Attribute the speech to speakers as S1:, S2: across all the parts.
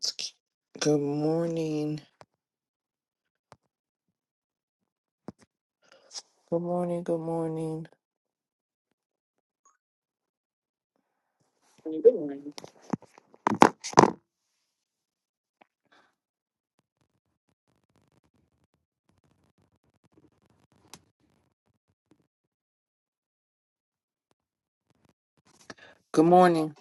S1: It's K- Good morning. Good morning. Good morning. Good morning.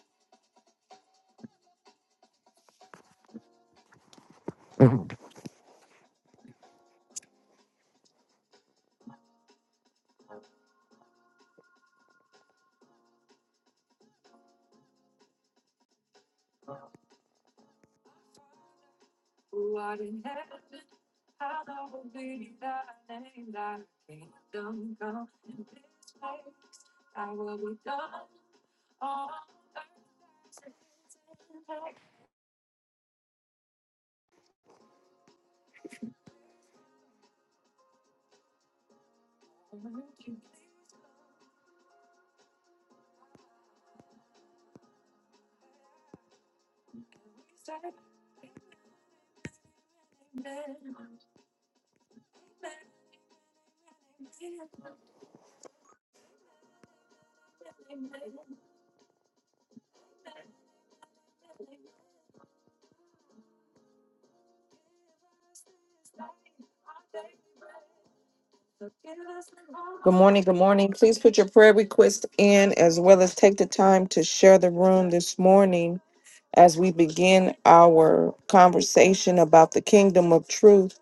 S1: Good morning. Good morning. Please put your prayer request in as well as take the time to share the room this morning as we begin our conversation about the kingdom of truth.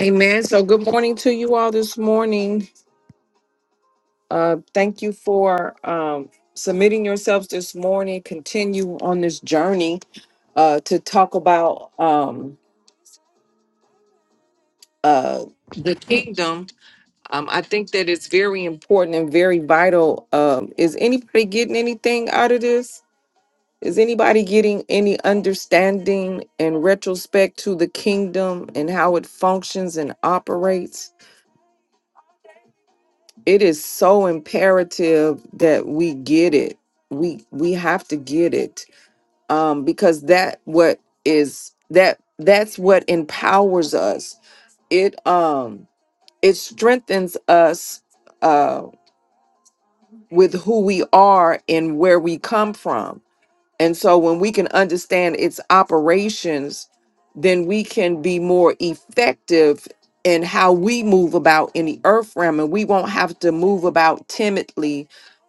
S1: Amen. So, good morning to you all this morning. Uh, thank you for um, submitting yourselves this morning. Continue on this journey uh, to talk about. Um, uh, the kingdom. Um, I think that it's very important and very vital. Um, is anybody getting anything out of this? Is anybody getting any understanding and retrospect to the kingdom and how it functions and operates? It is so imperative that we get it. We we have to get it um, because that what is that that's what empowers us. It um it strengthens us uh, with who we are and where we come from. And so when we can understand its operations, then we can be more effective in how we move about in the earth realm. And we won't have to move about timidly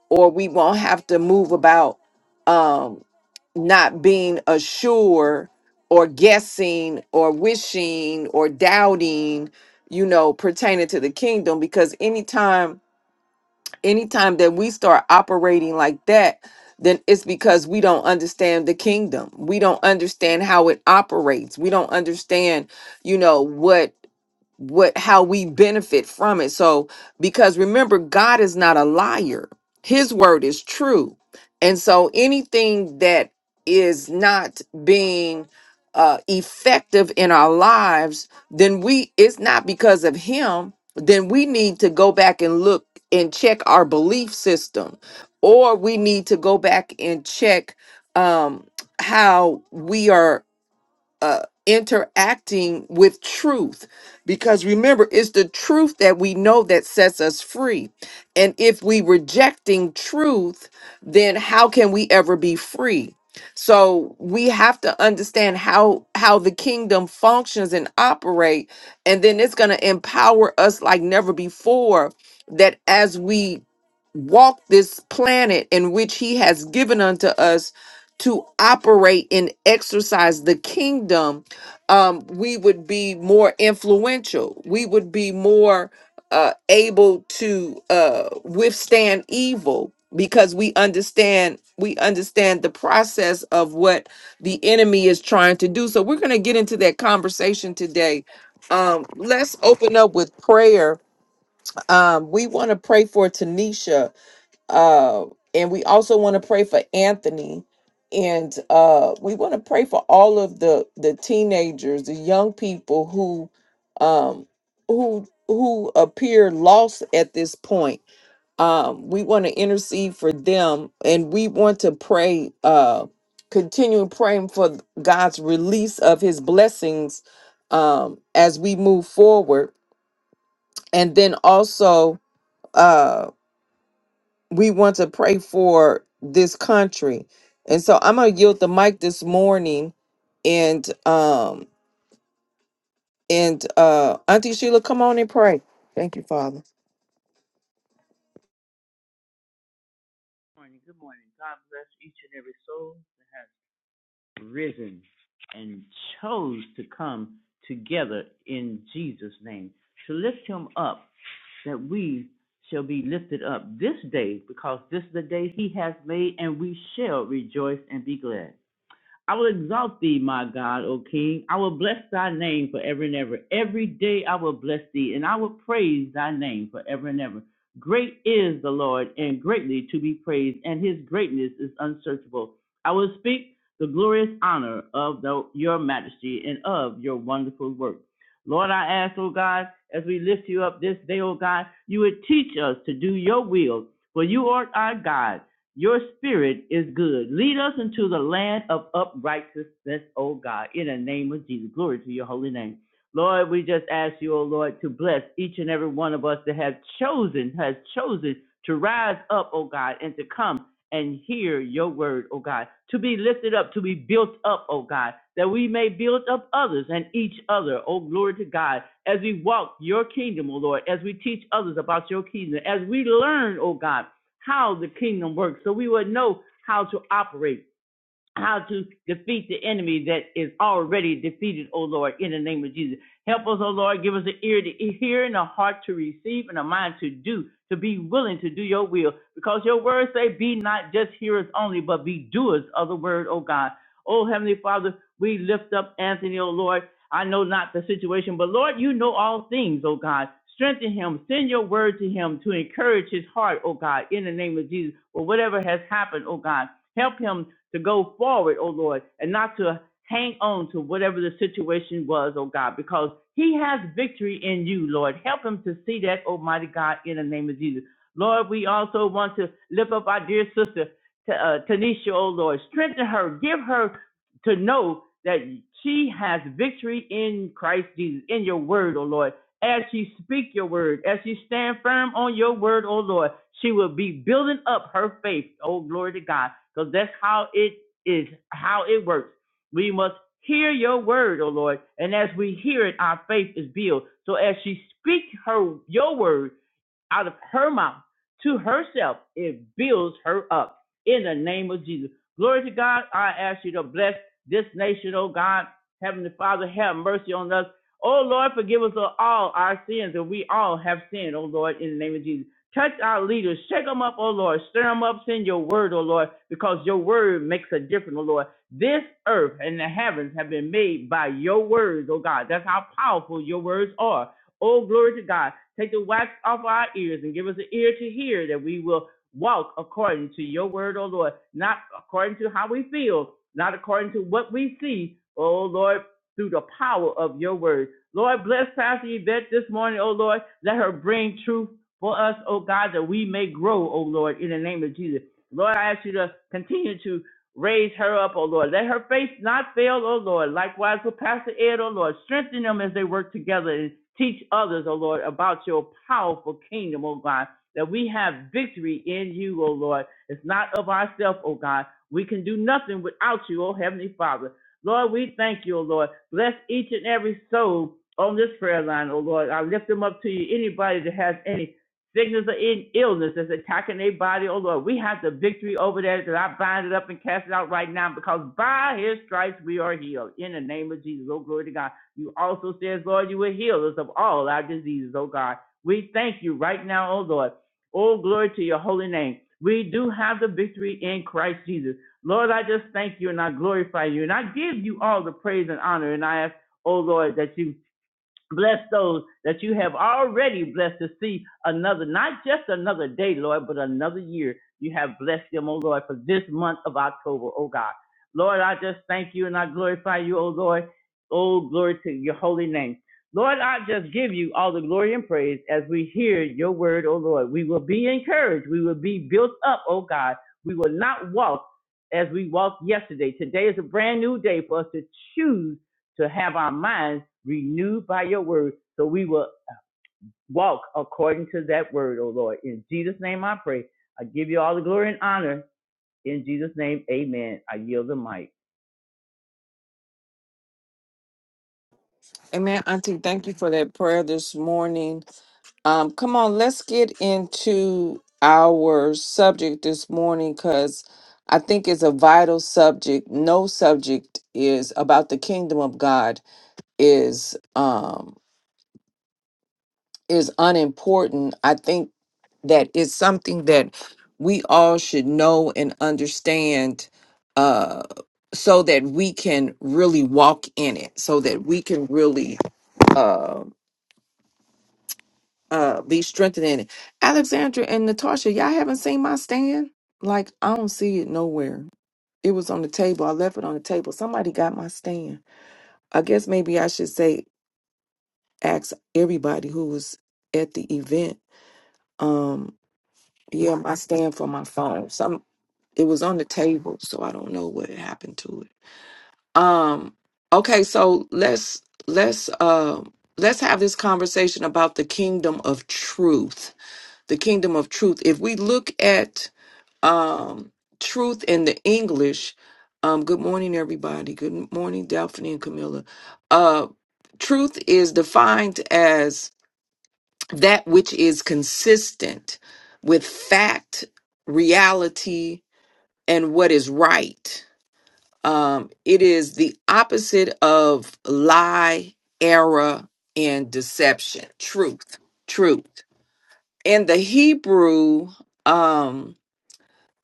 S1: or we won't have to move about Um, not being assured or guessing or wishing or doubting you know pertaining to the kingdom because anytime anytime that we start operating like that then it's because we don't understand the kingdom we don't understand how it operates we don't understand you know what what how we benefit from it. So because remember God is not a liar. His word is true. And so anything that is not being uh effective in our lives, then we it's not because of him, then we need to go back and look and check our belief system or we need to go back and check um how we are uh, interacting with truth because remember it's the truth that we know that sets us free and if we rejecting truth then how can we ever be free so we have to understand how how the kingdom functions and operate and then it's going to empower us like never before that as we walk this planet in which he has given unto us to operate and exercise the kingdom, um, we would be more influential. We would be more uh, able to uh, withstand evil because we understand we understand the process of what the enemy is trying to do. So we're going to get into that conversation today. Um, let's open up with prayer. Um, we want to pray for Tanisha uh, and we also want to pray for Anthony, and uh, we want to pray for all of the the teenagers, the young people who, um, who who appear lost at this point. Um, we want to intercede for them, and we want to pray, uh, continue praying for God's release of His blessings um, as we move forward, and then also. uh, we want to pray for this country. And so I'm gonna yield the mic this morning and um and uh Auntie Sheila, come on and pray. Thank you, Father.
S2: morning. Good morning. God bless each and every soul that has risen and chose to come together in Jesus' name to lift him up, that we shall be lifted up this day because this is the day he has made, and we shall rejoice and be glad. I will exalt thee, my God, O King. I will bless thy name forever and ever. Every day I will bless thee, and I will praise thy name forever and ever. Great is the Lord, and greatly to be praised, and his greatness is unsearchable. I will speak the glorious honor of the, your majesty and of your wonderful work. Lord, I ask, O God, as we lift you up this day, O God, you would teach us to do your will, for you are our God. Your spirit is good. Lead us into the land of uprightness, O God, in the name of Jesus. Glory to your holy name. Lord, we just ask you, O Lord, to bless each and every one of us that have chosen, has chosen to rise up, O God, and to come and hear your word, O God, to be lifted up, to be built up, O God, that we may build up others and each other, O glory to God, as we walk your kingdom, O Lord, as we teach others about your kingdom, as we learn, O God how the kingdom works. So we would know how to operate how to defeat the enemy that is already defeated, O Lord, in the name of Jesus. Help us, O Lord, give us an ear to hear and a heart to receive and a mind to do, to be willing to do your will. Because your words say, be not just hearers only, but be doers of the word, O God. O Heavenly Father, we lift up Anthony, O Lord. I know not the situation, but Lord, you know all things, O God. Strengthen him. Send your word to him to encourage his heart, O God, in the name of Jesus, or whatever has happened, O God. Help him to go forward, oh Lord, and not to hang on to whatever the situation was, oh God, because he has victory in you, Lord. Help him to see that, Almighty God, in the name of Jesus. Lord, we also want to lift up our dear sister, uh, Tanisha, oh Lord. Strengthen her, give her to know that she has victory in Christ Jesus, in your word, oh Lord. As she speak your word, as she stand firm on your word, oh Lord, she will be building up her faith, oh glory to God because that's how it is, how it works. We must hear your word, O Lord, and as we hear it, our faith is built. So as she speaks her your word, out of her mouth to herself, it builds her up in the name of Jesus. Glory to God. I ask you to bless this nation, oh God. Heavenly Father, have mercy on us. Oh Lord, forgive us of all our sins, and we all have sinned, oh Lord, in the name of Jesus. Touch our leaders, shake them up, oh Lord, stir them up, send your word, oh Lord, because your word makes a difference, oh Lord. This earth and the heavens have been made by your words, oh God. That's how powerful your words are. Oh, glory to God. Take the wax off our ears and give us an ear to hear that we will walk according to your word, oh Lord, not according to how we feel, not according to what we see, oh Lord, through the power of your word. Lord, bless Pastor Yvette this morning, oh Lord. Let her bring truth for us, oh God, that we may grow, oh Lord, in the name of Jesus. Lord, I ask you to continue to Raise her up, O Lord. Let her faith not fail, O Lord. Likewise with Pastor Ed, O Lord. Strengthen them as they work together and teach others, O Lord, about your powerful kingdom, O God. That we have victory in you, O Lord. It's not of ourselves, O God. We can do nothing without you, O Heavenly Father. Lord, we thank you, O Lord. Bless each and every soul on this prayer line, O Lord. I lift them up to you. Anybody that has any sickness or in illness that's attacking their body, oh Lord, we have the victory over that that I bind it up and cast it out right now because by his stripes we are healed. In the name of Jesus, oh glory to God. You also says, Lord, you will heal us of all our diseases, oh God. We thank you right now, oh Lord. Oh glory to your holy name. We do have the victory in Christ Jesus. Lord, I just thank you and I glorify you and I give you all the praise and honor and I ask, oh Lord, that you Bless those that you have already blessed to see another, not just another day, Lord, but another year. You have blessed them, oh Lord, for this month of October, oh God. Lord, I just thank you and I glorify you, oh Lord. Oh, glory to your holy name. Lord, I just give you all the glory and praise as we hear your word, oh Lord. We will be encouraged. We will be built up, oh God. We will not walk as we walked yesterday. Today is a brand new day for us to choose to have our minds renewed by your word, so we will walk according to that word, O Lord. In Jesus' name I pray. I give you all the glory and honor. In Jesus' name, amen. I yield the mic.
S1: Amen, Auntie. Thank you for that prayer this morning. Um, come on, let's get into our subject this morning because I think it's a vital subject. No subject is about the kingdom of God is um is unimportant. I think that is something that we all should know and understand uh so that we can really walk in it so that we can really uh uh be strengthened in it alexandra and natasha y'all haven't seen my stand like i don't see it nowhere it was on the table i left it on the table somebody got my stand i guess maybe i should say ask everybody who was at the event um yeah my stand for my phone some It was on the table, so I don't know what happened to it. Um okay, so let's let's um let's have this conversation about the kingdom of truth. The kingdom of truth. If we look at um truth in the English, um good morning everybody. Good morning Daphne and Camilla. Uh truth is defined as that which is consistent with fact, reality, and what is right. Um, it is the opposite of lie, error, and deception. Truth, truth. In the Hebrew, um,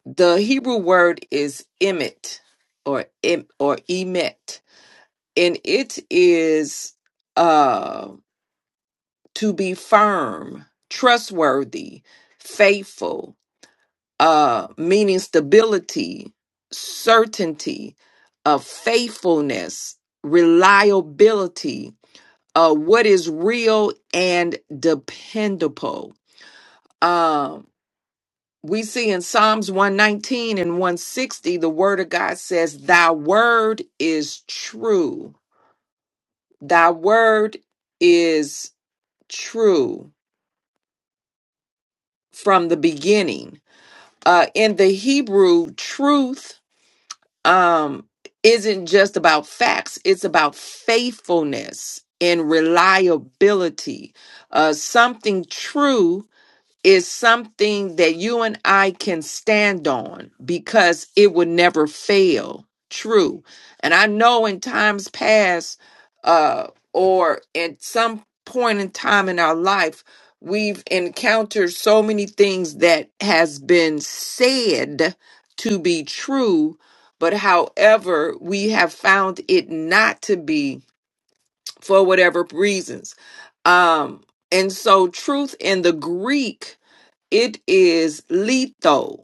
S1: the Hebrew word is emet or em, or emet, and it is uh, to be firm, trustworthy, faithful, uh, meaning stability, certainty, uh, faithfulness, reliability, uh, what is real and dependable. Um, we see in Psalms 119 and 160, the word of God says, Thy word is true. Thy word is true from the beginning. Uh, in the Hebrew, truth um isn't just about facts it's about faithfulness and reliability uh something true is something that you and I can stand on because it would never fail. True. And I know in times past, uh, or at some point in time in our life, we've encountered so many things that has been said to be true, but however, we have found it not to be for whatever reasons. Um, and so truth in the Greek it is letho,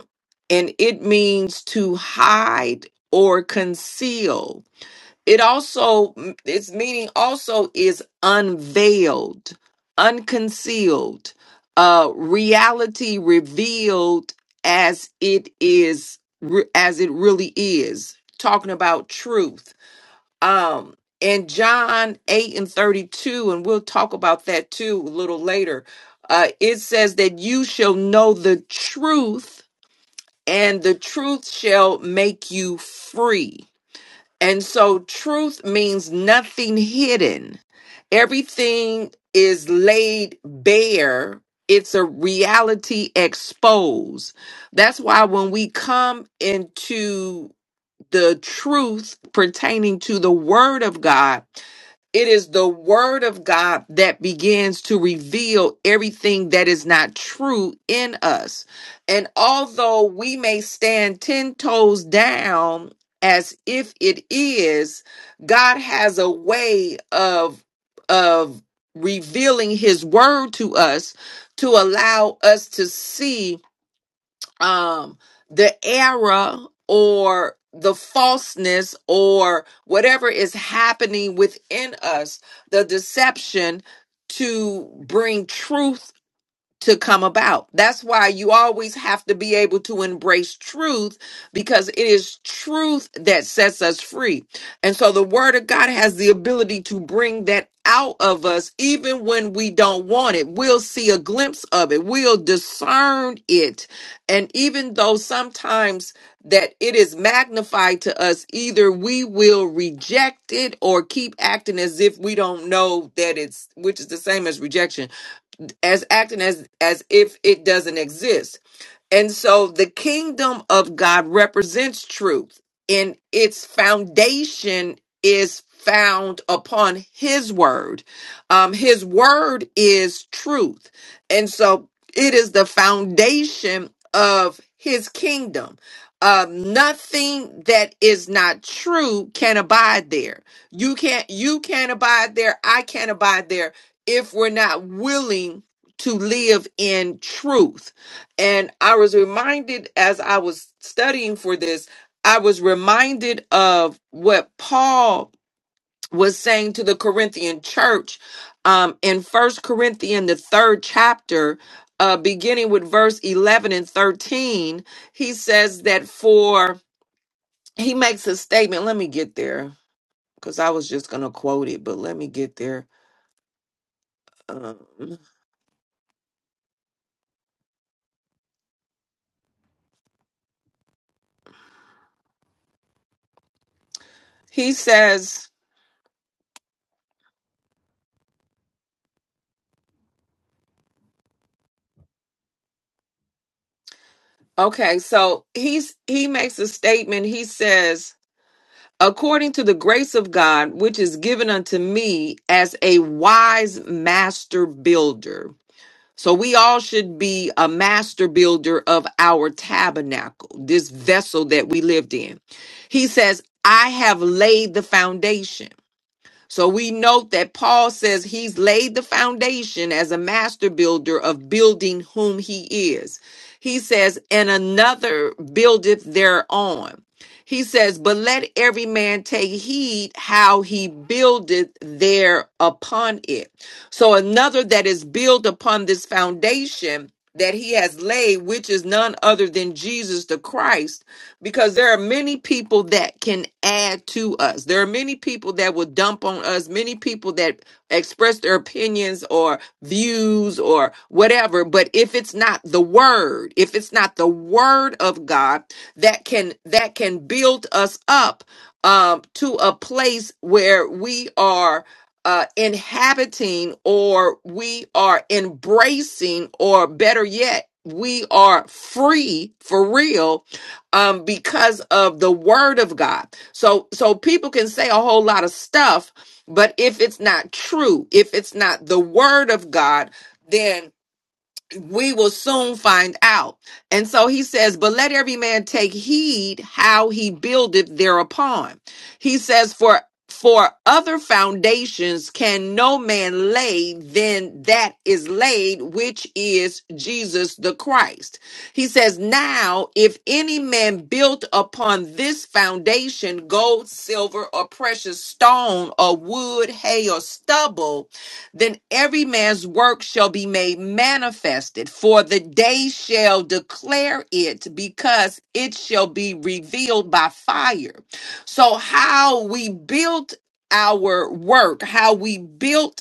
S1: and it means to hide or conceal. It also, its meaning also is unveiled, unconcealed, uh, reality revealed as it is, re- as it really is. Talking about truth um in john 8 and 32 and we'll talk about that too a little later uh it says that you shall know the truth and the truth shall make you free and so truth means nothing hidden everything is laid bare it's a reality exposed that's why when we come into the truth pertaining to the word of god it is the word of God that begins to reveal everything that is not true in us. And although we may stand 10 toes down as if it is, God has a way of of revealing his word to us to allow us to see um the error or the falseness or whatever is happening within us the deception to bring truth to come about. That's why you always have to be able to embrace truth because it is truth that sets us free. And so the word of God has the ability to bring that out of us even when we don't want it. We'll see a glimpse of it. We'll discern it. And even though sometimes that it is magnified to us, either we will reject it or keep acting as if we don't know that it's, which is the same as rejection as acting as as if it doesn't exist and so the kingdom of God represents truth, and its foundation is found upon His word. Um, his word is truth. And so it is the foundation of His kingdom. Um, nothing that is not true can abide there. You can't, you can't abide there. I can't abide there if we're not willing to live in truth and I was reminded as I was studying for this, I was reminded of what Paul was saying to the Corinthian church um, in First Corinthians, the third chapter, uh, beginning with verse 11 and 13. He says that for, he makes a statement. Let me get there because I was just going to quote it, but let me get there. Um, he says, okay, so he's, he makes a statement. He says, according to the grace of God, which is given unto me as a wise master builder. So we all should be a master builder of our tabernacle, this vessel that we lived in. He says, I have laid the foundation so we note that Paul says he's laid the foundation as a master builder of building whom he is. He says, and another buildeth thereon. He says, but let every man take heed how he buildeth there upon it. So another that is built upon this foundation that he has laid, which is none other than Jesus the Christ because there are many people that can add to us. There are many people that will dump on us, many people that express their opinions or views or whatever. But if it's not the word, if it's not the word of God that can that can build us up um, to a place where we are uh, inhabiting or we are embracing or better yet, we are free for real um, because of the word of God. So so people can say a whole lot of stuff, but if it's not true, if it's not the word of God, then we will soon find out. And so he says, But let every man take heed how he buildeth thereupon. He says, For for other foundations can no man lay than that is laid, which is Jesus the Christ. He says, Now, if any man built upon this foundation gold, silver, or precious stone, or wood, hay, or stubble, then every man's work shall be made manifested, for the day shall declare it, because it shall be revealed by fire. So, how we built our work, how we built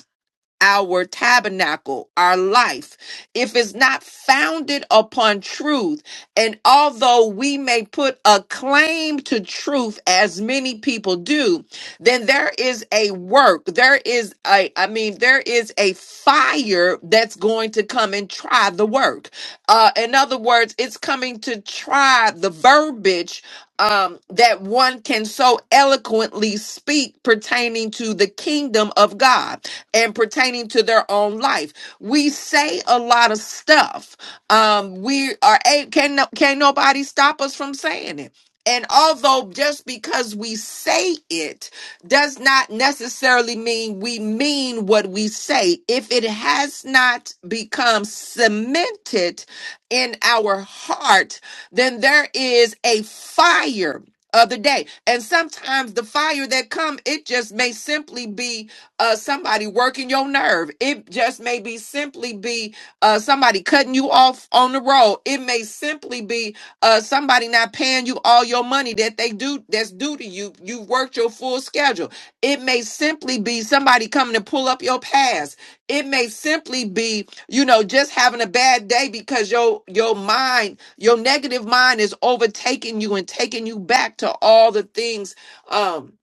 S1: our tabernacle, our life, if it's not founded upon truth, and although we may put a claim to truth, as many people do, then there is a work, there is a, I mean, there is a fire that's going to come and try the work. Uh, in other words, it's coming to try the verbiage um, that one can so eloquently speak pertaining to the kingdom of God and pertaining to their own life. We say a lot of stuff. Um, we are a can no- can nobody stop us from saying it. And although just because we say it does not necessarily mean we mean what we say, if it has not become cemented in our heart, then there is a fire of the day. And sometimes the fire that come, it just may simply be uh somebody working your nerve it just may be simply be uh somebody cutting you off on the road it may simply be uh somebody not paying you all your money that they do that's due to you you've worked your full schedule it may simply be somebody coming to pull up your past it may simply be you know just having a bad day because your your mind your negative mind is overtaking you and taking you back to all the things um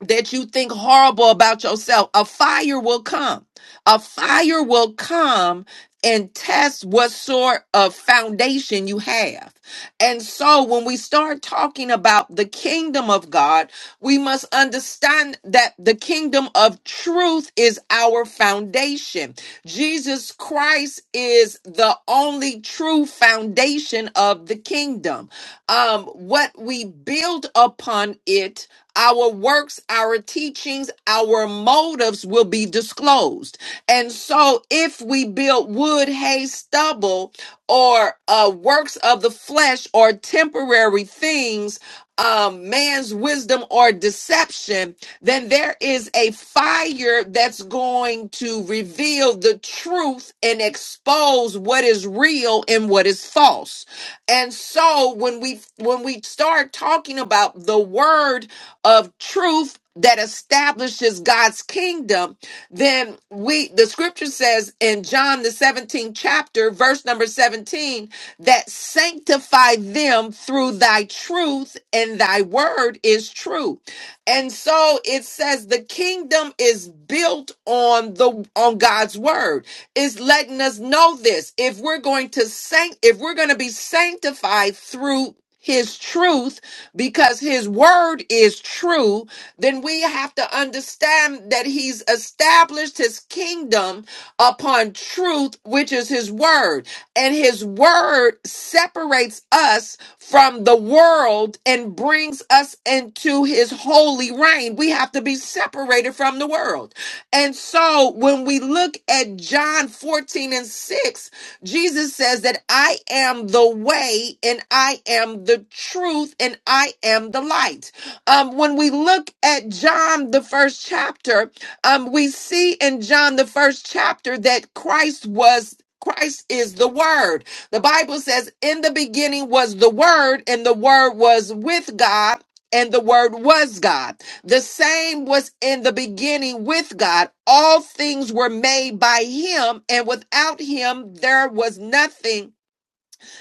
S1: that you think horrible about yourself, a fire will come. A fire will come and test what sort of foundation you have. And so when we start talking about the kingdom of God, we must understand that the kingdom of truth is our foundation. Jesus Christ is the only true foundation of the kingdom. Um, what we build upon it our works, our teachings, our motives will be disclosed. And so, if we build wood, hay, stubble, or uh, works of the flesh or temporary things, um, man's wisdom or deception, then there is a fire that's going to reveal the truth and expose what is real and what is false. And so when we when we start talking about the word of truth that establishes God's kingdom, then we the scripture says in John the 17th chapter, verse number 17, that sanctify them through thy truth, and thy word is true. And so it says the kingdom is built on the on God's word. It's letting us know this. If we're going to sanct if we're going to be sanctified through his truth because his word is true then we have to understand that he's established his kingdom upon truth, which is his word. And his word separates us from the world and brings us into his holy reign. We have to be separated from the world. And so when we look at John 14 and 6, Jesus says that I am the way and I am the truth and I am the light. Um, when we look at John, the first chapter, um, we see in John, the first chapter, that Christ was. Christ is the Word. The Bible says, In the beginning was the Word, and the Word was with God, and the Word was God. The same was in the beginning with God. All things were made by Him, and without Him there was nothing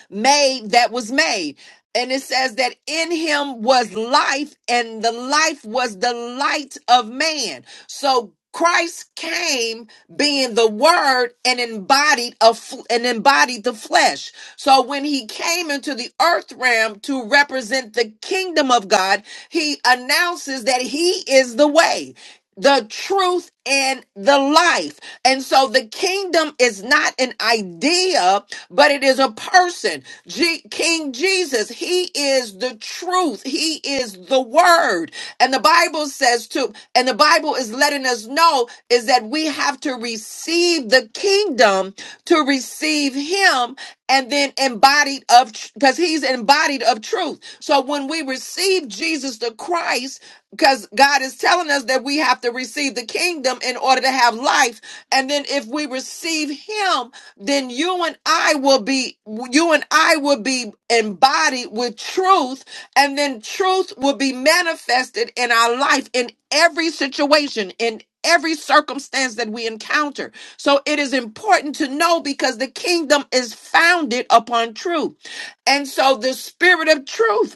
S1: made that was made. And it says that in him was life, and the life was the light of man. So Christ came being the word and embodied a f- and embodied the flesh. So when he came into the earth realm to represent the kingdom of God, he announces that he is the way, the truth and the life. And so the kingdom is not an idea, but it is a person. Je- King Jesus, he is the truth. He is the word. And the Bible says to, and the Bible is letting us know is that we have to receive the kingdom to receive him and then embodied of because he's embodied of truth so when we receive jesus the christ because god is telling us that we have to receive the kingdom in order to have life and then if we receive him then you and i will be you and i will be embodied with truth and then truth will be manifested in our life in every situation in every circumstance that we encounter so it is important to know because the kingdom is founded upon truth. And so the spirit of truth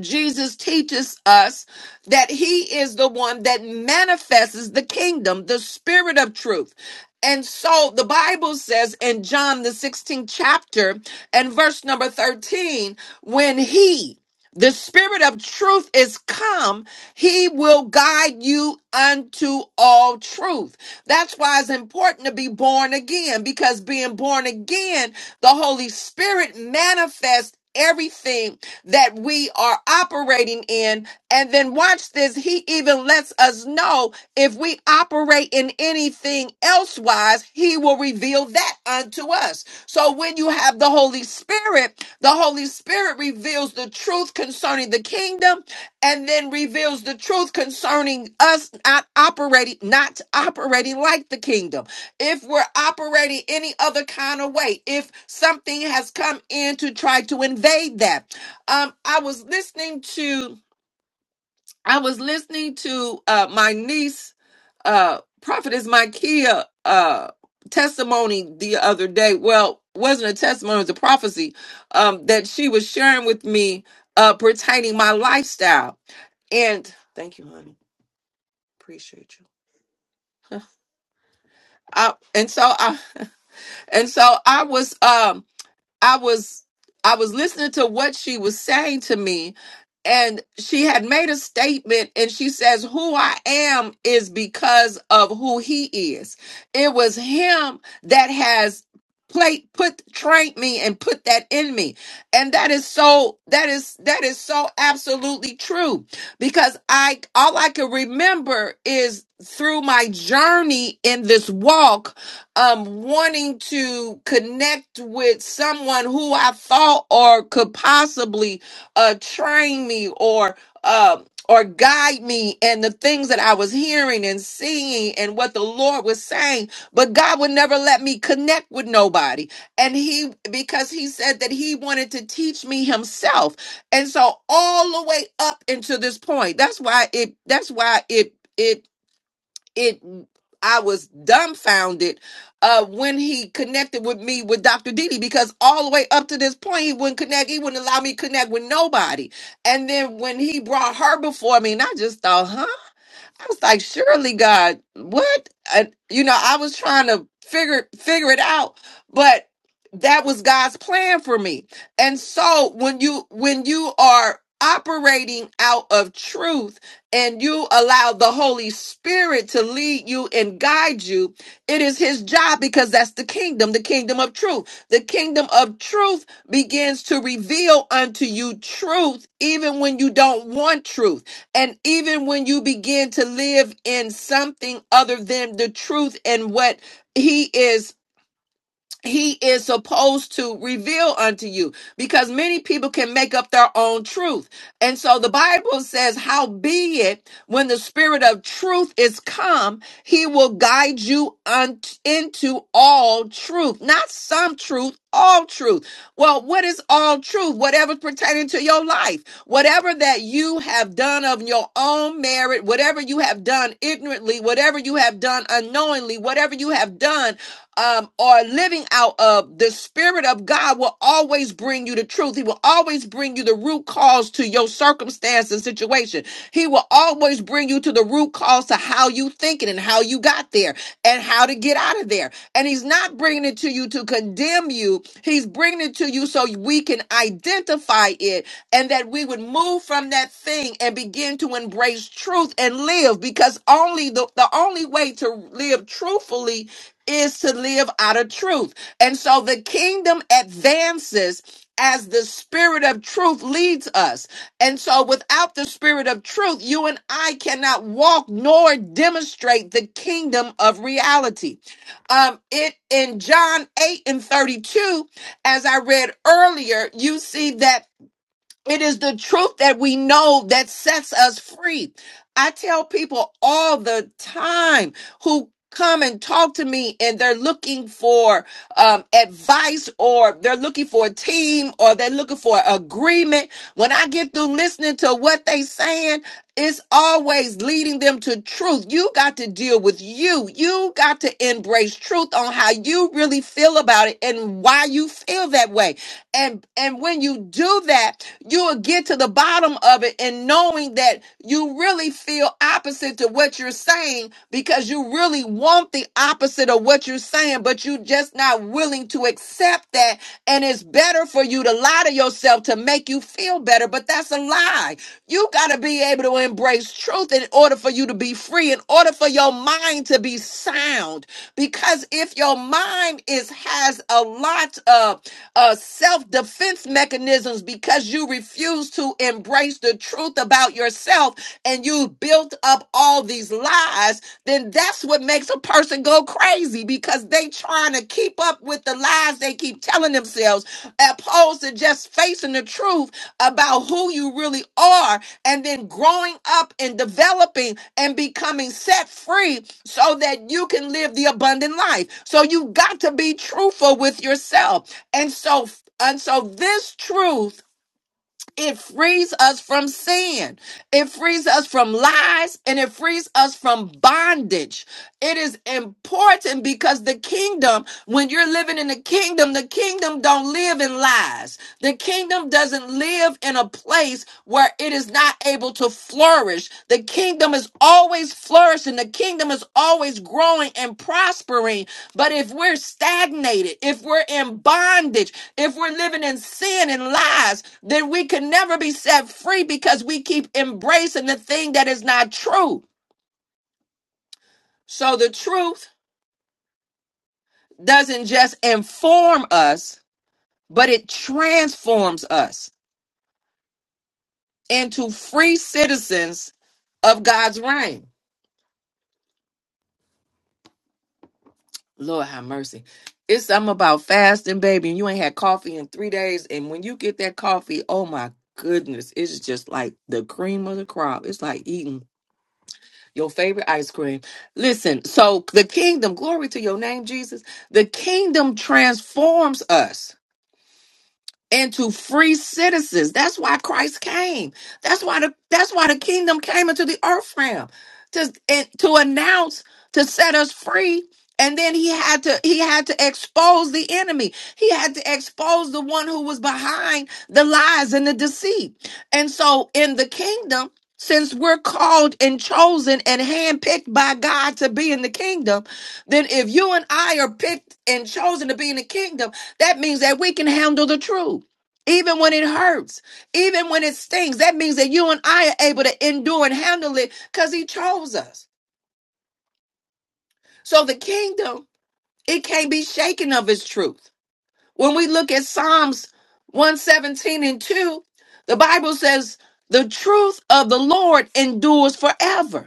S1: Jesus teaches us that he is the one that manifests the kingdom, the spirit of truth. And so the Bible says in John, the 16th chapter, and verse number 13, when he, the spirit of truth, is come, he will guide you unto all truth. That's why it's important to be born again, because being born again, the Holy Spirit manifests everything that we are operating in. And then watch this. He even lets us know if we operate in anything elsewise, he will reveal that unto us. So when you have the Holy Spirit, the Holy Spirit reveals the truth concerning the kingdom and then reveals the truth concerning us not operating, not operating like the kingdom. If we're operating any other kind of way, if something has come in to try to invade that, um i was listening to i was listening to uh my niece uh prophetess Micaiah uh testimony the other day well wasn't a testimony it was a prophecy um that she was sharing with me uh pertaining my lifestyle and thank you honey appreciate you I, and so i and so i was um I was I was listening to what she was saying to me and she had made a statement and she says who I am is because of who he is. It was him that has plate put trained me and put that in me. And that is so that is that is so absolutely true because I all I can remember is through my journey in this walk um wanting to connect with someone who I thought or could possibly uh train me or um or guide me and the things that I was hearing and seeing and what the Lord was saying but God would never let me connect with nobody and he because he said that he wanted to teach me himself and so all the way up into this point that's why it that's why it it it I was dumbfounded uh, when he connected with me with Dr. Didi because all the way up to this point he wouldn't connect. He wouldn't allow me to connect with nobody. And then when he brought her before me, and I just thought, huh? I was like, surely God, what? I, you know, I was trying to figure figure it out, but that was God's plan for me. And so when you when you are operating out of truth and you allow the Holy Spirit to lead you and guide you, it is his job because that's the kingdom, the kingdom of truth. The kingdom of truth begins to reveal unto you truth even when you don't want truth. And even when you begin to live in something other than the truth and what he is he is supposed to reveal unto you because many people can make up their own truth. And so the Bible says, How be it when the spirit of truth is come, he will guide you unt- into all truth, not some truth, all truth. Well, what is all truth? Whatever's pertaining to your life, whatever that you have done of your own merit, whatever you have done ignorantly, whatever you have done unknowingly, whatever you have done um, are living out of, the Spirit of God will always bring you the truth. He will always bring you the root cause to your circumstance and situation. He will always bring you to the root cause to how you thinking and how you got there and how to get out of there. And He's not bringing it to you to condemn you. He's bringing it to you so we can identify it and that we would move from that thing and begin to embrace truth and live because only the, the only way to live truthfully is to live out of truth. And so the kingdom advances as the spirit of truth leads us. And so without the spirit of truth, you and I cannot walk nor demonstrate the kingdom of reality. Um it in John 8 and 32 as I read earlier, you see that it is the truth that we know that sets us free. I tell people all the time who come and talk to me and they're looking for um, advice or they're looking for a team or they're looking for agreement. When I get through listening to what they saying, it's always leading them to truth. You got to deal with you. You got to embrace truth on how you really feel about it and why you feel that way. And and when you do that, you will get to the bottom of it and knowing that you really feel opposite to what you're saying because you really want the opposite of what you're saying, but you're just not willing to accept that. And it's better for you to lie to yourself to make you feel better better, but that's a lie. You got to be able to embrace truth in order for you to be free, in order for your mind to be sound. Because if your mind is has a lot of uh, self defense mechanisms because you refuse to embrace the truth about yourself and you built up all these lies, then that's what makes a person go crazy because they trying to keep up with the lies they keep telling themselves opposed to just facing the truth about who you really are and then growing up and developing and becoming set free so that you can live the abundant life. So you got to be truthful with yourself. And so and so this truth it frees us from sin. It frees us from lies and it frees us from bondage. It is important because the kingdom, when you're living in the kingdom, the kingdom don't live in lies. The kingdom doesn't live in a place where it is not able to flourish. The kingdom is always flourishing. The kingdom is always growing and prospering. But if we're stagnated, if we're in bondage, if we're living in sin and lies, then we can never be set free because we keep embracing the thing that is not true. So the truth doesn't just inform us, but it transforms us into free citizens of God's reign. Lord have mercy. It's something about fasting, baby, and you ain't had coffee in three days. And when you get that coffee, oh my goodness, it's just like the cream of the crop. It's like eating Your favorite ice cream. Listen, so the kingdom, glory to your name, Jesus, the kingdom transforms us and to free citizens. That's why Christ came. That's why the that's why the kingdom came into the earth realm to and to announce to set us free. And then he had to he had to expose the enemy. He had to expose the one who was behind the lies and the deceit. And so in the kingdom, since we're called and chosen and handpicked by God to be in the kingdom, then if you and I are picked and chosen to be in the kingdom, that means that we can handle the truth. Even when it hurts, even when it stings, that means that you and I are able to endure and handle it because he chose us. So the kingdom, it can't be shaken of its truth. When we look at Psalms 117 and 2, the Bible says, the truth of the Lord endures forever.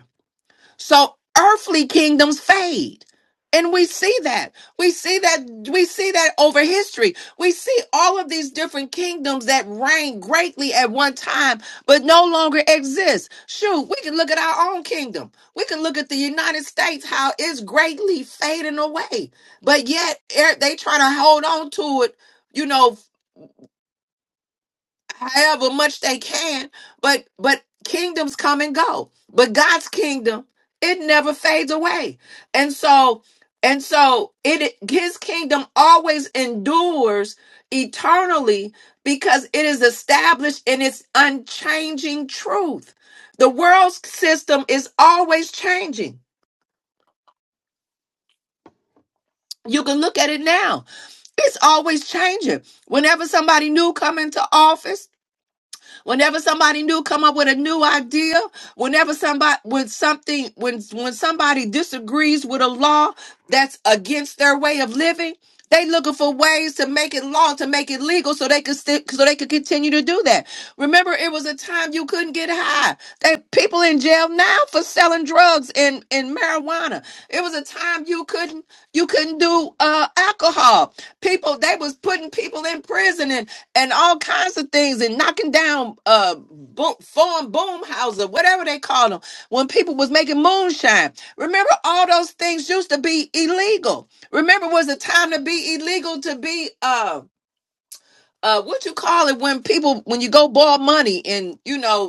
S1: So earthly kingdoms fade. And we see that. We see that we see that over history. We see all of these different kingdoms that reigned greatly at one time but no longer exist. Shoot, we can look at our own kingdom. We can look at the United States how it's greatly fading away. But yet er, they try to hold on to it, you know, however much they can but but kingdoms come and go but god's kingdom it never fades away and so and so it his kingdom always endures eternally because it is established in its unchanging truth the world's system is always changing you can look at it now it's always changing whenever somebody new come into office Whenever somebody new come up with a new idea, whenever somebody when something when when somebody disagrees with a law that's against their way of living, they looking for ways to make it law to make it legal so they could stick so they could continue to do that. Remember, it was a time you couldn't get high. They people in jail now for selling drugs and and marijuana. It was a time you couldn't. You couldn't do uh, alcohol. People, they was putting people in prison and, and all kinds of things and knocking down uh, boom, foreign boom houses, whatever they call them, when people was making moonshine. Remember, all those things used to be illegal. Remember, was a time to be illegal to be uh, uh, what you call it when people when you go borrow money and you know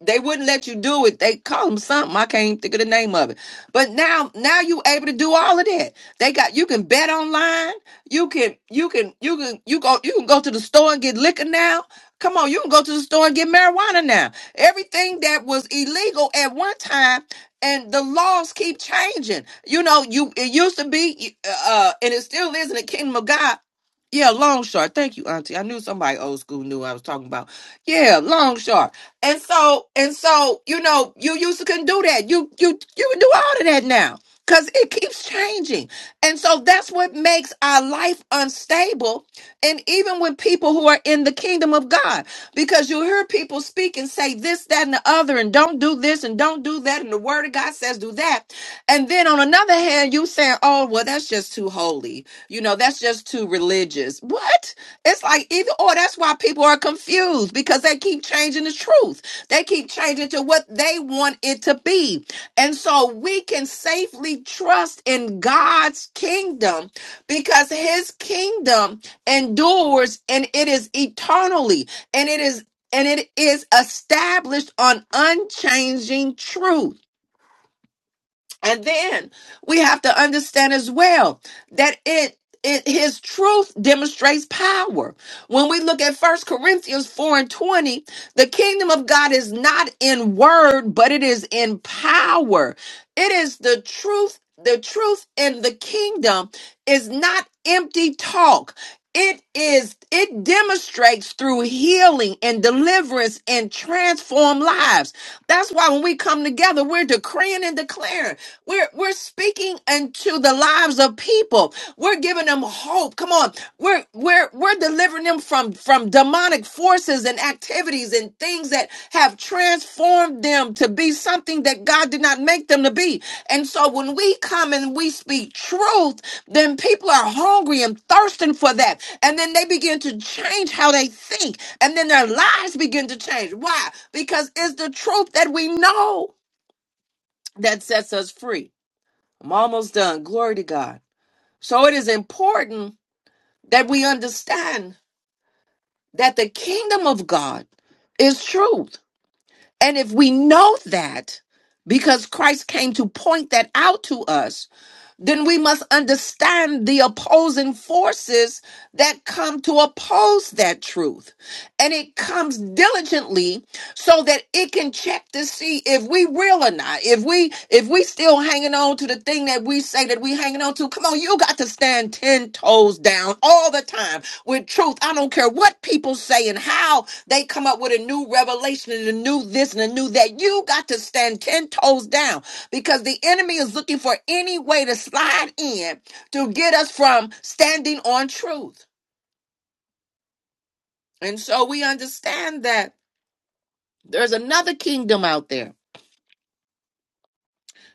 S1: they wouldn't let you do it. They call them something. I can't even think of the name of it. But now, now you able to do all of that. They got you can bet online. You can you can you can you go you can go to the store and get liquor now. Come on, you can go to the store and get marijuana now. Everything that was illegal at one time, and the laws keep changing. You know, you it used to be, uh, uh, and it still is in the kingdom of God. Yeah, long short. Thank you, Auntie. I knew somebody old school knew what I was talking about. Yeah, long short. And so, and so, you know, you used to couldn't do that. You you you can do all of that now because it keeps changing. And so that's what makes our life unstable. And even with people who are in the kingdom of God, because you hear people speak and say this, that, and the other, and don't do this and don't do that, and the word of God says do that. And then on another hand, you saying, Oh, well, that's just too holy. You know, that's just too religious. What? It's like even or that's why people are confused because they keep changing the truth. They keep changing to what they want it to be. And so we can safely trust in God's kingdom because his kingdom endures and it is eternally and it is and it is established on unchanging truth. And then we have to understand as well that it it his truth demonstrates power. When we look at First Corinthians 4 and 20, the kingdom of God is not in word, but it is in power. It is the truth. The truth in the kingdom is not empty talk. It is, it demonstrates through healing and deliverance and transform lives. That's why when we come together, we're decreeing and declaring. We're, we're speaking into the lives of people. We're giving them hope. Come on. We're, we're, we're delivering them from, from demonic forces and activities and things that have transformed them to be something that God did not make them to be. And so when we come and we speak truth, then people are hungry and thirsting for that. And then they begin to change how they think. And then their lives begin to change. Why? Because it's the truth that we know that sets us free. I'm almost done. Glory to God. So it is important that we understand that the kingdom of God is truth. And if we know that, because Christ came to point that out to us, then we must understand the opposing forces that come to oppose that truth. And it comes diligently so that it can check to see if we real or not. If we if we still hanging on to the thing that we say that we hanging on to, come on, you got to stand 10 toes down all the time with truth. I don't care what people say and how they come up with a new revelation and a new this and a new that. You got to stand 10 toes down because the enemy is looking for any way to slide in to get us from standing on truth. And so we understand that there's another kingdom out there.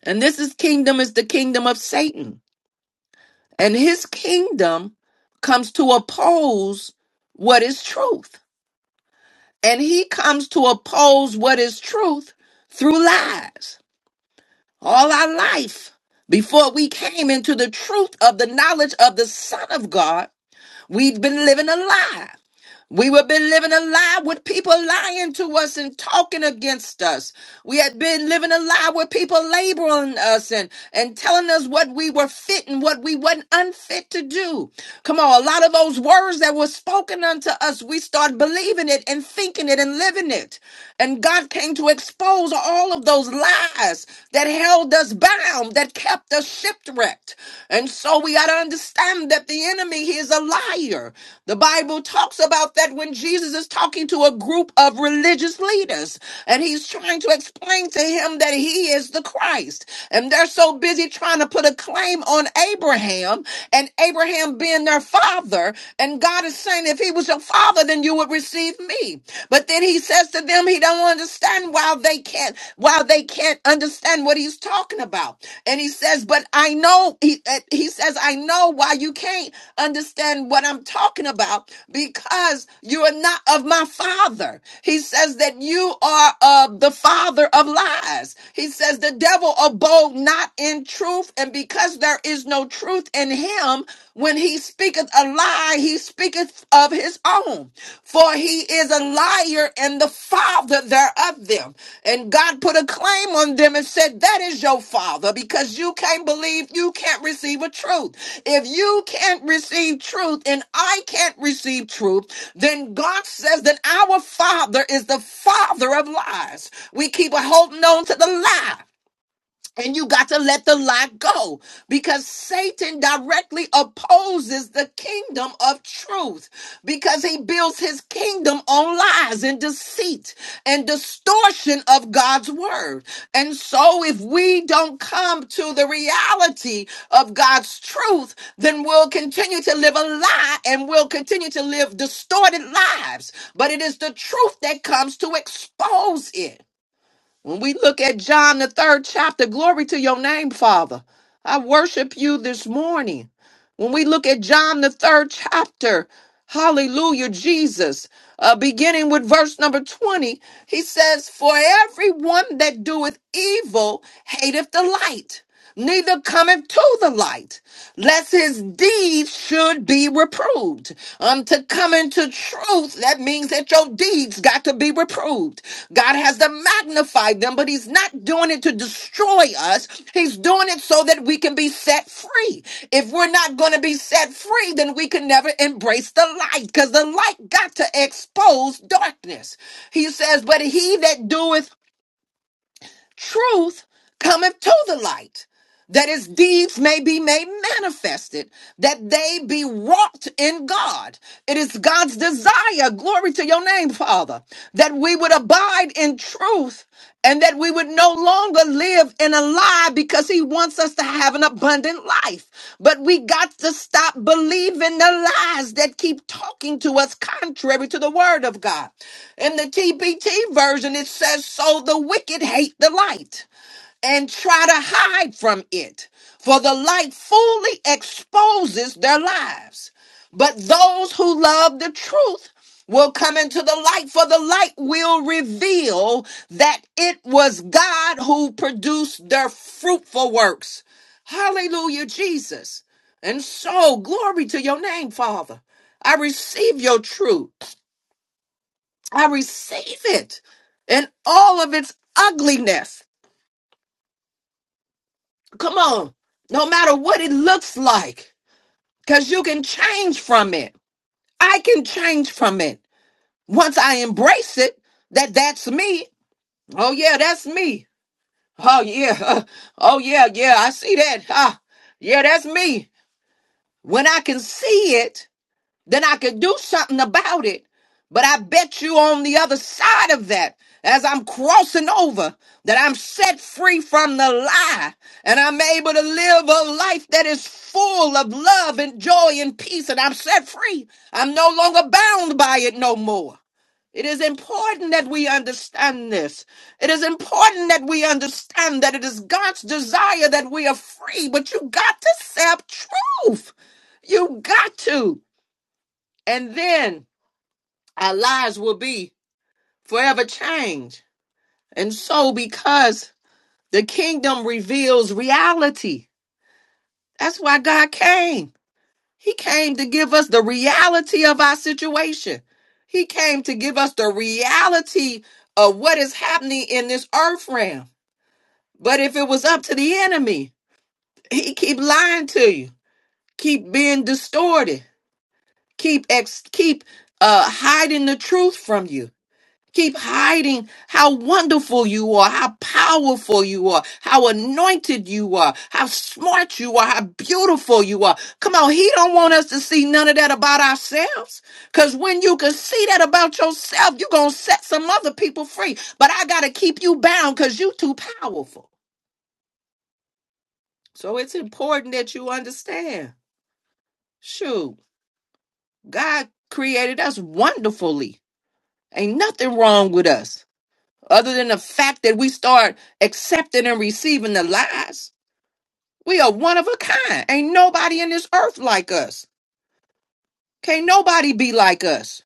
S1: And this is kingdom is the kingdom of Satan. And his kingdom comes to oppose what is truth. And he comes to oppose what is truth through lies. All our life before we came into the truth of the knowledge of the son of God, we've been living a lie We would been living a lie with people lying to us and talking against us. We had been living a lie with people labeling us and, and telling us what we were fit and what we wasn't unfit to do. Come on, a lot of those words that were spoken unto us, we start believing it and thinking it and living it. And God came to expose all of those lies that held us bound, that kept us shipwrecked. And so we got to understand that the enemy he is a liar. The Bible talks about that when Jesus is talking to a group of religious leaders and he's trying to explain to him that he is the Christ. And they're so busy trying to put a claim on Abraham. Abraham and Abraham being their father. And God is saying, if he was your father, then you would receive me. But then he says to them, he don't understand why they can't, why they can't understand what he's talking about. And he says, but I know, he, uh, he says, I know why you can't understand what I'm talking about because you are not of my father. He says that you are of the father of lies. He says the devil abode not in truth, and because there is no truth in him, when he speaketh a lie, he speaketh of his own. For he is a liar and the father thereof them. And God put a claim on them and said, That is your father, because you can't believe you can't receive a truth. If you can't receive truth and I can't receive truth, then God says that our father is the father of lies. We keep holding on to the lie. And you got to let the lie go because Satan directly opposes the kingdom of truth because he builds his kingdom on lies and deceit and distortion of God's word. And so, if we don't come to the reality of God's truth, then we'll continue to live a lie and we'll continue to live distorted lives. But it is the truth that comes to expose it. When we look at John, the third chapter, glory to your name, Father. I worship you this morning. When we look at John, the third chapter, hallelujah, Jesus, uh, beginning with verse number 20, he says, For everyone that doeth evil hateth the light neither cometh to the light, lest his deeds should be reproved. Um, to come into truth, that means that your deeds got to be reproved. God has to magnify them, but he's not doing it to destroy us. He's doing it so that we can be set free. If we're not going to be set free, then we can never embrace the light, because the light got to expose darkness. He says, but he that doeth truth cometh to the light that his deeds may be made manifested, that they be wrought in God. It is God's desire, glory to your name, Father, that we would abide in truth and that we would no longer live in a lie because he wants us to have an abundant life. But we got to stop believing the lies that keep talking to us contrary to the word of God. In the TPT version, it says, So the wicked hate the light and try to hide from it, for the light fully exposes their lives. But those who love the truth will come into the light, for the light will reveal that it was God who produced their fruitful works. Hallelujah, Jesus. And so, glory to your name, Father. I receive your truth. I receive it in all of its ugliness. Come on. No matter what it looks like, because you can change from it. I can change from it. Once I embrace it, that that's me. Oh, yeah, that's me. Oh, yeah. uh, Oh, yeah, yeah. I see that. Ah, yeah, that's me. When I can see it, then I could do something about it. But I bet you on the other side of that, as I'm crossing over, that I'm set free from the lie and I'm able to live a life that is full of love and joy and peace. And I'm set free. I'm no longer bound by it no more. It is important that we understand this. It is important that we understand that it is God's desire that we are free, but you got to accept truth. You got to. And then our lives will be forever changed. And so, because the kingdom reveals reality, that's why God came. He came to give us the reality of our situation, He came to give us the reality of what is happening in this earth realm. But if it was up to the enemy, he keep lying to you, keep being distorted, keep ex- keep uh, hiding the truth from you Keep hiding how wonderful you are, how powerful you are, how anointed you are, how smart you are, how beautiful you are. Come on, he don't want us to see none of that about ourselves. Cause when you can see that about yourself, you're gonna set some other people free. But I gotta keep you bound because you too powerful. So it's important that you understand. Shoot, God created us wonderfully. Ain't nothing wrong with us. other than the fact that we start accepting and receiving the lies. We are one of a kind. Ain't nobody in this earth like us. Can't nobody be like us.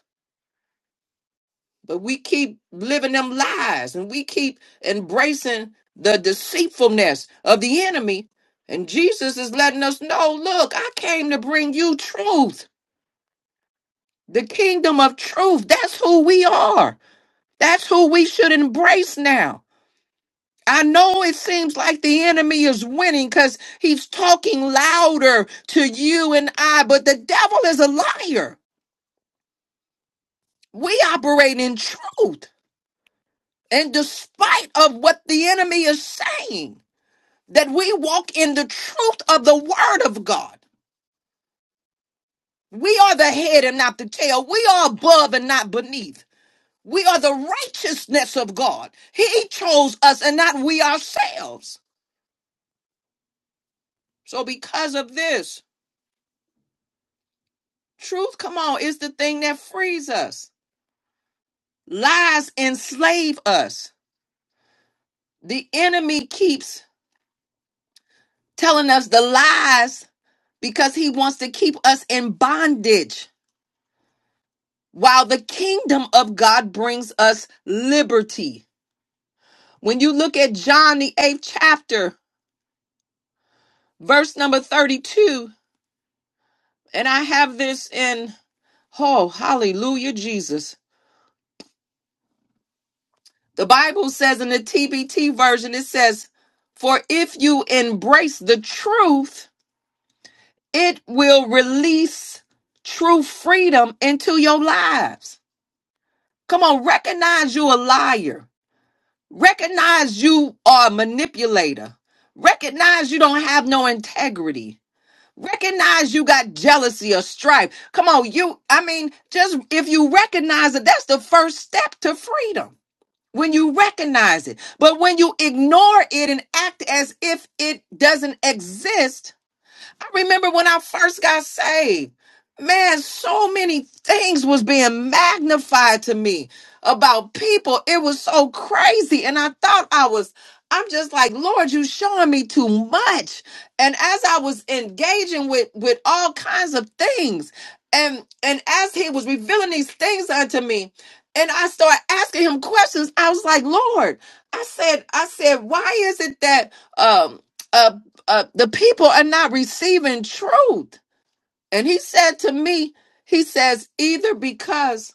S1: But we keep living them lies and we keep embracing the deceitfulness of the enemy. And Jesus is letting us know look, I came to bring you truth, the kingdom of truth. That's who we are. That's who we should embrace now. I know it seems like the enemy is winning because he's talking louder to you and I, but the devil is a liar. We operate in truth. And despite of what the enemy is saying, that we walk in the truth of the word of God. We are the head and not the tail. We are above and not beneath. We are the righteousness of God. He chose us and not we ourselves. So because of this, Truth, come on, is the thing that frees us. Lies enslave us. The enemy keeps telling us the lies because he wants to keep us in bondage, while the kingdom of God brings us liberty. When you look at John, the eighth chapter, verse number 32, and I have this in, oh, hallelujah, Jesus. The Bible says in the TBT version, it says, For if you embrace the truth, It will release true freedom into your lives. Come on, recognize you a liar. Recognize you are a manipulator. Recognize you don't have no integrity. Recognize you got jealousy or strife. Come on, you, I mean, just if you recognize it, that's the first step to freedom. When you recognize it, but when you ignore it and act as if it doesn't exist, I remember when I first got saved. Man, so many things was being magnified to me about people. It was so crazy. And I thought I was, I'm just like, Lord, you showing me too much. And as I was engaging with with all kinds of things, and and as he was revealing these things unto me, and I started asking him questions, I was like, Lord, I said, I said, why is it that um uh, uh, the people are not receiving truth. And he said to me, he says, either because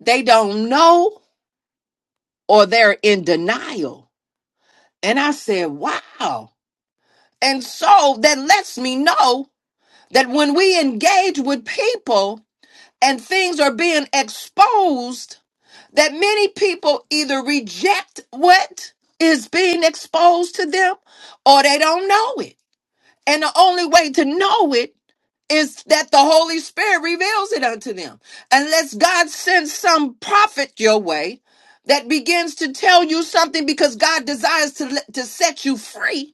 S1: they don't know or they're in denial. And I said, wow. And so that lets me know that when we engage with people and things are being exposed, that many people either reject what is being exposed to them or they don't know it. And the only way to know it is that the Holy Spirit reveals it unto them. Unless God sends some prophet your way that begins to tell you something because God desires to, let- to set you free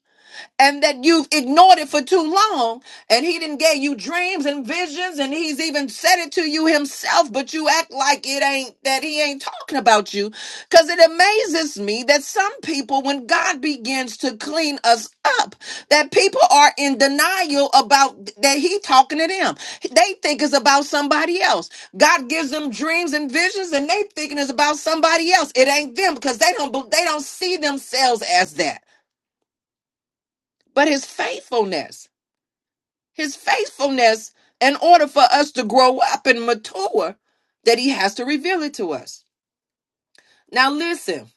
S1: and that you've ignored it for too long and he didn't gave you dreams and visions and he's even said it to you himself but you act like it ain't that he ain't talking about you because it amazes me that some people when god begins to clean us up that people are in denial about that he talking to them they think it's about somebody else god gives them dreams and visions and they thinking it's about somebody else it ain't them because they don't they don't see themselves as that but his faithfulness his faithfulness in order for us to grow up and mature that he has to reveal it to us now listen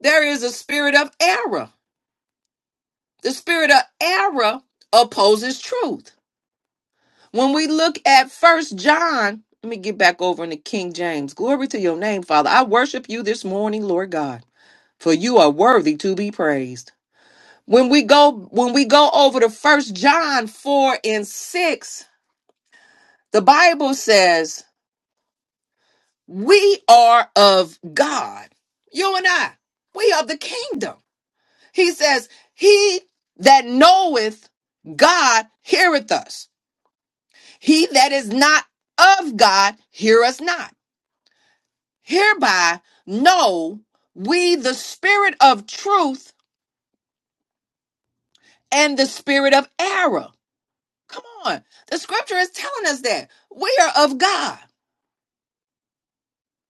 S1: there is a spirit of error the spirit of error opposes truth when we look at first john let me get back over into king james glory to your name father i worship you this morning lord god for you are worthy to be praised when we go when we go over to first john 4 and 6 the bible says We are of God. You and I, we are the kingdom. He says, He that knoweth God heareth us. He that is not of God hear us not. Hereby know we the spirit of truth and the spirit of error. Come on. The scripture is telling us that we are of God.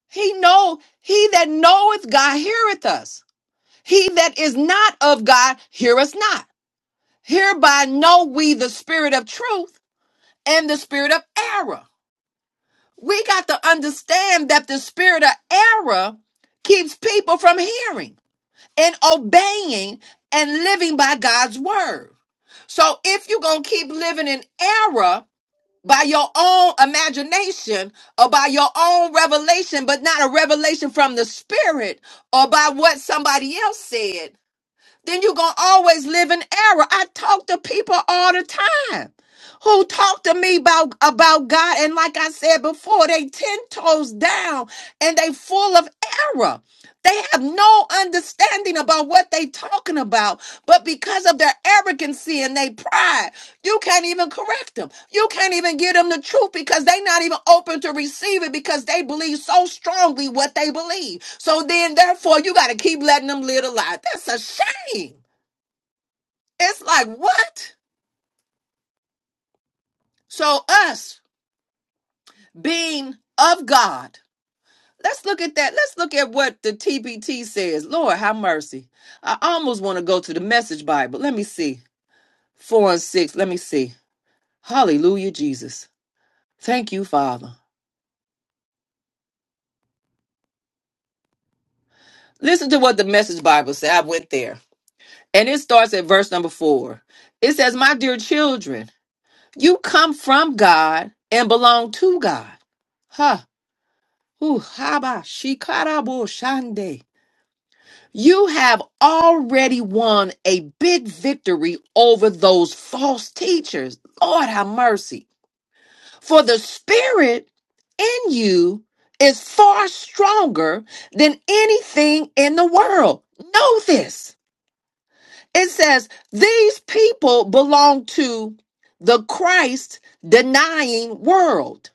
S1: He know he that knoweth God heareth us. He that is not of God hear us not. Hereby know we the spirit of truth and the spirit of error. We got to understand that the spirit of error keeps people from hearing and obeying and living by God's word. So if you're going to keep living in error by your own imagination or by your own revelation, but not a revelation from the spirit or by what somebody else said, then you're going to always live in error. I talk to people all the time who talk to me about, about God. And like I said before, they 10 toes down and they full of error. They have no understanding about what they talking about, but because of their arrogancy and their pride, you can't even correct them. You can't even give them the truth because they're not even open to receive it because they believe so strongly what they believe. So then, therefore, you got to keep letting them live a lie. That's a shame. It's like, what? So, us being of God, let's look at that. Let's look at what the TPT says. Lord, have mercy. I almost want to go to the message Bible. Let me see. Four and six. Let me see. Hallelujah, Jesus. Thank you, Father. Listen to what the message Bible says. I went there. And it starts at verse number four. It says, My dear children, you come from God and belong to God. Huh. Ooh, haba, shikarabo shande. You have already won a big victory over those false teachers. Lord have mercy. For the spirit in you is far stronger than anything in the world. Know this. It says these people belong to the Christ denying world.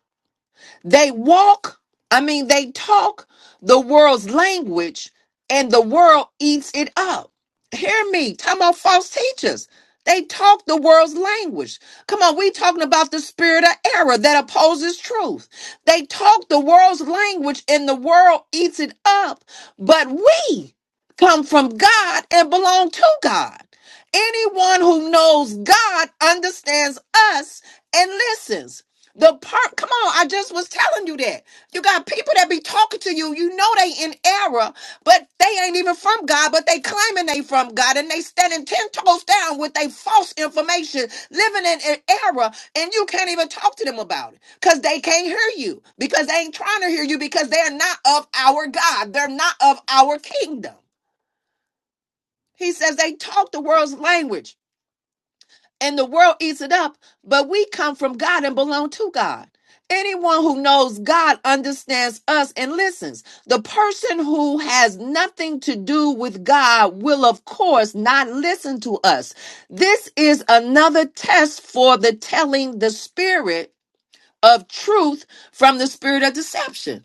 S1: They walk, I mean, they talk the world's language and the world eats it up. Hear me, talking about false teachers. They talk the world's language. Come on, we talking about the spirit of error that opposes truth. They talk the world's language and the world eats it up. But we come from God and belong to God. Anyone who knows God understands us and listens. The part, come on, I just was telling you that. You got people that be talking to you, you know they in error, but they ain't even from God, but they claiming they from God, and they standing ten toes down with they false information, living in, in error, and you can't even talk to them about it, because they can't hear you, because they ain't trying to hear you, because they're not of our God. They're not of our kingdom. He says they talk the world's language and the world eats it up, but we come from God and belong to God. Anyone who knows God understands us and listens. The person who has nothing to do with God will, of course, not listen to us. This is another test for the telling the spirit of truth from the spirit of deception.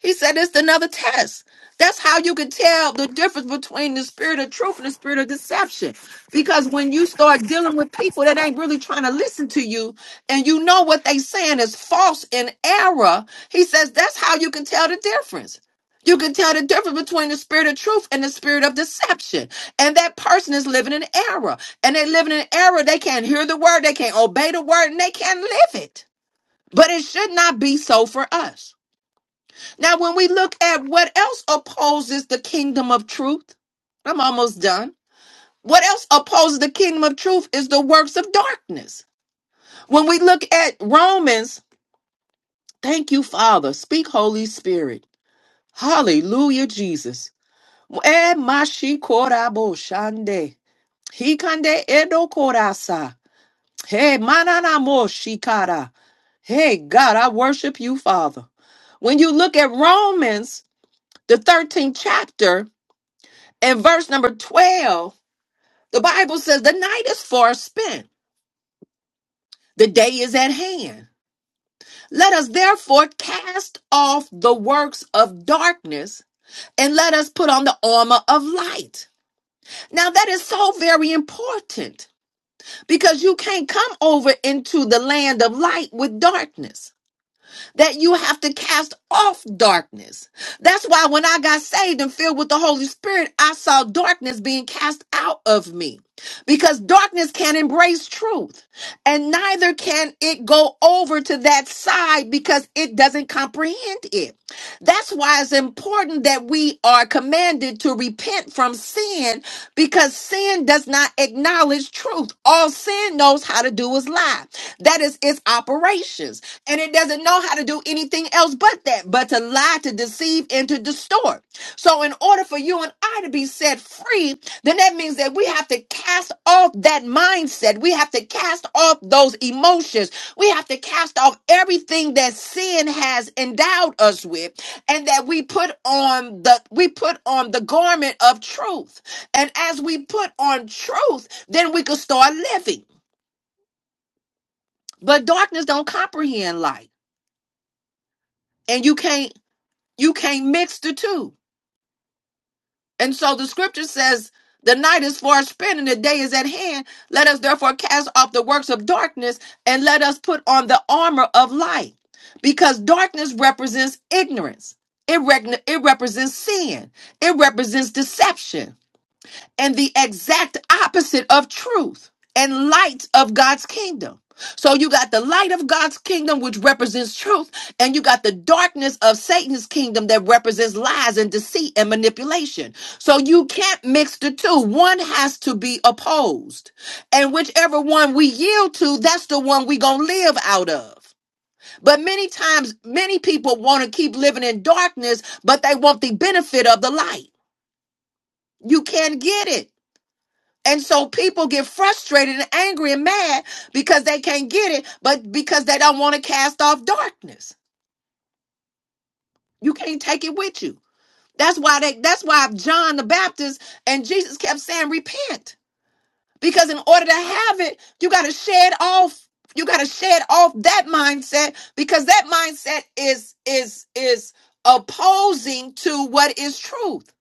S1: He said it's another test. That's how you can tell the difference between the spirit of truth and the spirit of deception. Because when you start dealing with people that ain't really trying to listen to you, and you know what they saying is false and error, he says that's how you can tell the difference. You can tell the difference between the spirit of truth and the spirit of deception. And that person is living in error. And they living in error. They can't hear the word, they can't obey the word, and they can't live it. But it should not be so for us. Now, when we look at what else opposes the kingdom of truth, I'm almost done. What else opposes the kingdom of truth is the works of darkness. When we look at Romans, thank you, Father. Speak, Holy Spirit. Hallelujah, Jesus. Eh, mashi korabo shande. Hikande edo korasa. Hey, manana mo shikara. Hey, God, I worship you, Father. When you look at Romans, the 13th chapter, And verse number 12, the Bible says, The night is far spent, the day is at hand. Let us therefore cast off the works of darkness and let us put on the armor of light. Now, that is so very important because you can't come over into the land of light with darkness. that you have to cast off darkness. That's why when I got saved and filled with the Holy Spirit, I saw darkness being cast out of me because darkness can't embrace truth and neither can it go over to that side because it doesn't comprehend it. That's why it's important important that we are commanded to repent from sin because sin does not acknowledge truth. All sin knows how to do is lie. That is its operations. And it doesn't know how to do anything else but that, but to lie, to deceive, and to distort. So, in order for you and I to be set free, then that means that we have to cast off that mindset. We have to cast off those emotions. We have to cast off everything that sin has endowed us with and that we put on the we put on the garment of truth and as we put on truth then we can start living but darkness don't comprehend light and you can't you can't mix the two and so the scripture says the night is far spent and the day is at hand let us therefore cast off the works of darkness and let us put on the armor of light because darkness represents ignorance it, rec- it represents sin it represents deception and the exact opposite of truth and light of God's kingdom. So you got the light of God's kingdom, which represents truth, and you got the darkness of Satan's kingdom that represents lies and deceit and manipulation. So you can't mix the two. One has to be opposed. And whichever one we yield to, that's the one we gonna live out of. But many times, many people want to keep living in darkness, but they want the benefit of the light. You can't get it. And so people get frustrated and angry and mad because they can't get it, but because they don't want to cast off darkness. You can't take it with you. That's why they that's why John the Baptist and Jesus kept saying repent. Because in order to have it, you got to shed off you got to shed off that mindset because that mindset is is is opposing to what is truth.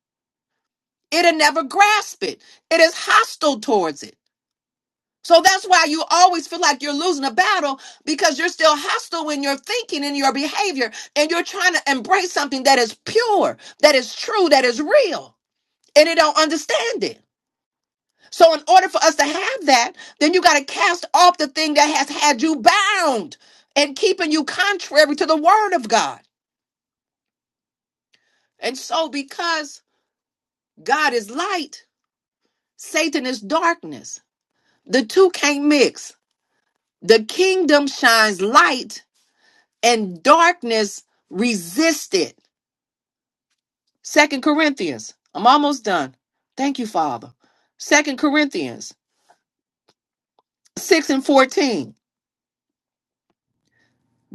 S1: It'll never grasp it. It is hostile towards it. So that's why you always feel like you're losing a battle because you're still hostile in your thinking and your behavior, and you're trying to embrace something that is pure, that is true, that is real, and it don't understand it. So, in order for us to have that, then you got to cast off the thing that has had you bound and keeping you contrary to the word of God. And so, because God is light, Satan is darkness. The two can't mix. The kingdom shines light and darkness resisted. Second Corinthians. I'm almost done. Thank you, Father. Second Corinthians 6 and 14.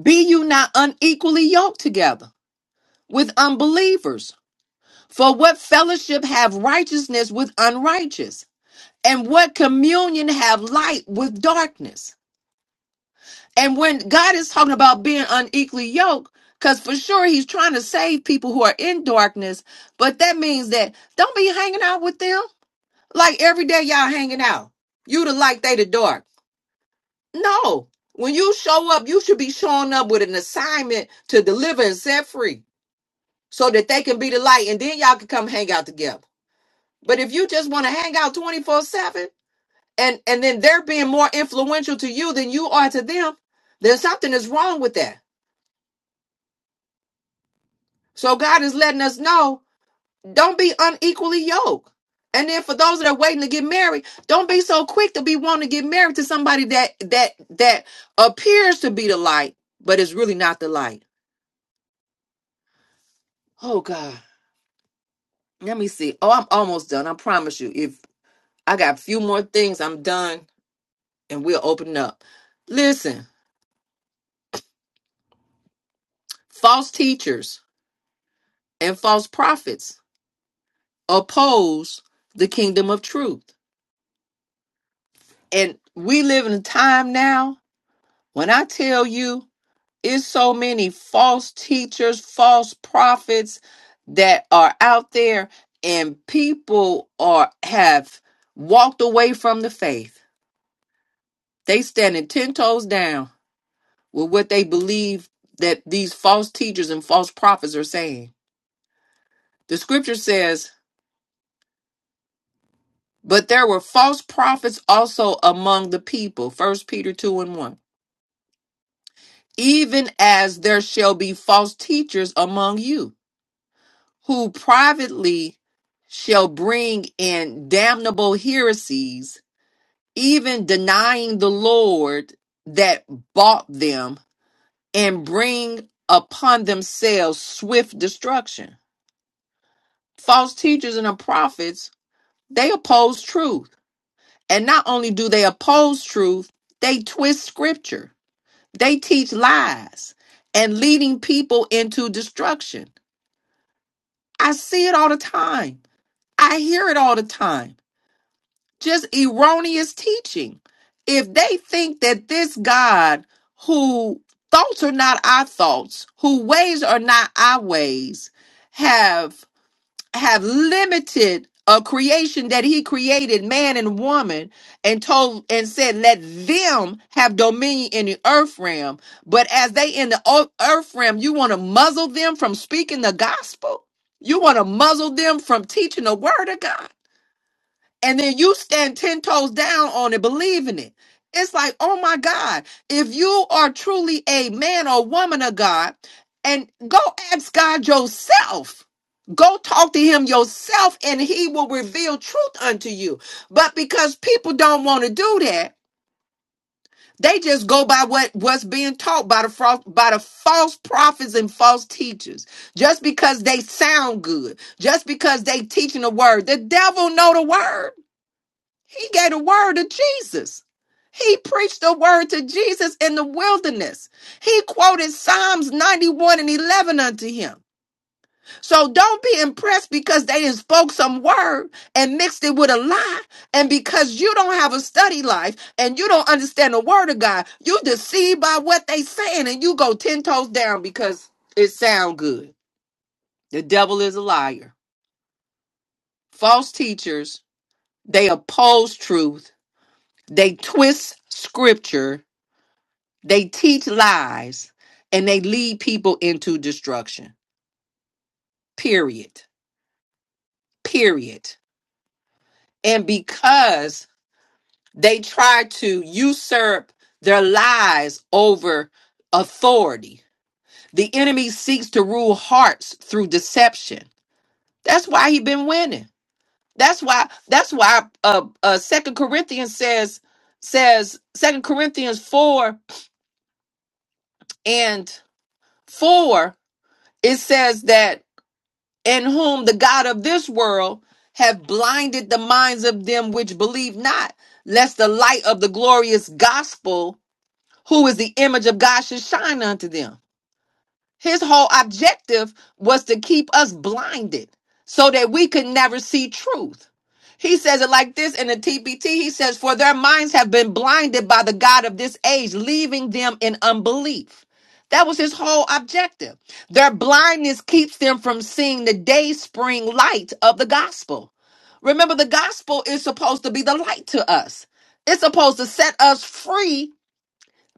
S1: Be you not unequally yoked together with unbelievers. For what fellowship have righteousness with unrighteous? And what communion have light with darkness? And when God is talking about being unequally yoked, because for sure he's trying to save people who are in darkness, but that means that don't be hanging out with them Like every day y'all hanging out. You the light, they the dark. No. When you show up, you should be showing up with an assignment to deliver and set free so that they can be the light and then y'all can come hang out together. But if you just want to hang out 24-7 and, and then they're being more influential to you than you are to them, then something is wrong with that. So God is letting us know Don't be unequally yoked. And then for those that are waiting to get married, don't be so quick to be wanting to get married to somebody that that that appears to be the light, but is really not the light. Oh God. Let me see. Oh, I'm almost done. I promise you. If I got a few more things, I'm done and we'll open up. Listen, false teachers and false prophets oppose the kingdom of truth. And we live in a time now when I tell you it's so many false teachers, false prophets that are out there and people are have walked away from the faith. They standing 10 toes down with what they believe that these false teachers and false prophets are saying. The scripture says, "But there were false prophets also among the people." First Peter 2 and 1. Even as there shall be false teachers among you who privately shall bring in damnable heresies, even denying the Lord that bought them, and bring upon themselves swift destruction. False teachers and the prophets, they oppose truth. And not only do they oppose truth, they twist scripture. They teach lies and leading people into destruction. I see it all the time. I hear it all the time just erroneous teaching. If they think that this God, who thoughts are not our thoughts, who ways are not our ways, have have limited a creation that he created, man and woman, and told and said, let them have dominion in the earth realm. But as they in the o- earth realm, you want to muzzle them from speaking the gospel? You want to muzzle them from teaching the word of God? and then you stand 10 toes down on it believing it it's like oh my god if you are truly a man or woman of god and go ask god yourself go talk to him yourself and he will reveal truth unto you but because people don't want to do that they just go by what what's being taught by the false by the false prophets and false teachers just because they sound good just because they teaching the word the devil know the word he gave the word to Jesus. He preached the word to Jesus in the wilderness. He quoted Psalms 91 and 11 unto him. So don't be impressed because they done spoke some word and mixed it with a lie. And because you don't have a study life and you don't understand the word of God, you deceived by what they saying and you go 10 toes down because it sound good. The devil is a liar. False teachers, they oppose truth. They twist scripture They teach lies and they lead people into destruction. Period. Period. And because they try to usurp their lies over authority, the enemy seeks to rule hearts through deception. That's why he been winning. That's why that's why uh uh Second Corinthians says says Second Corinthians 4 and 4 it says that in whom the God of this world have blinded the minds of them which believe not, lest the light of the glorious gospel, who is the image of God, should shine unto them. His whole objective was to keep us blinded so that we could never see truth. He says it like this in the TPT. He says, For their minds have been blinded by the God of this age, leaving them in unbelief. That was his whole objective. Their blindness keeps them from seeing the day spring light of the gospel. Remember, the gospel is supposed to be the light to us, it's supposed to set us free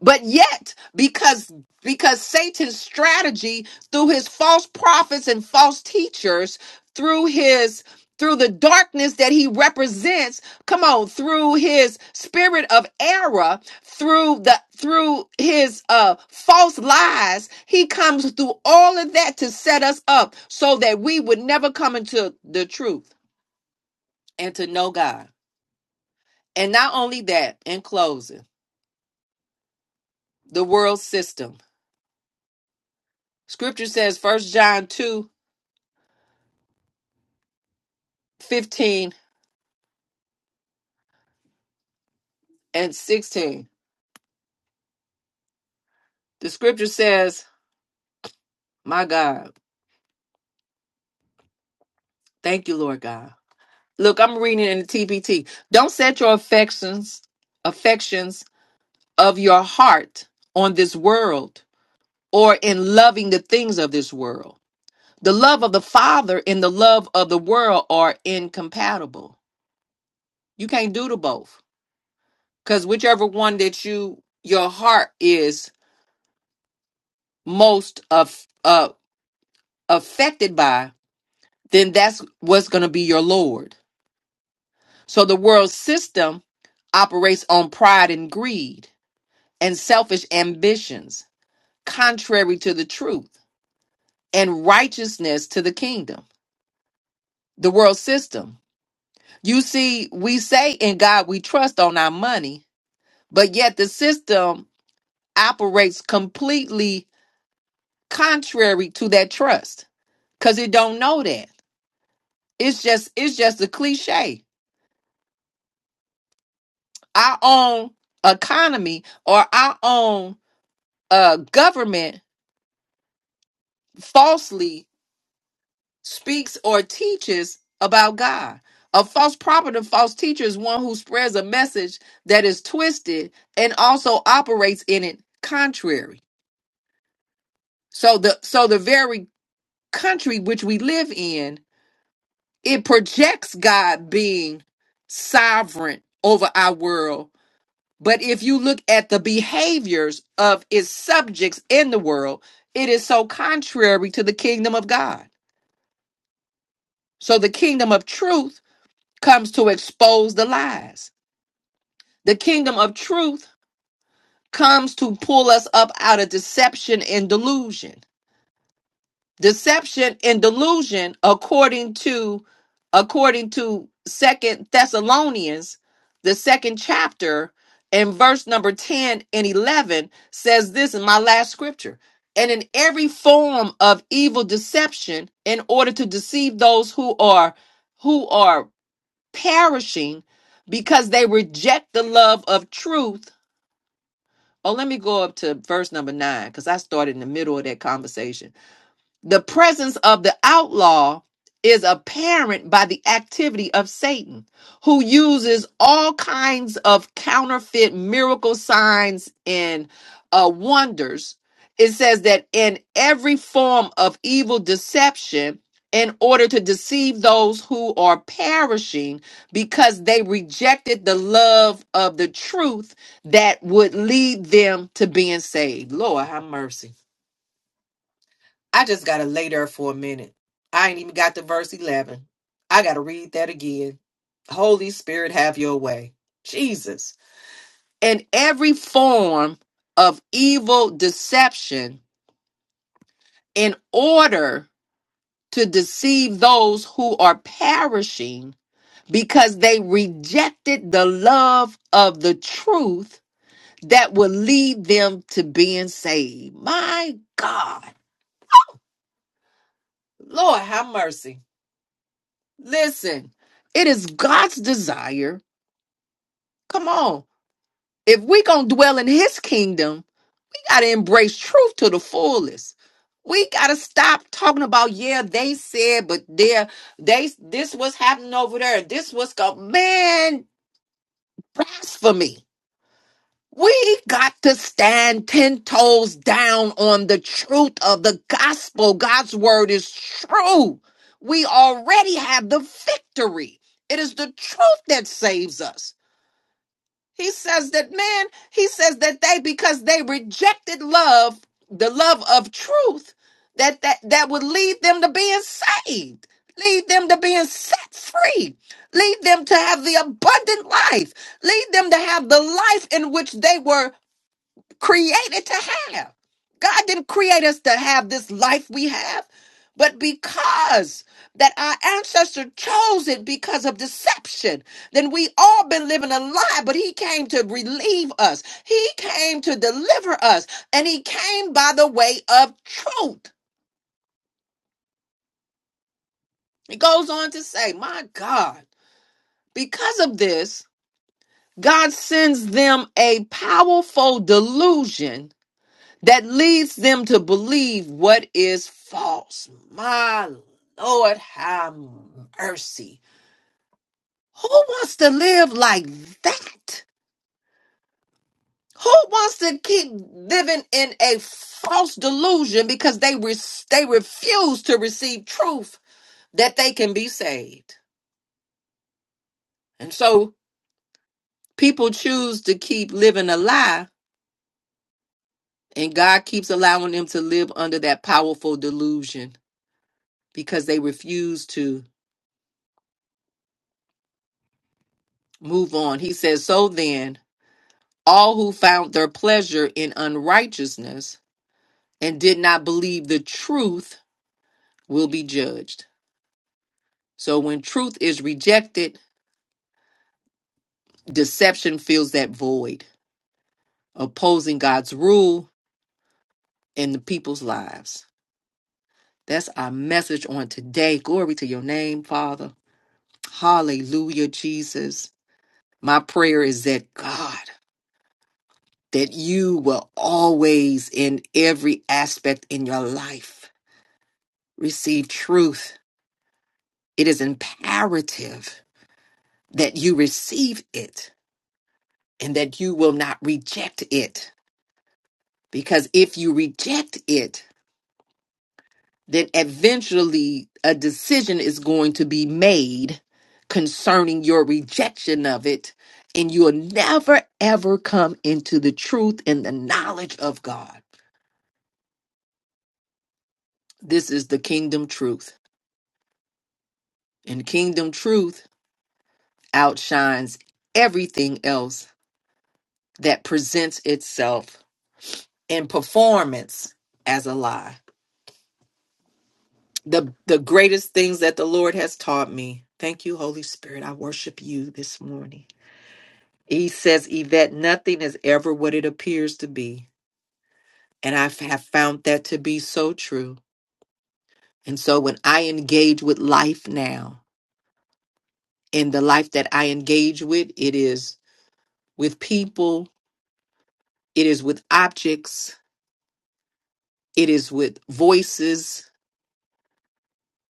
S1: but yet, because because Satan's strategy through his false prophets and false teachers, through his through the darkness that he represents, come on, through his spirit of error, through the through his uh false lies, he comes through all of that to set us up so that we would never come into the truth and to know God. And not only that, in closing, the world system. Scripture says First John 2 15 and 16. The scripture says, My God, thank you, Lord God. Look, I'm reading in the TPT. Don't set your affections, affections of your heart on this world or in loving the things of this world. The love of the Father and the love of the world are incompatible. You can't do the both. Because whichever one that you your heart is most of uh affected by then that's what's going to be your Lord. So the world system operates on pride and greed and selfish ambitions, contrary to the truth and righteousness to the kingdom, the world system. You see, we say in God we trust on our money, but yet the system operates completely contrary to that trust because it don't know that. It's just it's just a cliche. Our own economy or our own uh, government falsely speaks or teaches about God. A false prophet or false teacher is one who spreads a message that is twisted and also operates in it contrary. So the so the very country which we live in, it projects God being sovereign over our world. But if you look at the behaviors of its subjects in the world, it is so contrary to the kingdom of God. So the kingdom of truth comes to expose the lies. The kingdom of truth comes to pull us up out of deception and delusion. Deception and delusion according to according to 2nd Thessalonians the 2nd chapter and verse number 10 and 11 says this in my last scripture. And in every form of evil deception in order to deceive those who are who are perishing because they reject the love of truth. Oh, let me go up to verse number nine because I started in the middle of that conversation. The presence of the outlaw is apparent by the activity of Satan, who uses all kinds of counterfeit miracle signs and uh, wonders. It says that in every form of evil deception, in order to deceive those who are perishing because they rejected the love of the truth that would lead them to being saved. Lord, have mercy. I just gotta lay there for a minute. I ain't even got to verse 11. I gotta read that again. Holy Spirit, have your way. Jesus. And every form of evil deception in order to deceive those who are perishing because they rejected the love of the truth that will lead them to being saved. My God. Lord, have mercy. Listen, it is God's desire. Come on. If we going to dwell in his kingdom, we got to embrace truth to the fullest. We got to stop talking about yeah, they said but there they this was happening over there. This was go man blasphemy. We got to stand 10 toes down on the truth of the gospel. God's word is true. We already have the victory. It is the truth that saves us. He says that man, he says that they because they rejected love, the love of truth, that that, that would lead them to being saved, lead them to being set free, lead them to have the abundant life, lead them to have the life in which they were created to have. God didn't create us to have this life we have, but because that our ancestor chose it because of deception, then we all been living a lie, but he came to relieve us. He came to deliver us, and he came by the way of truth. He goes on to say, "My God, because of this, God sends them a powerful delusion that leads them to believe what is false. My Lord, have mercy. Who wants to live like that? Who wants to keep living in a false delusion because they re- they refuse to receive truth that they can be saved? And so people choose to keep living a lie, and God keeps allowing them to live under that powerful delusion because they refuse to Move on. He says, So then, all who found their pleasure in unrighteousness and did not believe the truth will be judged. So when truth is rejected, deception fills that void, opposing God's rule in the people's lives. That's our message on today. Glory to your name, Father. Hallelujah, Jesus. My prayer is that God, that you will always in every aspect in your life receive truth, it is imperative that you receive it and that you will not reject it. Because if you reject it, then eventually a decision is going to be made concerning your rejection of it. And you'll never, ever come into the truth and the knowledge of God. This is the kingdom truth. And kingdom truth outshines everything else that presents itself and performance as a lie. The the greatest things that the Lord has taught me. Thank you, Holy Spirit. I worship you this morning. He says, Yvette, nothing is ever what it appears to be. And I have found that to be so true. And so when I engage with life now, in the life that I engage with, it is with people, it is with objects, it is with voices,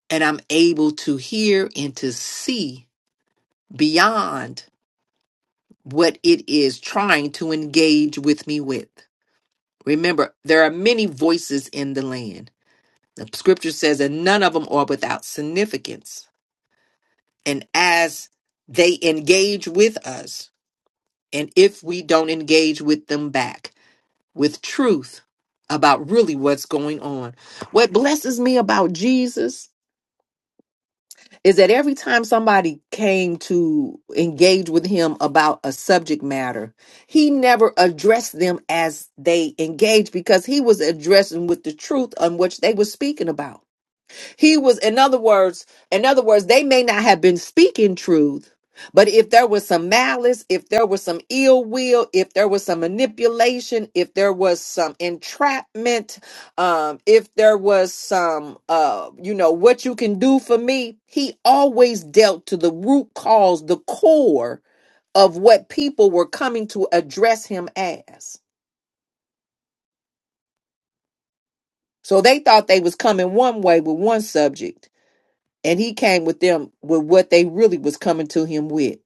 S1: and I'm able to hear and to see beyond what it is trying to engage with me with. Remember, there are many voices in the land. The scripture says that none of them are without significance. And as they engage with us, and if we don't engage with them back with truth about really what's going on, what blesses me about Jesus is that every time somebody came to engage with him about a subject matter, he never addressed them as they engaged because he was addressing with the truth on which they were speaking about. He was, in other words, in other words, they may not have been speaking truth, but if there was some malice, if there was some ill will, if there was some manipulation, if there was some entrapment, um, if there was some, uh, you know, what you can do for me, he always dealt to the root cause, the core of what people were coming to address him as. So they thought they was coming one way with one subject and he came with them with what they really was coming to him with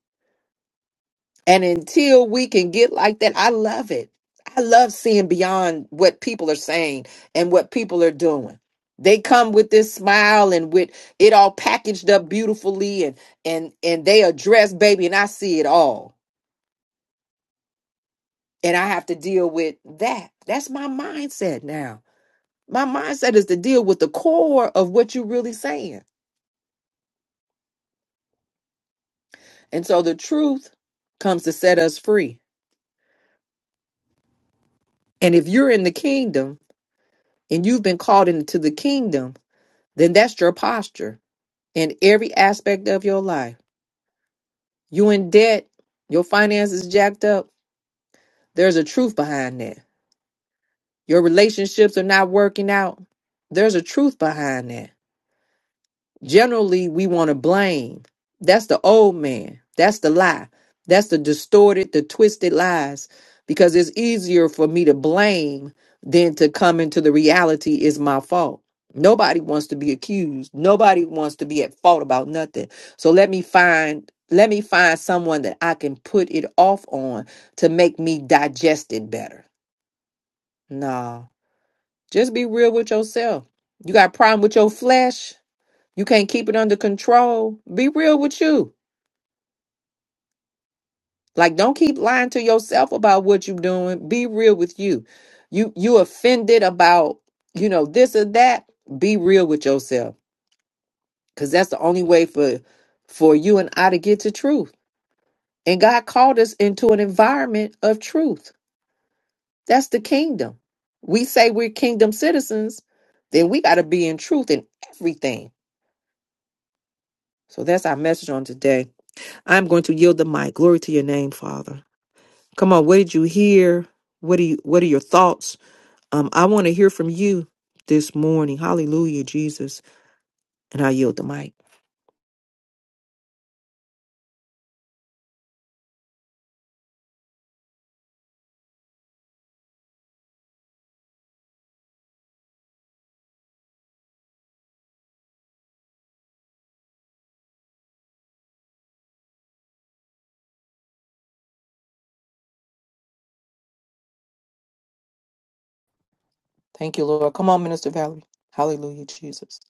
S1: and until we can get like that i love it i love seeing beyond what people are saying and what people are doing they come with this smile and with it all packaged up beautifully and and and they address baby and i see it all and i have to deal with that that's my mindset now my mindset is to deal with the core of what you're really saying and so the truth comes to set us free And if you're in the kingdom and you've been called into the kingdom, then that's your posture in every aspect of your life. You in debt, your finances jacked up. There's a truth behind that. Your relationships are not working out. There's a truth behind that Generally, we want to blame. That's the old man. That's the lie. That's the distorted, the twisted lies. Because it's easier for me to blame than to come into the reality is my fault. Nobody wants to be accused. Nobody wants to be at fault about nothing. So let me find let me find someone that I can put it off on to make me digest it better. No. Just be real with yourself. You got a problem with your flesh? You can't keep it under control. Be real with you. Like don't keep lying to yourself about what you're doing. Be real with you. You you offended about, you know, this or that. Be real with yourself. Cause that's the only way for for you and I to get to truth. And God called us into an environment of truth. That's the kingdom. We say we're kingdom citizens, then we gotta be in truth in everything. So that's our message on today. I'm going to yield the mic. Glory to your name, Father. Come on, what did you hear? What do you what are your thoughts? Um, I want to hear from you this morning. Hallelujah, Jesus. And I yield the mic. Thank you, Lord. Come on, Minister Valerie. Hallelujah, Jesus.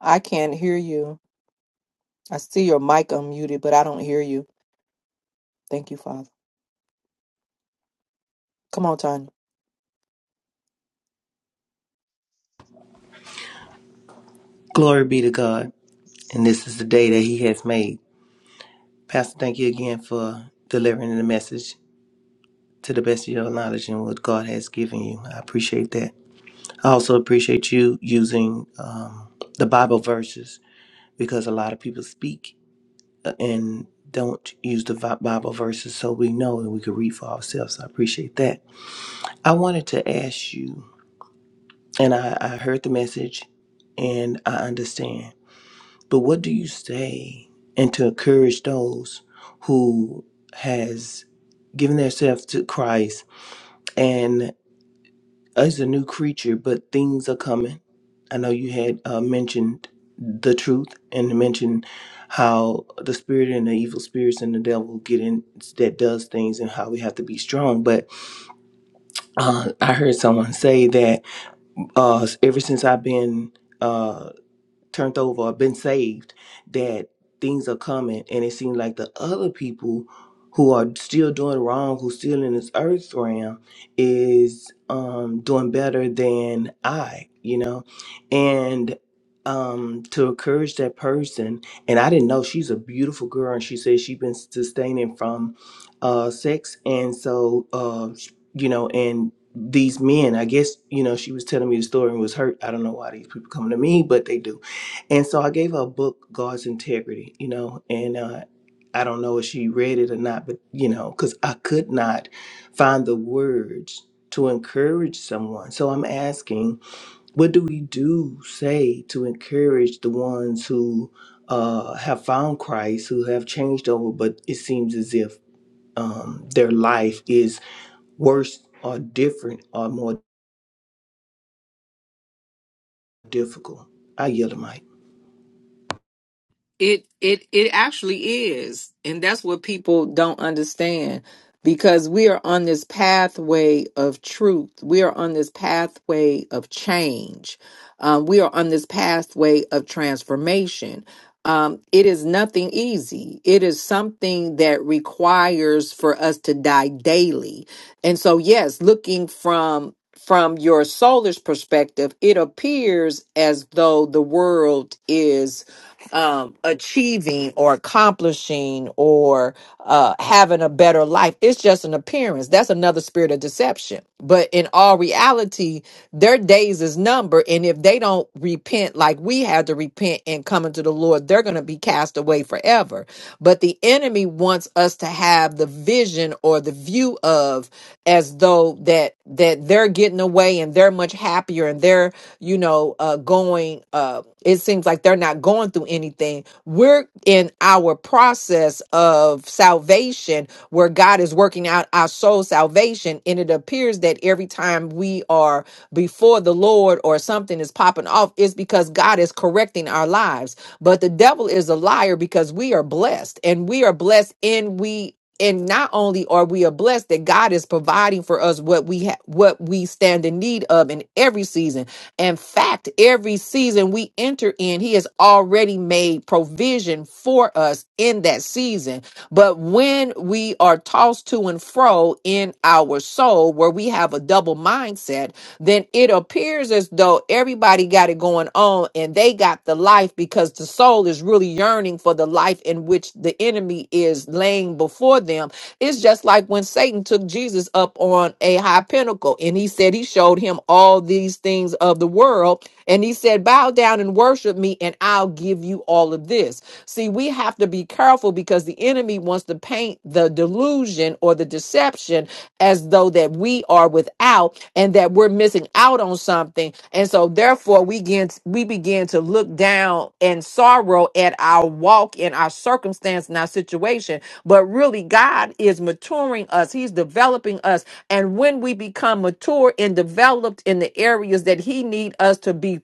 S1: I can't hear you. I see your mic unmuted, but I don't hear you. Thank you, Father. Come on, Tanya.
S3: Glory be to God. And this is the day that He has made. Pastor, thank you again for delivering the message to the best of your knowledge and what God has given you. I appreciate that. I also appreciate you using um, the Bible verses because a lot of people speak uh, and don't use the Vi- Bible verses so we know and we can read for ourselves. I appreciate that. I wanted to ask you, and I, I heard the message and I understand. But what do you say and to encourage those who has given themselves to Christ and is a new creature, but things are coming? I know you had uh, mentioned the truth and mentioned how the spirit and the evil spirits and the devil get in that does things and how we have to be strong. But uh, I heard someone say that uh, ever since I've been uh, turned over or been saved that things are coming and it seems like the other people who are still doing wrong who's still in this earth realm is um doing better than i you know and um to encourage that person and i didn't know she's a beautiful girl and she said she's been sustaining from uh sex and so uh sh- you know and these men i guess you know she was telling me the story and was hurt i don't know why these people come to me but they do and so I gave her a book, God's Integrity, you know, and uh, I don't know if she read it or not, but, you know, because I could not find the words to encourage someone. So I'm asking, what do we do, say, to encourage the ones who uh, have found Christ, who have changed over, but it seems as if um, their life is worse or different or more difficult? I yield the mic.
S1: It it it actually is, and that's what people don't understand because we are on this pathway of truth. We are on this pathway of change. Um, we are on this pathway of transformation. Um, it is nothing easy. It is something that requires for us to die daily. And so, yes, looking from from your solar's perspective, it appears as though the world is um, achieving or accomplishing or uh, having a better life. It's just an appearance. That's another spirit of deception. But in all reality, their days is numbered. And if they don't repent like we had to repent and come into the Lord, they're going to be cast away forever. But the enemy wants us to have the vision or the view of as though that that they're getting away and they're much happier and they're, you know, uh going uh it seems like they're not going through anything. We're in our process of salvation where God is working out our soul salvation and it appears that every time we are before the Lord or something is popping off it's because God is correcting directing our lives. But the devil is a liar because we are blessed and we are blessed and we and not only are we are blessed that God is providing for us what we ha- what we stand in need of in every season. In fact, every season we enter in, he has already made provision for us in that season. But when we are tossed to and fro in our soul where we have a double mindset, then it it appears as though everybody got it going on and they got the life because the soul is really yearning for the life in which the enemy is laying before them. It's just like when Satan took Jesus up on a high pinnacle and he said he showed him all these things of the world and he said, Bow down and worship me and I'll give you all of this. See, we have to be careful because the enemy wants to paint the delusion or the deception as though that we are without and that we're missing out on something and so therefore we begin we begin to look down and sorrow at our walk and our circumstance and our situation but really god is maturing us he's developing us and when we become mature and developed in the areas that he need us to be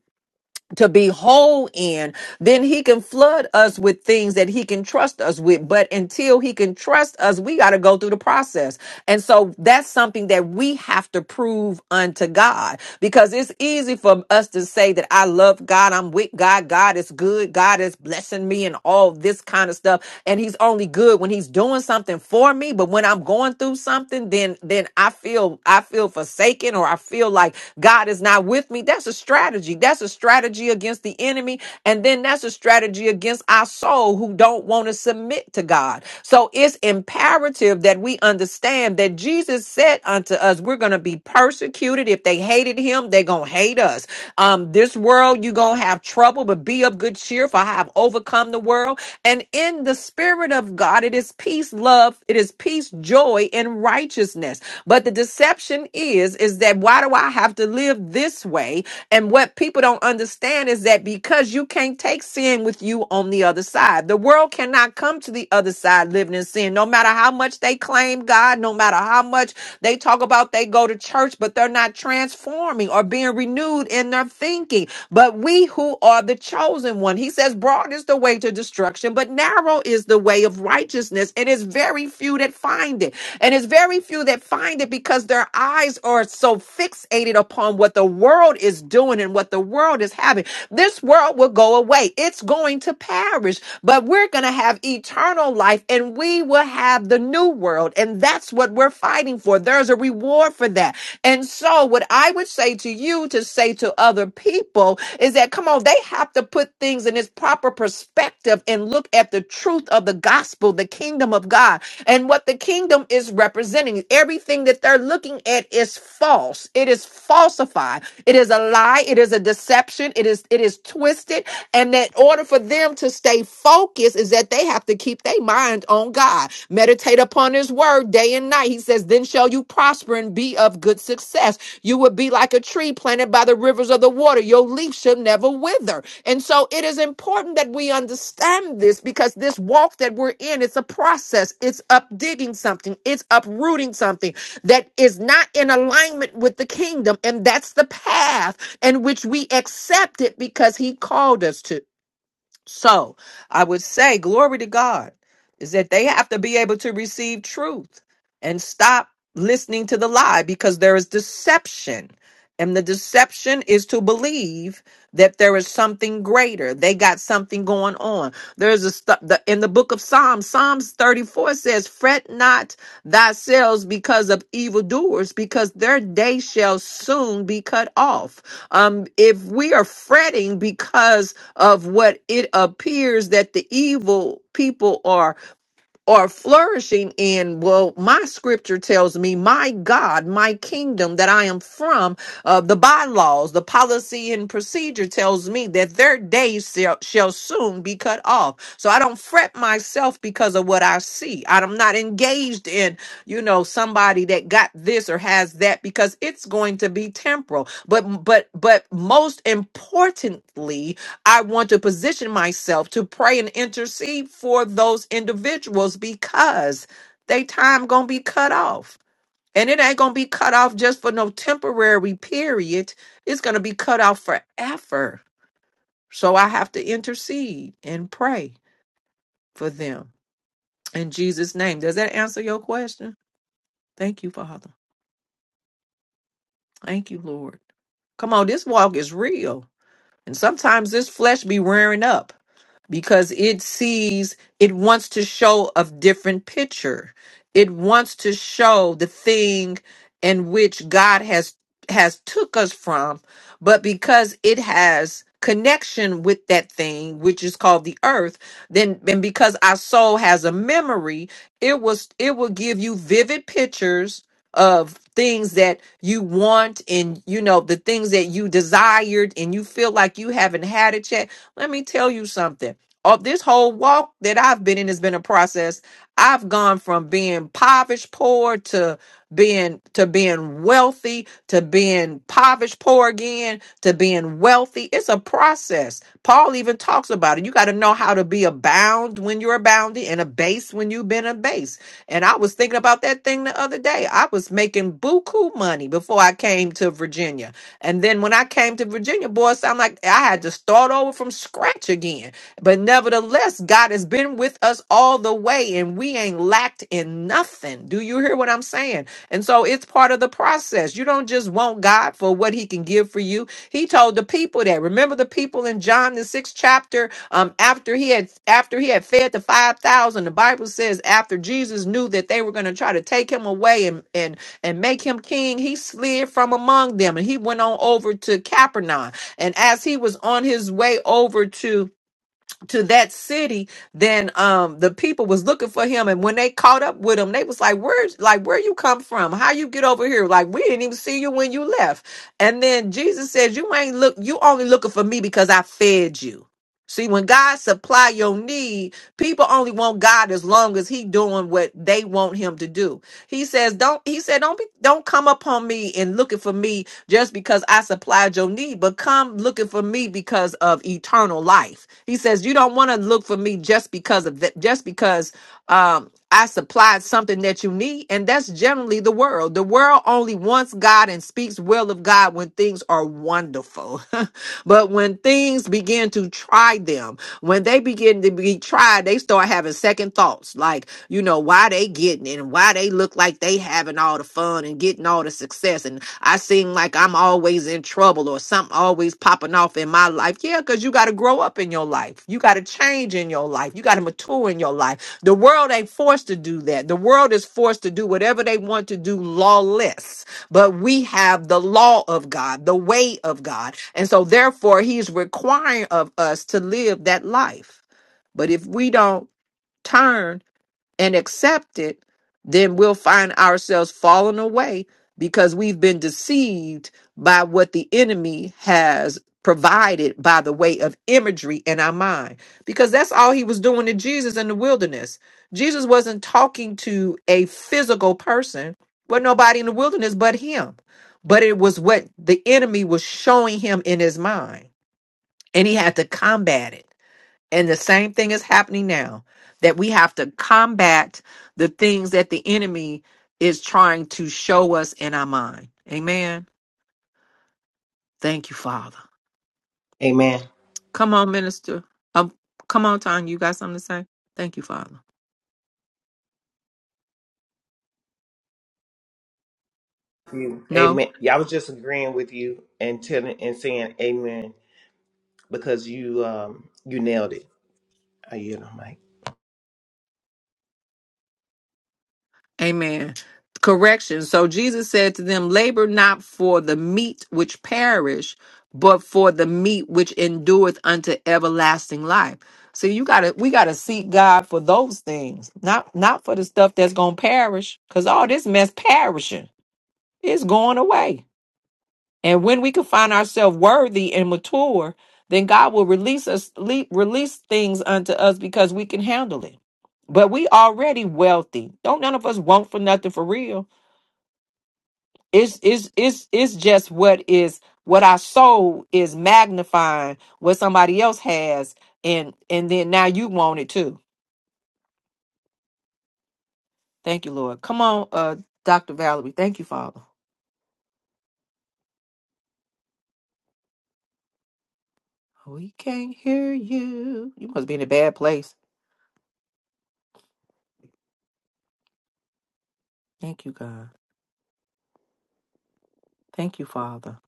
S1: to be whole in then he can flood us with things that he can trust us with but until he can trust us we got to go through the process and so that's something that we have to prove unto God because it's easy for us to say that I love God, I'm with God, God is good, God is blessing me, and all this kind of stuff. And He's only good when He's doing something for me. But when I'm going through something, then then I feel I feel forsaken or I feel like God is not with me. That's a strategy. That's a strategy against the enemy, and then that's a strategy against our soul who don't want to submit to God. So it's imperative that we understand that Jesus said unto us, we're going to be persecuted. If they hated him, they're going to hate us. Um, this world, you're going to have trouble, but be of good cheer, for I have overcome the world. And in the spirit of God, it is peace, love, it is peace, joy, and righteousness. But the deception is, is that why do I have to live this way? And what people don't understand is that because you can't take sin with you on the other side, the world cannot not come to the other side living in sin. No matter how much they claim God, no matter how much they talk about they go to church, but they're not transforming or being renewed in their thinking. But we who are the chosen one, he says, broad is the way to destruction, but narrow is the way of righteousness. And it's very few that find it. And it's very few that find it because their eyes are so fixated upon what the world is doing and what the world is having. This world will go away. It's going going to perish, but we're going to have eternal life and we will have the new world. And that's what we're fighting for. There's a reward for that. And so, what I would say to you to say to other people is that, come on, they have to put things in its proper perspective and look at the truth of the gospel, the kingdom of God, and what the kingdom is representing. Everything that they're looking at is false, it is falsified, it is a lie, it is a deception, It is. It is is twisted. And that order for them to stay focused is that they have to keep their mind on God, meditate upon His word day and night. He says, Then shall you prosper and be of good success. You will be like a tree planted by the rivers of the water. Your leaf shall never wither. And so it is important that we understand this because this walk that we're in, it's a process. It's updigging something, it's uprooting something that is not in alignment with the kingdom. And that's the path and which we accepted because he called us to. So I would say, glory to God, is that they have to be able to receive truth and stop listening to the lie because there is deception. And the deception is to believe that there is something greater. They got something going on. There's a stu- the, in the book of Psalms, Psalms 34 says, Fret not thyself because of evildoers, because their day shall soon be cut off. Um, if we are fretting because of what it appears that the evil people are are flourishing in well my scripture tells me my god my kingdom that i am from uh, the bylaws the policy and procedure tells me that their days shall, shall soon be cut off so i don't fret myself because of what i see i'm not engaged in you know somebody that got this or has that because it's going to be temporal but but but most importantly I want to position myself to pray and intercede for those individuals because they time gonna be cut off. And it ain't gonna be cut off just for no temporary period. It's gonna be cut off forever. So I have to intercede and pray for them in Jesus' name. Does that answer your question? Thank you, Father. Thank you, Lord. Come on, this walk is real. And sometimes this flesh be rearing up. because it sees it wants to show a different picture it wants to show the thing in which god has has took us from but because it has connection with that thing which is called the earth then and because our soul has a memory it was it will give you vivid pictures of things that you want and you know the things that you desired and you feel like you haven't had it yet let me tell you something of this whole walk that I've been in has been a process. I've gone from being impoverished poor to being to being wealthy to being impoverished poor again to being wealthy. It's a process. Paul even talks about it. You got to know how to be abound when you're abounding and abase when you've been abased. And I was thinking about that thing the other day. I was making buku money before I came to Virginia. And then when I came to Virginia, boy, it sounded like I had to start over from scratch again but nevertheless, God has been with us all the way and we ain't lacked in nothing. Do you hear what I'm saying? And so it's part of the process. You don't just want God for what he can give for you. He told the people that. Remember the people in John the sixth chapter? Um, after he had after he had fed the five thousand, the Bible says after Jesus knew that they were going to try to take him away and and and make him king, he slid from among them and he went on over to Capernaum. And as he was on his way over to to that city then um the people was looking for him and when they caught up with him they was like where's like where you come from how you get over here like we didn't even see you when you left and then jesus says you ain't look you only looking for me because i fed you see when god supply your need people only want god as long as he doing what they want him to do he says don't he said don't be don't come upon me and looking for me just because I supplied your need, but come looking for me because of eternal life. He says, You don't want to look for me just because of that, just because um I supplied something that you need, and that's generally the world. The world only wants God and speaks well of God when things are wonderful. but when things begin begin to try them. When they begin to be tried, they start having second thoughts, like, you know, why they getting it and why they look like they having all the fun and getting all the success. And I seem like I'm always in trouble or something always popping off in my life. Yeah, because you got to grow up in your life. You got to change in your life. You got to mature in your life. The world ain't forced to do that. The world is forced to do whatever they want to do lawless but we have the law of God, the way of God. And so, therefore, He's requiring of us to live that life. But if we don't turn and accept it, then we'll find ourselves falling away because we've been deceived by what the enemy has provided by the way of imagery in our mind. Because that's all he was doing to Jesus in the wilderness. Jesus wasn't talking to a physical person, but nobody in the wilderness but him. But it was what the enemy was showing him in his mind, and he had to combat it. And the same thing is happening now that we have to combat the things that the enemy is trying to show us in our mind. Amen. Thank you, Father.
S3: Amen.
S1: Come on, minister. Um, come on, Tanya. You got something to say? Thank you, Father.
S3: you.
S1: No.
S3: Amen. Yeah, I was just agreeing with you and telling and saying amen because you um you nailed it. Are you the mic.
S1: Amen. Correction. So Jesus said to them, Labor not for the meat which perish, but for the meat which endureth unto everlasting life. See, you gotta we gotta seek God for those things, not not for the stuff that's gonna perish, because all this mess perishing is going away. And when we can find ourselves worthy and mature, then God will release us le- release things unto us because we can handle it. But we already wealthy. Don't none of us want for nothing for real it's it's it's it's just what is what our soul is magnifying what somebody else has, and and then now you want it too. Thank you, Lord. Come on, uh, Doctor Valerie. Thank you, Father. We can't hear you. You must be in a bad place. Thank you, God. Thank you, Father.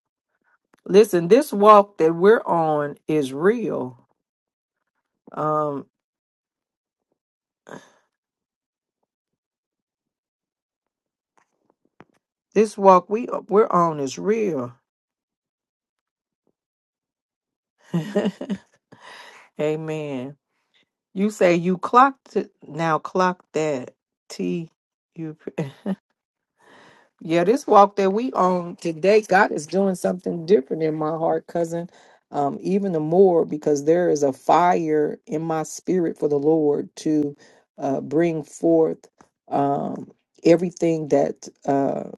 S1: Listen, this walk that we're on is real. Um, this walk we we're on is real. Amen. You say you clocked it. Now clock that. T. You. p- Yeah, this walk that we on today, God is doing something different in my heart, cousin. Um, even the more because there is a fire in my spirit for the Lord to uh, bring forth um, everything that uh,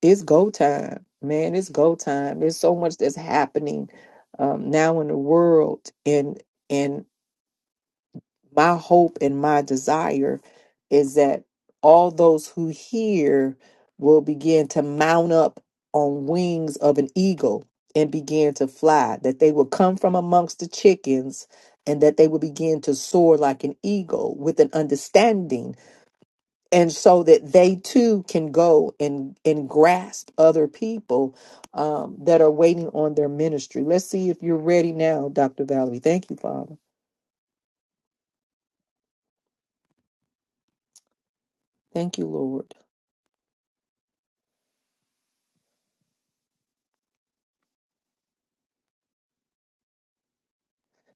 S1: is go time. Man, it's go time. There's so much that's happening um, now in the world, and my hope and my desire is that all those who hear will begin to mount up on wings of an eagle and begin to fly, that they will come from amongst the chickens and that they will begin to soar like an eagle with an understanding and so that they too can go and and grasp other people um, that are waiting on their ministry let's see if you're ready now dr valerie thank you father thank you lord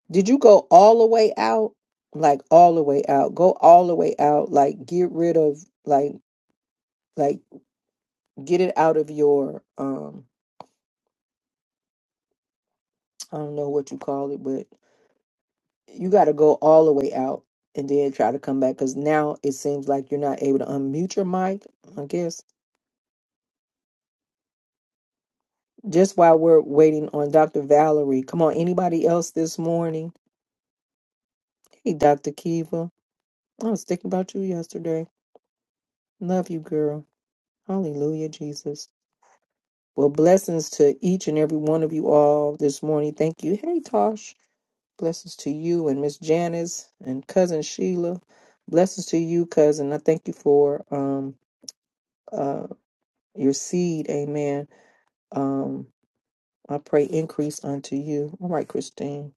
S1: Did you go all the way out? Like all the way out. Go all the way out. Like get rid of like like get it out of your um I don't know what you call it, but you got to go all the way out and then try to come back cuz now it seems like you're not able to unmute your mic, I guess. Just while we're waiting on Dr. Valerie. Come on, anybody else this morning? Hey Dr. Kiva. I was thinking about you yesterday. Love you, girl. Hallelujah, Jesus. Well, blessings to each and every one of you all this morning. Thank you. Hey, Tosh. Blessings to you and Miss Janice and cousin Sheila. Blessings to you, cousin. I thank you for um uh your seed. Amen. Um, I pray increase unto you. All right, Christine.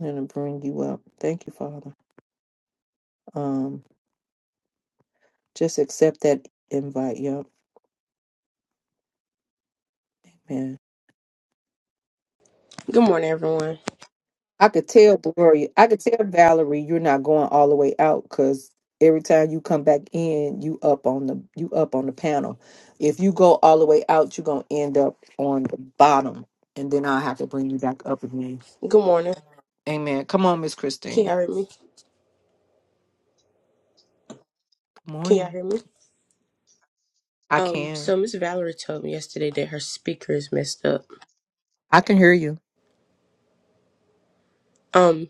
S1: I'm gonna bring you up. Thank you, Father. Um, just accept that invite. Yup. Amen.
S4: Good morning, everyone.
S1: I could tell Gloria, I could tell Valerie, you're not going all the way out because every time you come back in, you up on the you up on the panel. If you go all the way out, you're gonna end up on the bottom, and then I'll have to bring you back up again.
S4: Good morning.
S1: Amen. Come on, Miss
S4: Can
S1: Christine.
S4: y'all hear me?
S1: Good
S4: Can y'all
S1: morning.
S4: hear me?
S1: I
S4: Um,
S1: can.
S4: so Miss Valerie told me yesterday that her speaker is messed up.
S1: I can hear you.
S4: Um,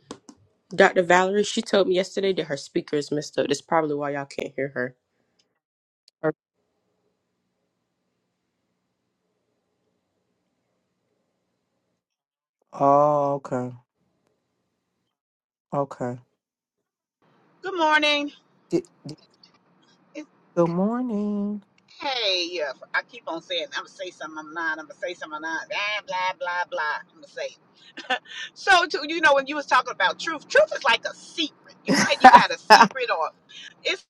S4: Dr. Valerie, she told me yesterday that her speaker is messed up. That's probably why y'all can't hear her.
S1: Er- Oh, okay. Okay.
S5: Good morning.
S1: Di- di-
S5: It's,
S1: Good morning.
S5: hey, uh, I keep on saying I'm gonna say something. I'm not. I'm gonna say something. I'm not. Blah blah blah blah. I'm gonna say. It. So, to, you know, when you was talking about truth, truth is like a secret. You know how you got a secret, or it's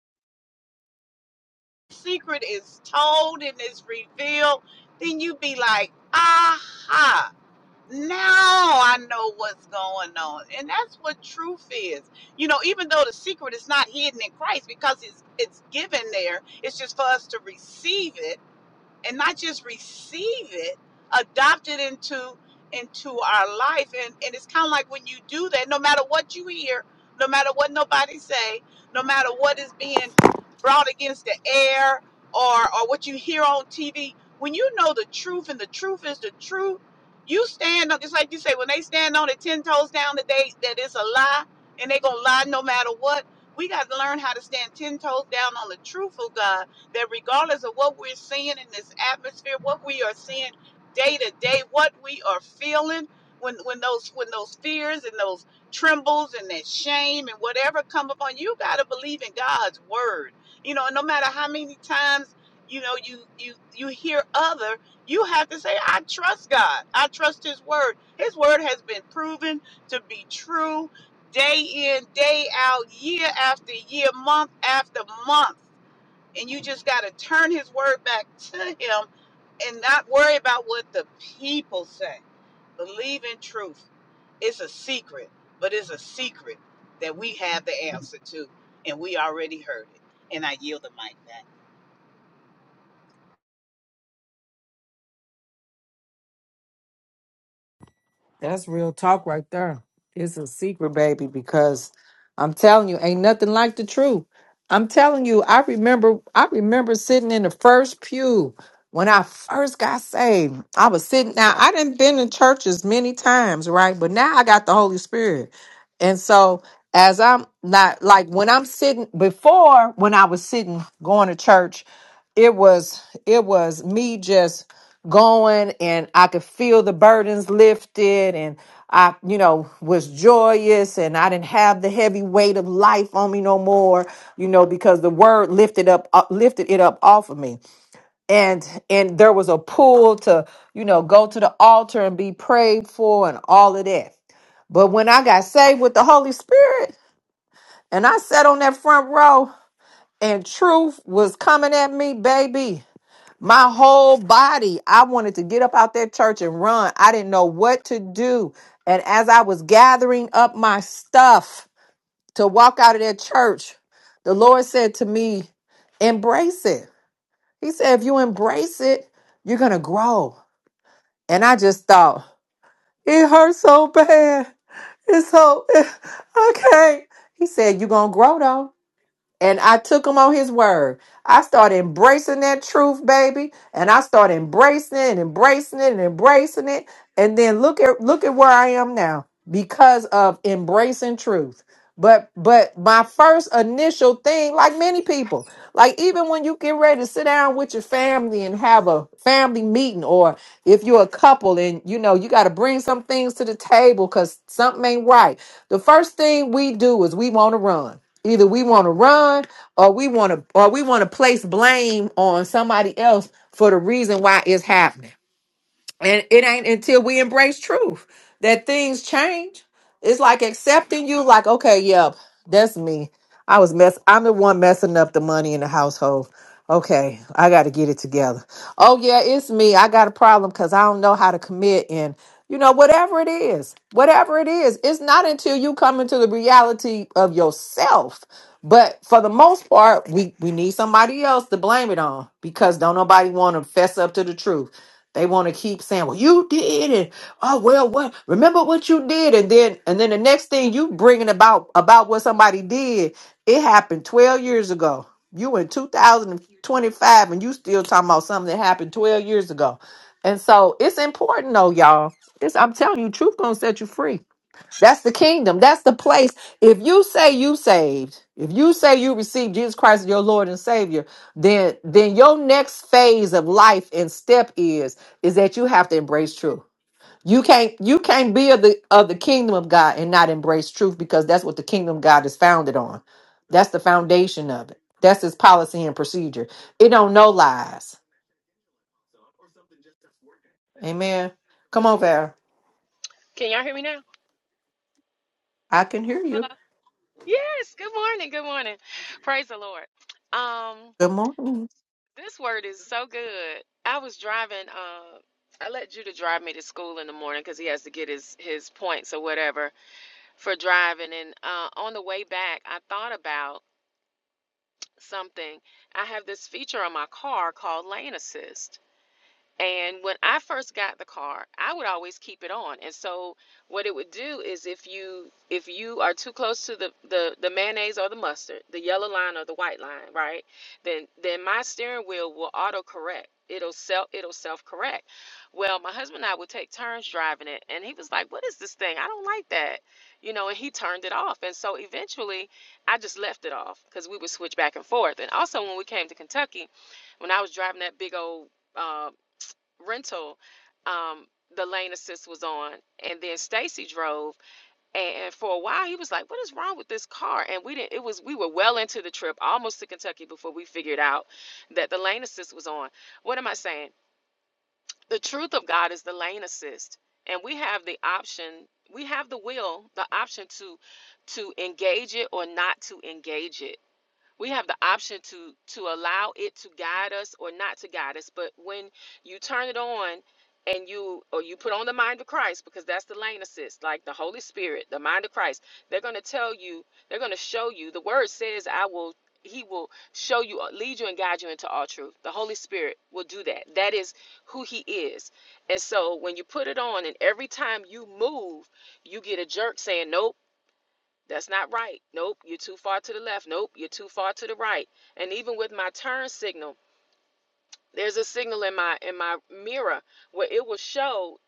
S5: secret is told and it's revealed. Then you be like, aha. Now I know what's going on. And that's what truth is. You know, even though the secret is not hidden in Christ because it's it's given there, it's just for us to receive it and not just receive it, adopt it into into our life. And and it's kind of like when you do that, no matter what you hear, no matter what nobody say, no matter what is being brought against the air or or what you hear on TV, when you know the truth and the truth is the truth, you stand up just like you say, when they stand on it ten toes down that they that it's a lie and they gonna lie no matter what. We got to learn how to stand ten toes down on the truth of God that regardless of what we're seeing in this atmosphere, what we are seeing day to day, what we are feeling, when when those when those fears and those trembles and that shame and whatever come upon you, you gotta believe in God's word. You know, and no matter how many times you know you you you hear other, you have to say, I trust God. I trust His word. His word has been proven to be true day in, day out, year after year, month after month and you just got to turn his word back to him and not worry about what the people say believe in truth it's a secret but it's a secret that we have the answer to and we already heard it and i yield the mic back
S1: That's real talk right there. It's a secret, baby, because I'm telling you, ain't nothing like the truth. I'm telling you, I remember I remember sitting in the first pew when I first got saved. I was sitting now, I didn't been in churches many times, right? But now I got the Holy Spirit. And so as I'm not like when I'm sitting before when I was sitting going to church, it was it was me just going and I could feel the burdens lifted and I, you know, was joyous and I didn't have the heavy weight of life on me no more, you know, because the word lifted up uh, lifted it up off of me. And and there was a pull to, you know, go to the altar and be prayed for and all of that. But when I got saved with the Holy Spirit and I sat on that front row and truth was coming at me, baby. My whole body, I wanted to get up out that church and run. I didn't know what to do. And as I was gathering up my stuff to walk out of that church, the Lord said to me, Embrace it. He said, If you embrace it, you're going to grow. And I just thought, It hurts so bad. It's so, I can't. He said, You're going to grow though. And I took him on his word. I started embracing that truth, baby. And I started embracing it and embracing it and embracing it. And then look at look at where I am now because of embracing truth. But but my first initial thing, like many people, like even when you get ready to sit down with your family and have a family meeting, or if you're a couple and you know you got to bring some things to the table because something ain't right. The first thing we do is we want to run. Either we want to run or we want to or we want to place blame on somebody else for the reason why it's happening. And it ain't until we embrace truth that things change. It's like accepting you, like, okay, yep, that's me. I was mess I'm the one messing up the money in the household. Okay, I gotta get it together. Oh yeah, it's me. I got a problem because I don't know how to commit and you know, whatever it is, whatever it is, it's not until you come into the reality of yourself. But for the most part, we, we need somebody else to blame it on because don't nobody want to fess up to the truth. They want to keep saying, "Well, you did it." Oh well, what? Remember what you did, and then and then the next thing you bringing about about what somebody did. It happened twelve years ago. You in two thousand and twenty five, and you still talking about something that happened twelve years ago. And so it's important, though, y'all. It's I'm telling you, truth gonna set you free. That's the kingdom. That's the place. If you say you saved, if you say you received Jesus Christ as your Lord and Savior, then then your next phase of life and step is is that you have to embrace truth. You can't you can't be of the of the kingdom of God and not embrace truth because that's what the kingdom of God is founded on. That's the foundation of it. That's his policy and procedure. It don't know lies. Amen. Come on, Val.
S6: Can y'all hear me now?
S1: I can hear
S6: Hello.
S1: you.
S6: Yes. Good morning. Good morning. Praise the Lord. Um,
S1: Good morning.
S6: this word is so good. I was driving. Uh, I let Judah drive me to school in the morning because he has to get his his points or whatever for driving. And uh, on the way back, I thought about something. I have this feature on my car called Lane Assist, And when I first got the car, I would always keep it on. And so what it would do is if you if you are too close to the the, the mayonnaise or the mustard, the yellow line or the white line, right? Then then my steering wheel will auto correct. It'll self it'll self correct. Well, my husband and I would take turns driving it and he was like, "What is this thing? I don't like that." You know, and he turned it off. And so eventually I just left it off because we would switch back and forth. And also when we came to Kentucky, when I was driving that big old um rental um the lane assist was on and then Stacy drove and for a while he was like what is wrong with this car and we didn't it was we were well into the trip almost to Kentucky before we figured out that the lane assist was on what am i saying the truth of God is the lane assist and we have the option we have the will the option to to engage it or not to engage it we have the option to to allow it to guide us or not to guide us but when you turn it on and you or you put on the mind of christ because that's the lane assist like the holy spirit the mind of christ they're going to tell you they're going to show you the word says i will he will show you uh, lead you and guide you into all truth the holy spirit will do that that is who he is and so when you put it on and every time you move you get a jerk saying nope that's not right. Nope, you're too far to the left. Nope, you're too far to the right. And even with my turn signal, there's a signal in my in my mirror where it will show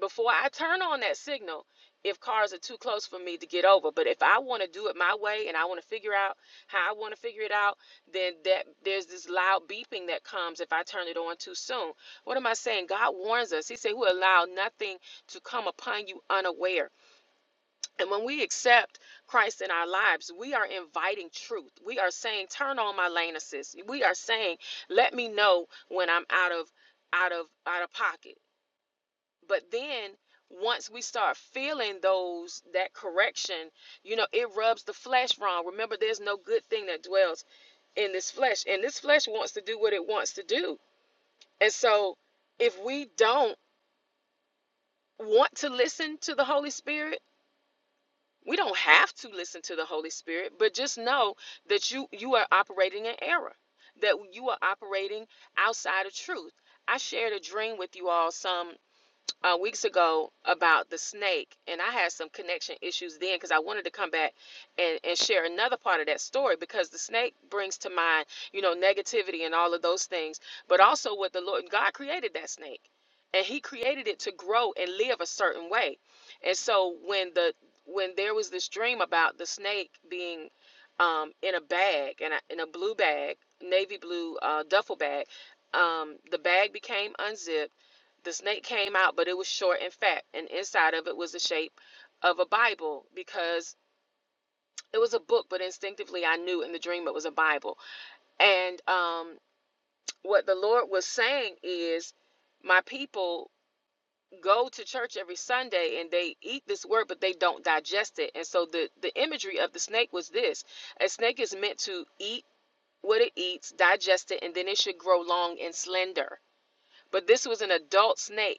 S6: before I turn on that signal if cars are too close for me to get over. But if I want to do it my way and I want to figure out how I want to figure it out, then that there's this loud beeping that comes if I turn it on too soon. What am I saying? God warns us. He said, "Who allow nothing to come upon you unaware." And when we accept Christ in our lives, we are inviting truth. We are saying, "Turn on my lane assist." We are saying, "Let me know when I'm out of out of out of pocket." But then once we start feeling those that correction, you know, it rubs the flesh wrong. Remember, there's no good thing that dwells in this flesh, and this flesh wants to do what it wants to do. And so, if we don't want to listen to the Holy Spirit We don't have to listen to the Holy Spirit, but just know that you you are operating in error, that you are operating outside of truth. I shared a dream with you all some uh, weeks ago about the snake, and I had some connection issues then because I wanted to come back and, and share another part of that story because the snake brings to mind, you know, negativity and all of those things, but also what the Lord God created that snake, and He created it to grow and live a certain way, and so when the when there was this dream about the snake being um, in a bag and in a in a blue bag, navy blue uh, duffel bag, um, the bag became unzipped the snake came out, but it was short and fat, and inside of it was the shape of a Bible because it was a book, but instinctively I knew in the dream it was a Bible. And um, what the Lord was saying is, my people go to church every Sunday and they eat this word, but they don't digest it. And so the the imagery of the snake was this: a snake is meant to eat what it eats, digest it, and then it should grow long and slender. But this was an adult snake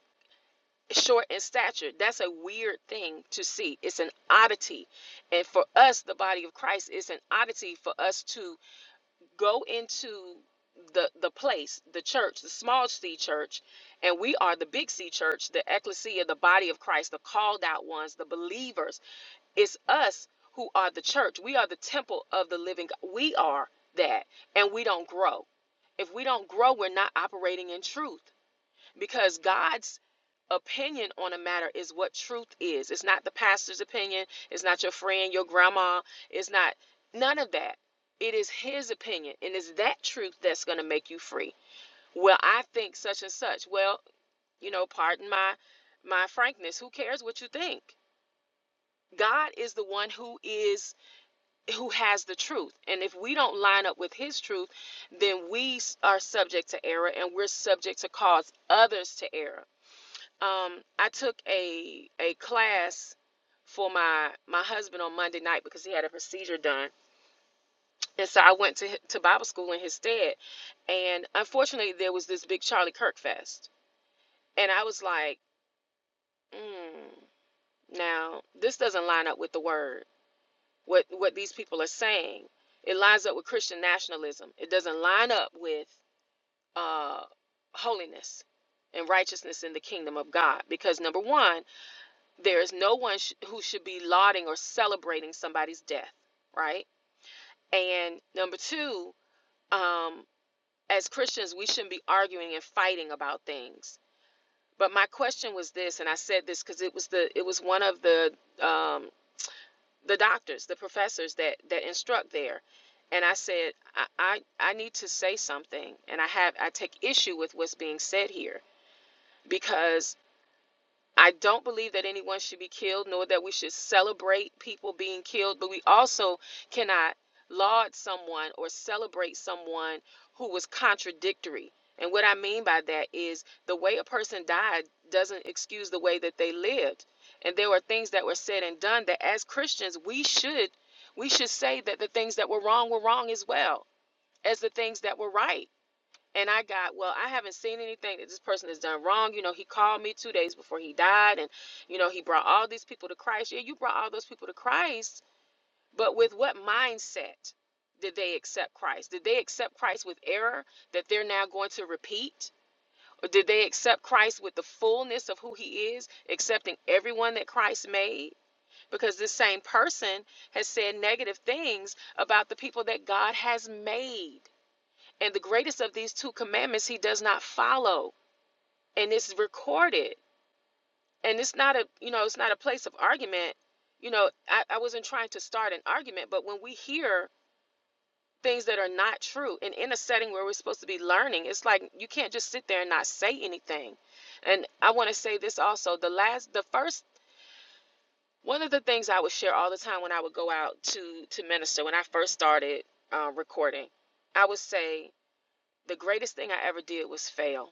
S6: short in stature. That's a weird thing to see. It's an oddity. And for us, the body of Christ, it's an oddity for us to go into the the place, the church, the small C church, and we are the big C church, the ecclesia, the body of Christ, the called out ones, the believers. It's us who are the church. We are the temple of the living God. We are that. And we don't grow. If we don't grow, we're not operating in truth because God's opinion on a matter is what truth is. It's not the pastor's opinion, it's not your friend, your grandma, it's not none of that. It is his opinion, and it's that truth that's going to make you free. Well, I think such and such. Well, you know, pardon my my frankness. Who cares what you think? God is the one who is who has the truth. And if we don't line up with his truth, then we s- are subject to error and we're subject to cause others to error um, I took a a class for my my husband on Monday night because he had a procedure done, and so I went to to Bible school in his stead. And unfortunately, there was this big Charlie Kirk fest, and I was like, mm, now this doesn't line up with the word. What what these people are saying, it lines up with Christian nationalism. It doesn't line up with uh, holiness and righteousness in the kingdom of God because number one. There is no one sh- who should be lauding or celebrating somebody's death, right? And number two, um, as Christians, we shouldn't be arguing and fighting about things. But my question was this, and I said this because it was the it was one of the um, the doctors, the professors that that instruct there, and I said I, I I need to say something, and I have I take issue with what's being said here because I don't believe that anyone should be killed, nor that we should celebrate people being killed, but we also cannot laud someone or celebrate someone who was contradictory. And what I mean by that is the way a person died doesn't excuse the way that they lived. And there were things that were said and done that as Christians we should we should say that the things that were wrong were wrong as well as the things that were right and I got, well, I haven't seen anything that this person has done wrong. You know, he called me two days before he died, and, you know, he brought all these people to Christ. Yeah, you brought all those people to Christ, but with what mindset did they accept Christ? Did they accept Christ with error that they're now going to repeat? Or did they accept Christ with the fullness of who he is, accepting everyone that Christ made? Because this same person has said negative things about the people that God has made. And the greatest of these two commandments he does not follow. And it's recorded. And it's not a you know, it's not a place of argument. You know, I, I wasn't trying to start an argument, but when we hear things that are not true and in a setting where we're supposed to be learning, it's like you can't just sit there and not say anything. And I want to say this also. The last the first one of the things I would share all the time when I would go out to to minister when I first started uh, recording, I would say the greatest thing I ever did was fail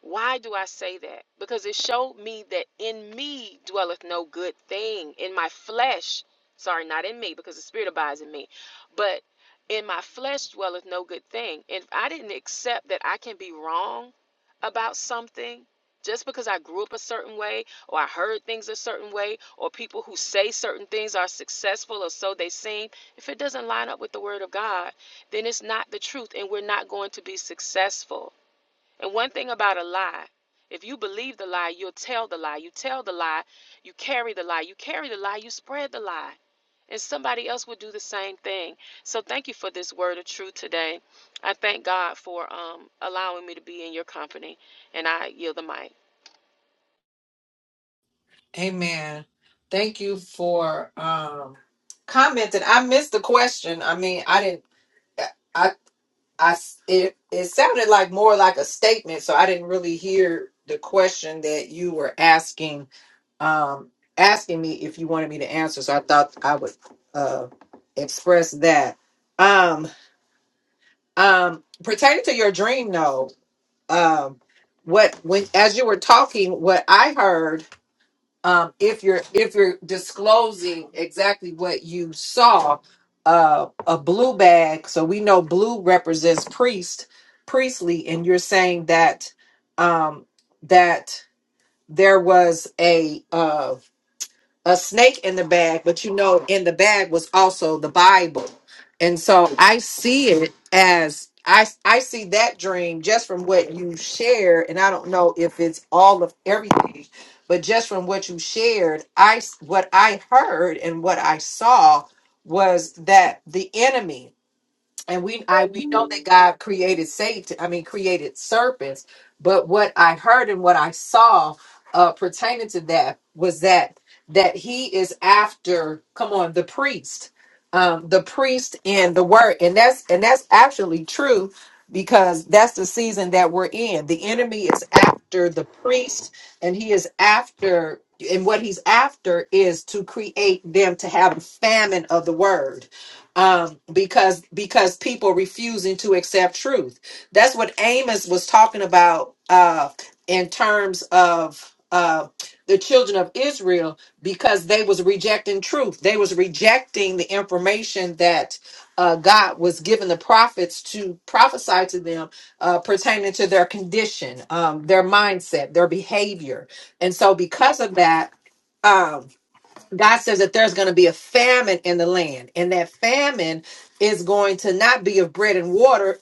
S6: Why do I say that? Because it showed me that in me dwelleth no good thing. In my flesh, sorry, not in me, because the Spirit abides in me, but in my flesh dwelleth no good thing. And if I didn't accept that I can be wrong about something just because I grew up a certain way, or I heard things a certain way, or people who say certain things are successful, or so they seem, if it doesn't line up with the Word of God, then it's not the truth, and we're not going to be successful. And one thing about a lie, if you believe the lie, you'll tell the lie. You tell the lie, you carry the lie. You carry the lie, you spread the lie. And somebody else will do the same thing. So thank you for this word of truth today. I thank God for um, allowing me to be in your company. And I yield the mic.
S1: Amen. Thank you for um commenting. I missed the question. I mean, I didn't I I it it sounded like more like a statement, so I didn't really hear the question that you were asking um asking me if you wanted me to answer. So I thought I would uh express that. Um um pertaining to your dream though, um what when as you were talking, what I heard um, if you're if you're disclosing exactly what you saw uh, a blue bag so we know blue represents priest priestly and you're saying that um, that there was a uh, a snake in the bag, but you know, in the bag was also the Bible. And so I see it as I I see that dream just from what you shared, and I don't know if it's all of everything, but just from what you shared, I s- what I heard and what I saw was that the enemy and we I we know that God created Satan, I mean created serpents, but what I heard and what I saw uh pertaining to that was that that he is after come on the priest um the priest and the word and that's and that's actually true because that's the season that we're in the enemy is after the priest and he is after and what he's after is to create them to have a famine of the word um, because because people refusing to accept truth. That's what Amos was talking about uh, in terms of uh, the children of Israel because they was rejecting truth. They was rejecting the information that uh, God was giving the prophets to prophesy to them uh, pertaining to their condition, um, their mindset, their behavior, and so because of that. um, God says that there's going to be a famine in the land, and that famine is going to not be of bread and water,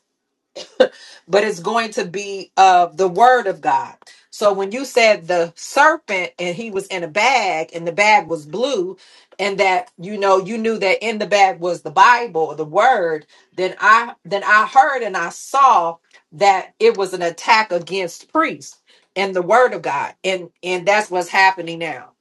S1: but it's going to be of the word of God. So when you said the serpent and he was in a bag and the bag was blue, and that you know you knew that in the bag was the Bible or the word, then I then I heard and I saw that it was an attack against priests and the word of God, and and that's what's happening now.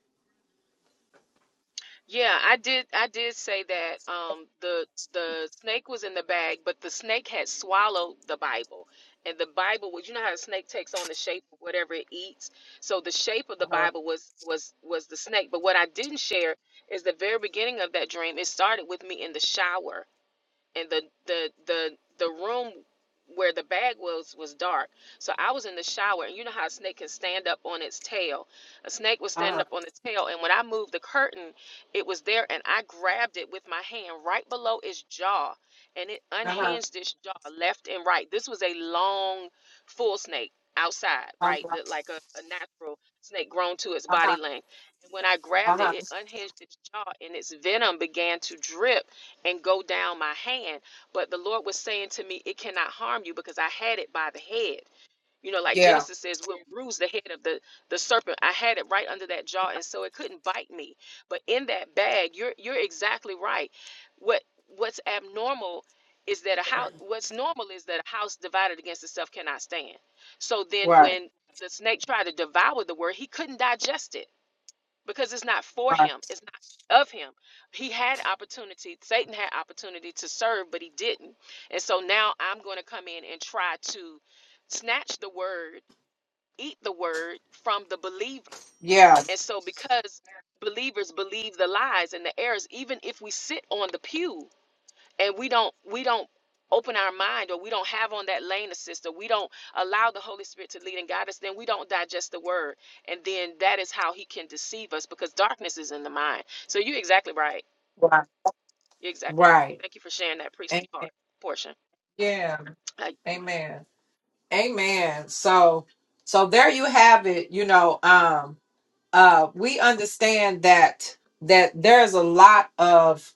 S6: Yeah, I did. I did say that um, the the snake was in the bag, but the snake had swallowed the Bible, and the Bible was. You know how a snake takes on the shape of whatever it eats. So the shape of the
S1: Uh-huh.
S6: Bible was was was the snake. But what I didn't share is the very beginning of that dream. It started with me in the shower and the the the the room where the bag was was dark so i was in the shower and you know how a snake can stand up on its tail a snake was standing up on its tail and when i moved the curtain it was there and i grabbed it with my hand right below its jaw and it
S1: Uh-huh.
S6: unhinged its jaw left and right this was a long full snake outside
S1: Uh-huh.
S6: right li- like a, a natural snake grown to its body
S1: Uh-huh.
S6: length and when i grabbed it
S1: Uh-huh.
S6: it unhinged its jaw and its venom began to drip and go down my hand. But the Lord was saying to me, It cannot harm you because I had it by the head. You know, like
S1: Yeah.
S6: Genesis says, we'll bruise the head of the, the serpent. I had it right under that jaw, and so it couldn't bite me. But in that bag, you're you're exactly right. What what's abnormal is that a house what's normal is that a house divided against itself cannot stand. So then
S1: Right.
S6: when the snake tried to devour the word, he couldn't digest it because it's not for
S1: Right.
S6: him it's not of him he had opportunity satan had opportunity to serve but he didn't and so now i'm going to come in and try to snatch the word eat the word from the believer
S1: Yeah.
S6: and so because believers believe the lies and the errors even if we sit on the pew and we don't we don't open our mind or we don't have on that lane assist or we don't allow the holy spirit to lead and guide us then we don't digest the word and then that is how he can deceive us because darkness is in the mind so you're exactly right
S1: Right.
S6: you're exactly right
S1: Right.
S6: thank you for sharing that priestly
S1: And
S6: part portion
S1: yeah.
S6: I,
S1: Amen. Amen. So so there you have it. You know, um uh we understand that that there's a lot of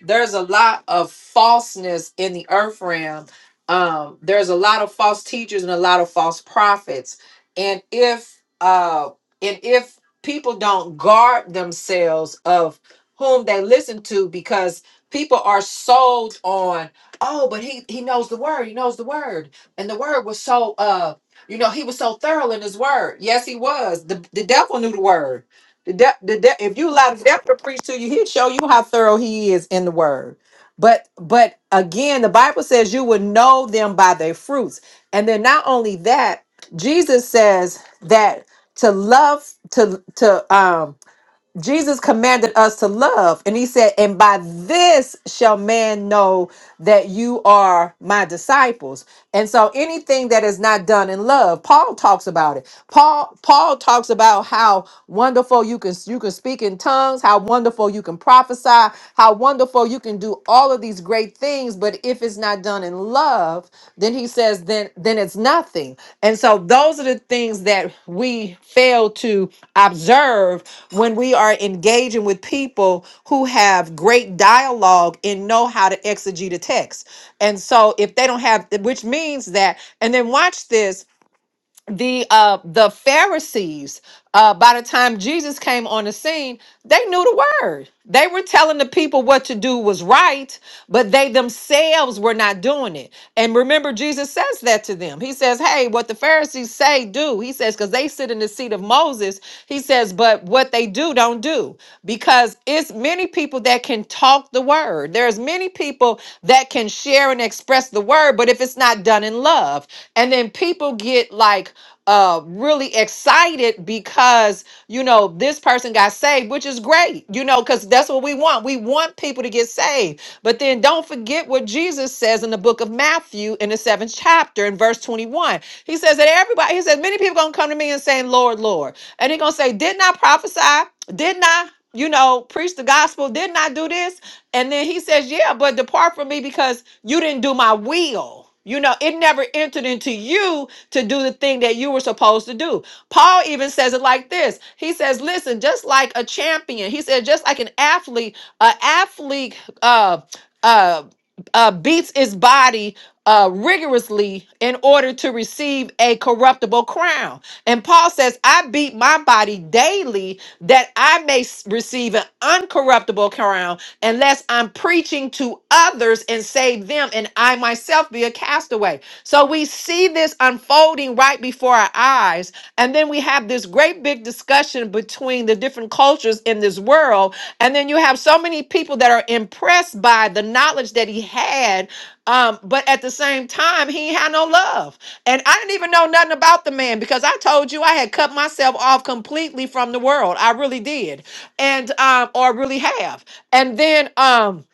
S1: there's a lot of falseness in the earth realm. Um, there's a lot of false teachers and a lot of false prophets. And if uh and if people don't guard themselves of whom they listen to because people are sold on oh but he he knows the word he knows the word and the word was so uh you know he was so thorough in his word yes he was the, the devil knew the word the de- the de- if you allow the devil to preach to you, he'll show you how thorough he is in the word. But but again, the Bible says you would know them by their fruits. And then not only that, Jesus says that to love to to um Jesus commanded us to love, and he said, "And by this shall man know that you are my disciples." And so, anything that is not done in love, Paul talks about it. Paul Paul talks about how wonderful you can you can speak in tongues, how wonderful you can prophesy, how wonderful you can do all of these great things, but if it's not done in love, then he says then then it's nothing. And so those are the things that we fail to observe when we are engaging with people who have great dialogue and know how to exegete a text. And so if they don't have which means that and then watch this the uh the pharisees uh by the time jesus came on the scene they knew the word they were telling the people what to do was right but they themselves were not doing it and remember jesus says that to them he says hey what the pharisees say do he says because they sit in the seat of moses he says but what they do don't do because it's many people that can talk the word there's many people that can share and express the word but if it's not done in love and then people get like uh really excited because you know this person got saved which is great you know because that's what we want we want people to get saved but then don't forget what jesus says in the book of matthew in the seventh chapter in verse 21 he says that everybody he says many people gonna come to me and saying lord lord and he gonna say didn't i prophesy didn't i you know preach the gospel didn't i do this and then he says, Yeah, but depart from me because you didn't do my will. You know, it never entered into you to do the thing that you were supposed to do. Paul even says it like this. He says, Listen, just like a champion, he said, just like an athlete, a athlete uh uh uh beats its body uh, rigorously in order to receive a corruptible crown. And Paul says, I beat my body daily that I may s- receive an uncorruptible crown unless I'm preaching to others and save them and I myself be a castaway. So we see this unfolding right before our eyes. And then we have this great big discussion between the different cultures in this world. And then you have so many people that are impressed by the knowledge that he had um, but at the same time, he ain't had no love. And I didn't even know nothing about the man because I told you I had cut myself off completely from the world. I really did. And um, or really have. And then um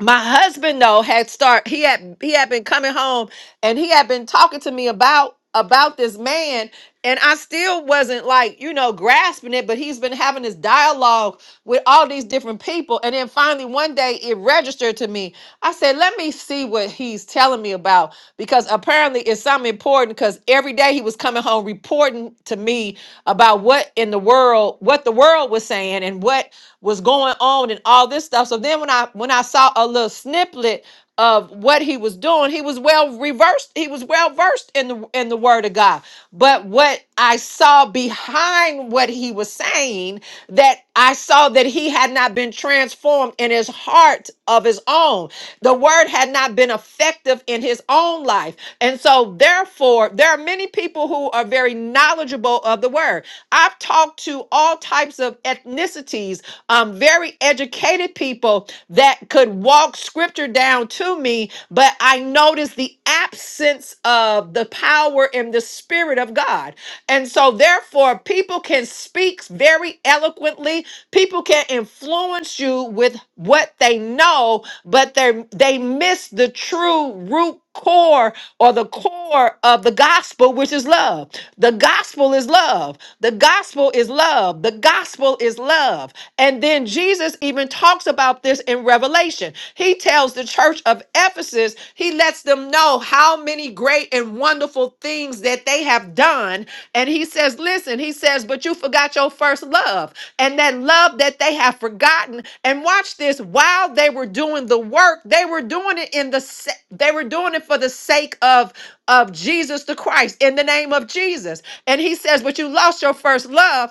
S1: my husband though had start he had he had been coming home and he had been talking to me about about this man and I still wasn't like, you know, grasping it, but he's been having this dialogue with all these different people. And then finally, one day it registered to me. I said, let me see what he's telling me about because apparently it's something important because every day he was coming home reporting to me about what in the world, what the world was saying and what was going on and all this stuff. So then when I when I saw a little snippet of what he was doing he was well reversed he was well versed in the in the word of god but what i saw behind what he was saying that i saw that he had not been transformed in his heart of his own the word had not been effective in his own life and so therefore there are many people who are very knowledgeable of the word i've talked to all types of ethnicities um, very educated people people that could walk scripture down to me, but I noticed the absence of the power and the spirit of God. And so, therefore, people can speak very eloquently, people can influence you with what they know, but they they miss the true root core or the core of the gospel, which is love. The gospel is love. The gospel is love. The gospel is love. And then Jesus even talks about this in Revelation. He tells the church of Ephesus, he lets them know how many great and wonderful things that they they have done. And he says, Listen, he says, but you forgot your first love. And that love that they have forgotten. And watch this while they were doing the work, they were doing it in the, sa- they were doing it for the sake of, of Jesus the Christ in the name of Jesus. And he says, but you lost your first love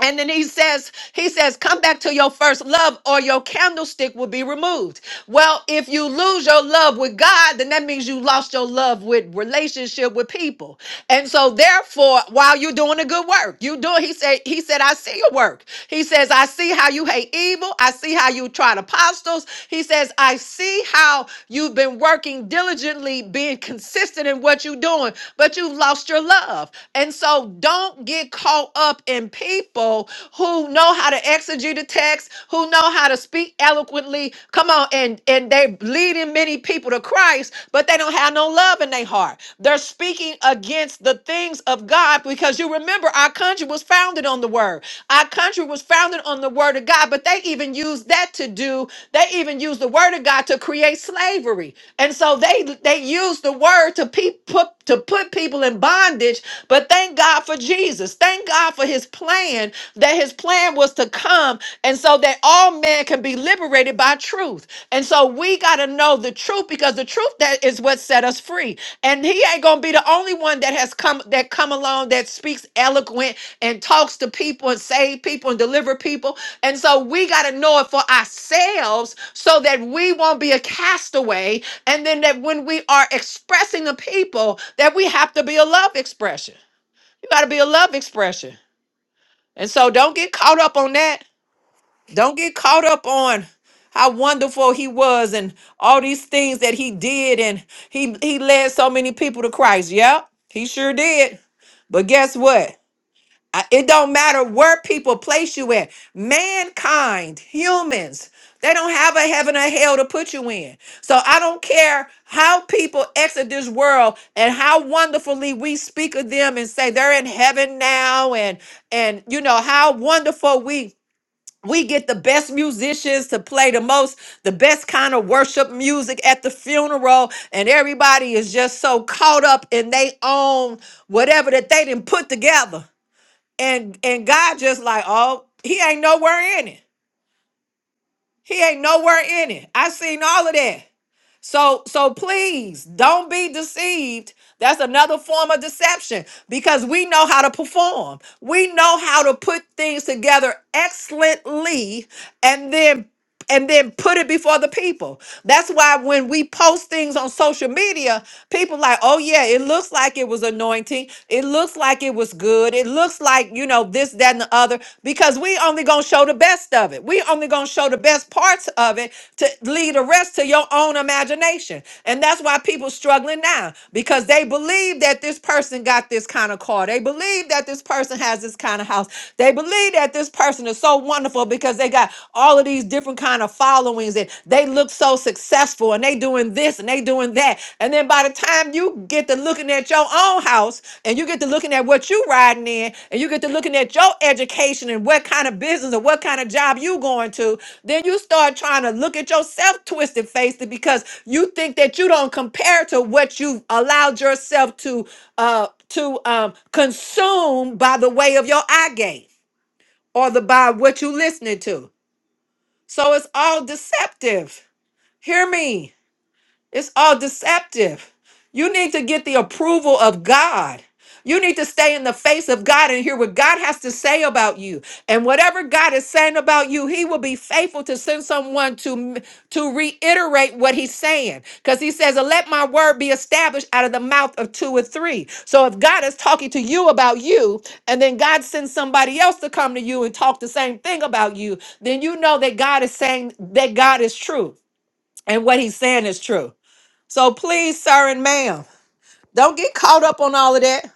S1: and then he says, he says, come back to your first love or your candlestick will be removed. Well, if you lose your love with God, then that means you lost your love with relationship with people. And so therefore, while you're doing a good work, you doing, he said, he said, I see your work. He says, I see how you hate evil. I see how you tried apostles. He says, I see how you've been working diligently, being consistent in what you're doing, but you've lost your love. And so don't get caught up up in people who know how to exegete a text, who know how to speak eloquently. Come on, and and they leading many people to Christ, but they don't have no love in their heart. They're speaking against the things of God because you remember our country was founded on the word. Our country was founded on the word of God, but they even used that to do. They even used the word of God to create slavery, and so they they used the word to people to put people in bondage, but thank God for Jesus. Thank God for his plan, that his plan was to come and so that all men can be liberated by truth. And so we got to know the truth because the truth that is what set us free. And he ain't going to be the only one that that has come that come along that speaks eloquent and talks to people and save people and deliver people. And so we got to know it for ourselves so that we won't be a castaway. And then that when we are expressing the people, that we have to be a love expression. You got to be a love expression. And so don't get caught up on that. Don't get caught up on how wonderful he was and all these things that he did and he he led so many people to Christ. Yep, he sure did. But guess what? I- It don't matter where people place you at. Mankind, humans, they don't have a heaven or hell to put you in. So I don't care how people exit this world and how wonderfully we speak of them and say they're in heaven now and and you know how wonderful we we get the best musicians to play the most, the best kind of worship music at the funeral, and everybody is just so caught up in they own whatever that they didn't put together. And and God just like, oh, he ain't nowhere in it. He ain't nowhere in it. I seen all of that. So so please don't be deceived. That's another form of deception because we know how to perform. We know how to put things together excellently and then and then put it before the people. That's why when we post things on social media, people like, "Oh yeah, it looks like it was anointing. It looks like it was good. It looks like, you know, this that and the other because we only going to show show the best of it. We only gonna show the best parts of it to leave the rest to your own imagination. And that's why people struggling now because they believe that this person got this kind of car. They believe that this person has this kind of house. They believe that this person is so wonderful because they got all of these different kind of followings and they look so successful and they doing this and they doing that and then by the time you get to looking at your own house and you get to looking at what you riding in and you get to looking at your education and what kind of business or what kind of job you going to, then you start trying to look at yourself twisted faced because you think that you don't compare to what you've allowed yourself to uh to um consume by the way of your eye gate or the by what you listening to. So it's all deceptive. Hear me. It's all deceptive. You need to get the approval of God. You need to stay in the face of God and hear what God has to say about you. And whatever God is saying about you, he will be faithful to send someone to to reiterate what he's saying. Cuz he says, "Let my word be established out of the mouth of two or three." So if God is talking to you about you and then God sends somebody else to come to you and talk the same thing about you, then you know that God is saying that God is true and what he's saying is true. So please, sir and ma'am, don't get caught up on all of that.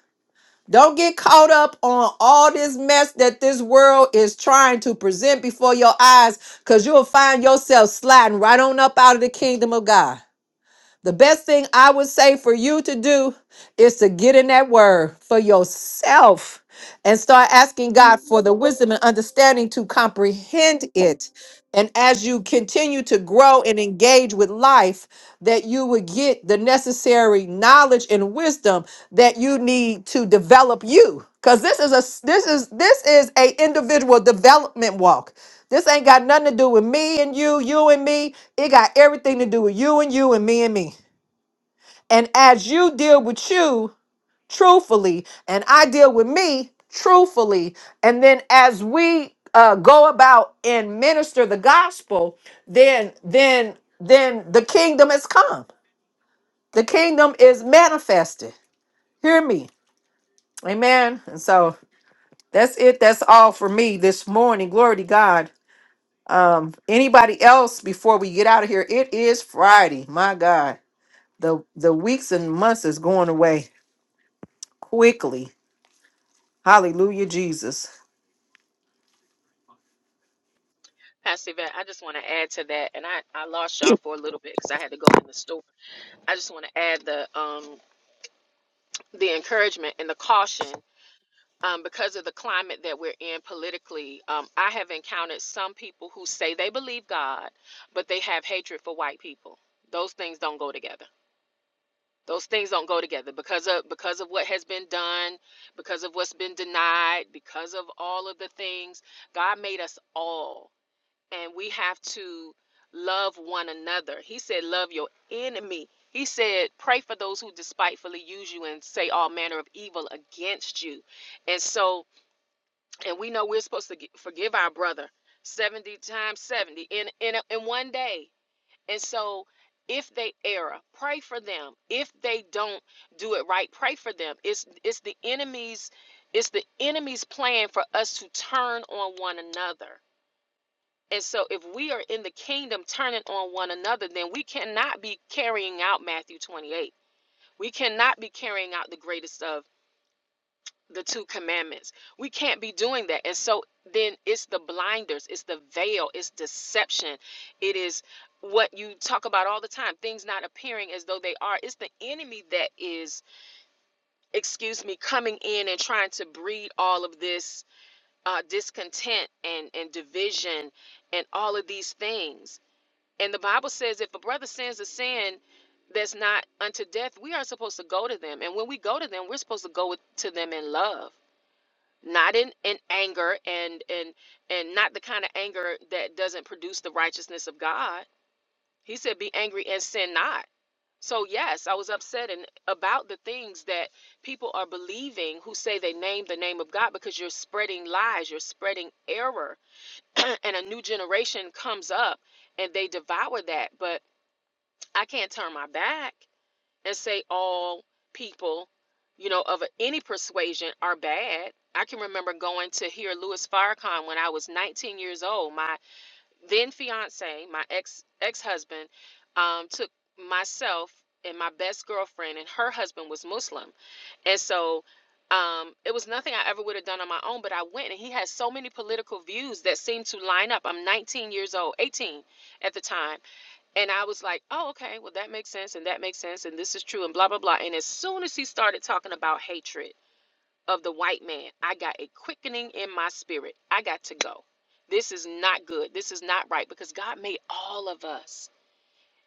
S1: Don't get caught up on all this mess that this world is trying to present before your eyes because you'll find yourself sliding right on up out of the kingdom of God. The best thing I would say for you to do is to get in that word for yourself and start asking God for the wisdom and understanding to comprehend it. And as you continue to grow and engage with life, that you would get the necessary knowledge and wisdom that you need to develop you. Cause this is a this is this is a individual development walk. This ain't got nothing to do with me and you, you and me. It got everything to do with you and you and me and me. And as you deal with you truthfully, and I deal with me truthfully, and then as we uh, go about and minister the gospel, then then then the kingdom has come. The kingdom is manifested. Hear me, Amen. And so that's it. That's all for me this morning. Glory to God. Um, anybody else before we get out of here? It is Friday. My God, the the weeks and months is going away quickly Hallelujah, Jesus.
S6: pastor Yvette, i just want to add to that and i i lost y'all for a little bit because i had to go in the store i just want to add the um the encouragement and the caution um, because of the climate that we're in politically, um, I have encountered some people who say they believe God, but they have hatred for white people. Those things don't go together. Those things don't go together because of because of what has been done, because of what's been denied, because of all of the things. God made us all, and we have to love one another. He said, "Love your enemy." He said, "Pray for those who despitefully use you and say all manner of evil against you." And so, and we know we're supposed to gi- forgive our brother 70 times 70 in in a, in one day and so if they err pray for them if they don't do it right pray for them it's it's the enemy's it's the enemy's plan for us to turn on one another and so if we are in the kingdom turning on one another then we cannot be carrying out Matthew 28 we cannot be carrying out the greatest of the two commandments. We can't be doing that. And so then it's the blinders, it's the veil, it's deception. It is what you talk about all the time things not appearing as though they are. It's the enemy that is, excuse me, coming in and trying to breed all of this uh, discontent and, and division and all of these things. And the Bible says if a brother sins a sin, that's not unto death, we are supposed to go to them. And when we go to them, we're supposed to go with, to them in love not in, in anger and and and not the kind of anger that doesn't produce the righteousness of God. He said, "Be angry and sin not." So yes, I was upset and about the things that people are believing who say they name the name of God because you're spreading lies, you're spreading error, and a new generation comes up and they devour that. But I can't turn my back and say all people, you know, of any persuasion are bad. I can remember going to hear Louis Farrakhan when I was 19 years old. My then fiance, my ex ex husband, um, took myself and my best girlfriend, and her husband was Muslim, and so. Um, it was nothing I ever would have done on my own, but I went and he had so many political views that seemed to line up. I'm 19 years old, 18 at the time and I was like, oh, okay, well, that makes sense, and that makes sense, and this is true, and blah, blah, blah. And as soon as he started talking about hatred of the white man, I got a quickening in my spirit. I got to go. This is not good. This is not right because God made all of us,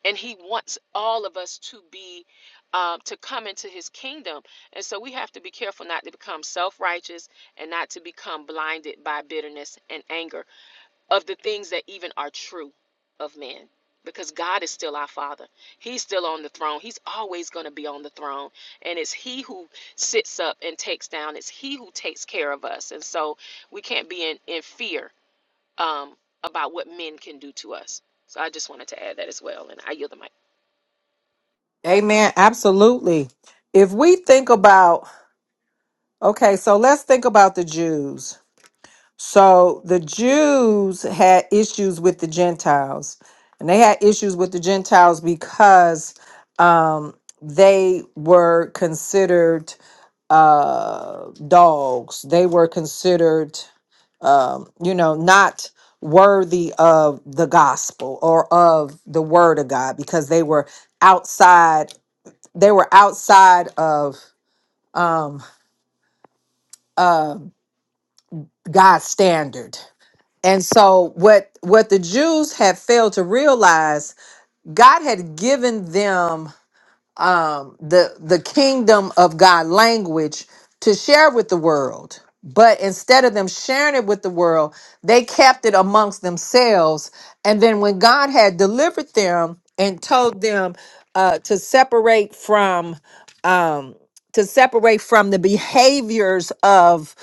S6: and He wants all of us to be, um, to come into His kingdom. And so we have to be careful not to become self righteous and not to become blinded by bitterness and anger of the things that even are true of men because God is still our father. He's still on the throne. He's always going to be on the throne. And it's he who sits up and takes down. It's he who takes care of us. And so we can't be in, in fear um, about what men can do to us. So I just wanted to add that as well. And I yield the mic.
S1: Amen. Absolutely. If we think about, okay, so let's think about the Jews. So the Jews had issues with the Gentiles, and they had issues with the Gentiles because um, they were considered uh, dogs. They were considered, um, you know, not worthy of the gospel or of the word of God because they were outside. They were outside of um, uh, God's standard. And so, what what the Jews had failed to realize, God had given them um the the kingdom of God language to share with the world. But instead of them sharing it with the world, they kept it amongst themselves. And then when God had delivered them and told them uh, to separate from um, to separate from the behaviors of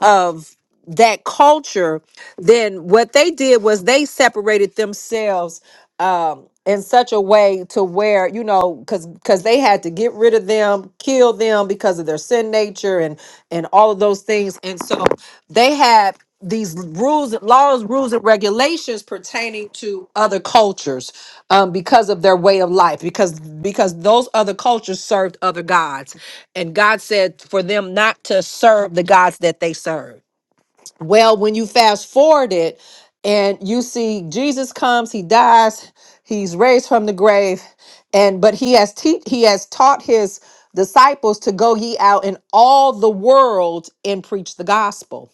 S1: of that culture then what they did was they separated themselves um in such a way to where you know because because they had to get rid of them kill them because of their sin nature and and all of those things and so they had these rules, laws, rules, and regulations pertaining to other cultures um, because of their way of life, because because those other cultures served other gods, and God said for them not to serve the gods that they served. Well, when you fast forward it and you see Jesus comes, he dies, he's raised from the grave, and but he has te- he has taught his disciples to go ye out in all the world and preach the gospel.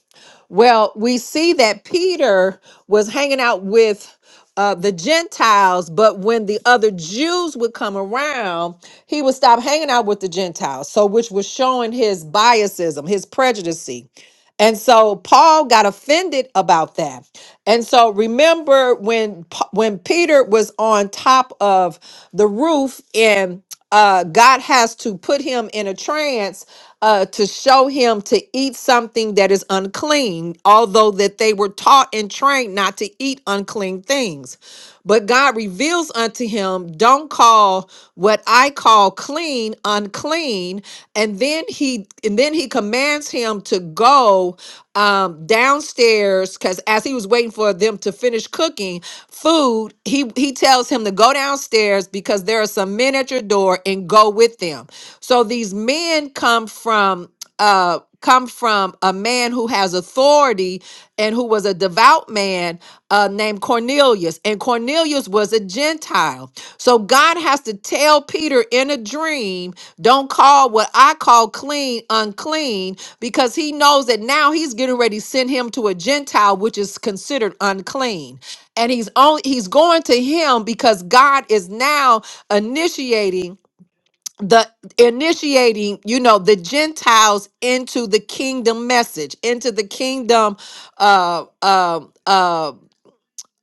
S1: Well, we see that Peter was hanging out with uh, the Gentiles, but when the other Jews would come around, he would stop hanging out with the Gentiles. So, which was showing his biasism, his prejudice. And so Paul got offended about that. And so remember when Pa- when Peter was on top of the roof and uh, God has to put him in a trance uh, to show him to eat something that is unclean, although that they were taught and trained not to eat unclean things. But God reveals unto him, don't call call what I call clean unclean, and then he and then he commands him to go um, downstairs because as he was waiting for them to finish cooking food, he he tells him to go downstairs because there are some men at your door and go with them. So these men come from uh, come from a man who has authority and who was a devout man uh, named Cornelius. And Cornelius was a Gentile. So God has to tell Peter in a dream, don't call what I call clean unclean, because he knows that now he's getting ready to send him to a Gentile, which is considered unclean. And he's only he's going to him because God is now initiating the initiating you know the gentiles into the kingdom message into the kingdom uh um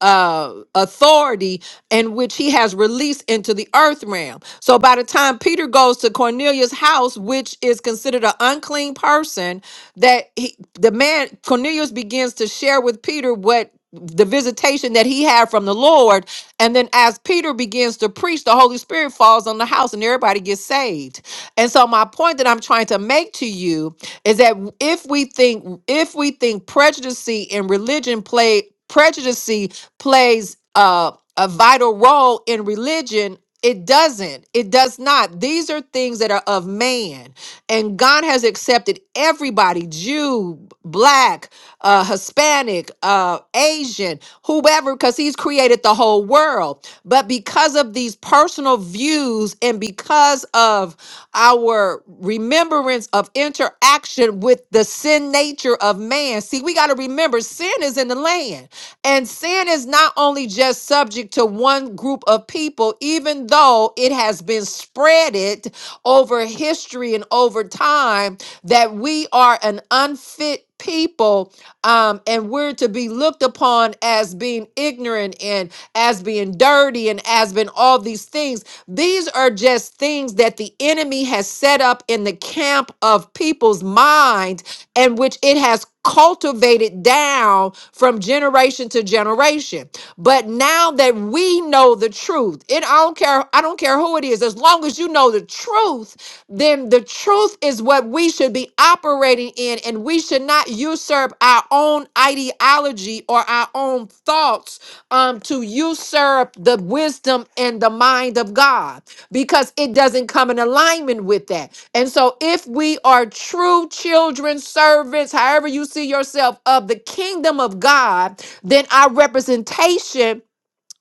S1: uh authority and which he has released into the earth realm. So by the time Peter goes to Cornelius' house, which is considered an unclean person, that he, the man Cornelius begins to share with Peter what the visitation that he had from the Lord. And then as Peter begins to preach, the Holy Spirit falls on the house and everybody gets saved. And so my point that I'm trying to make to you is that if we think if we think prejudice and religion play prejudice plays uh, a vital role in religion, it doesn't. It does not. These are things that are of man. And God has accepted everybody Jew, Black, uh, Hispanic, uh, Asian, whoever, because He's created the whole world. But because of these personal views and because of our remembrance of interaction with the sin nature of man. See, we got to remember sin is in the land, and sin is not only just subject to one group of people, even though it has been spreaded over history and over time that we are an unfit people um, and we're to be looked upon as being ignorant and as being dirty and as being all these things. These are just things that the enemy has set up in the camp of people's mind and which it has cultivated down from generation to generation. But now that we know the truth, it I don't care I don't care who it is as long as you know the truth then the truth is what we should be operating in, and we should not usurp our own ideology or our own thoughts um, to usurp the wisdom and the mind of God because it doesn't come in alignment with that. And so, if we are true children, servants, however you see yourself, of the kingdom of God, then our representation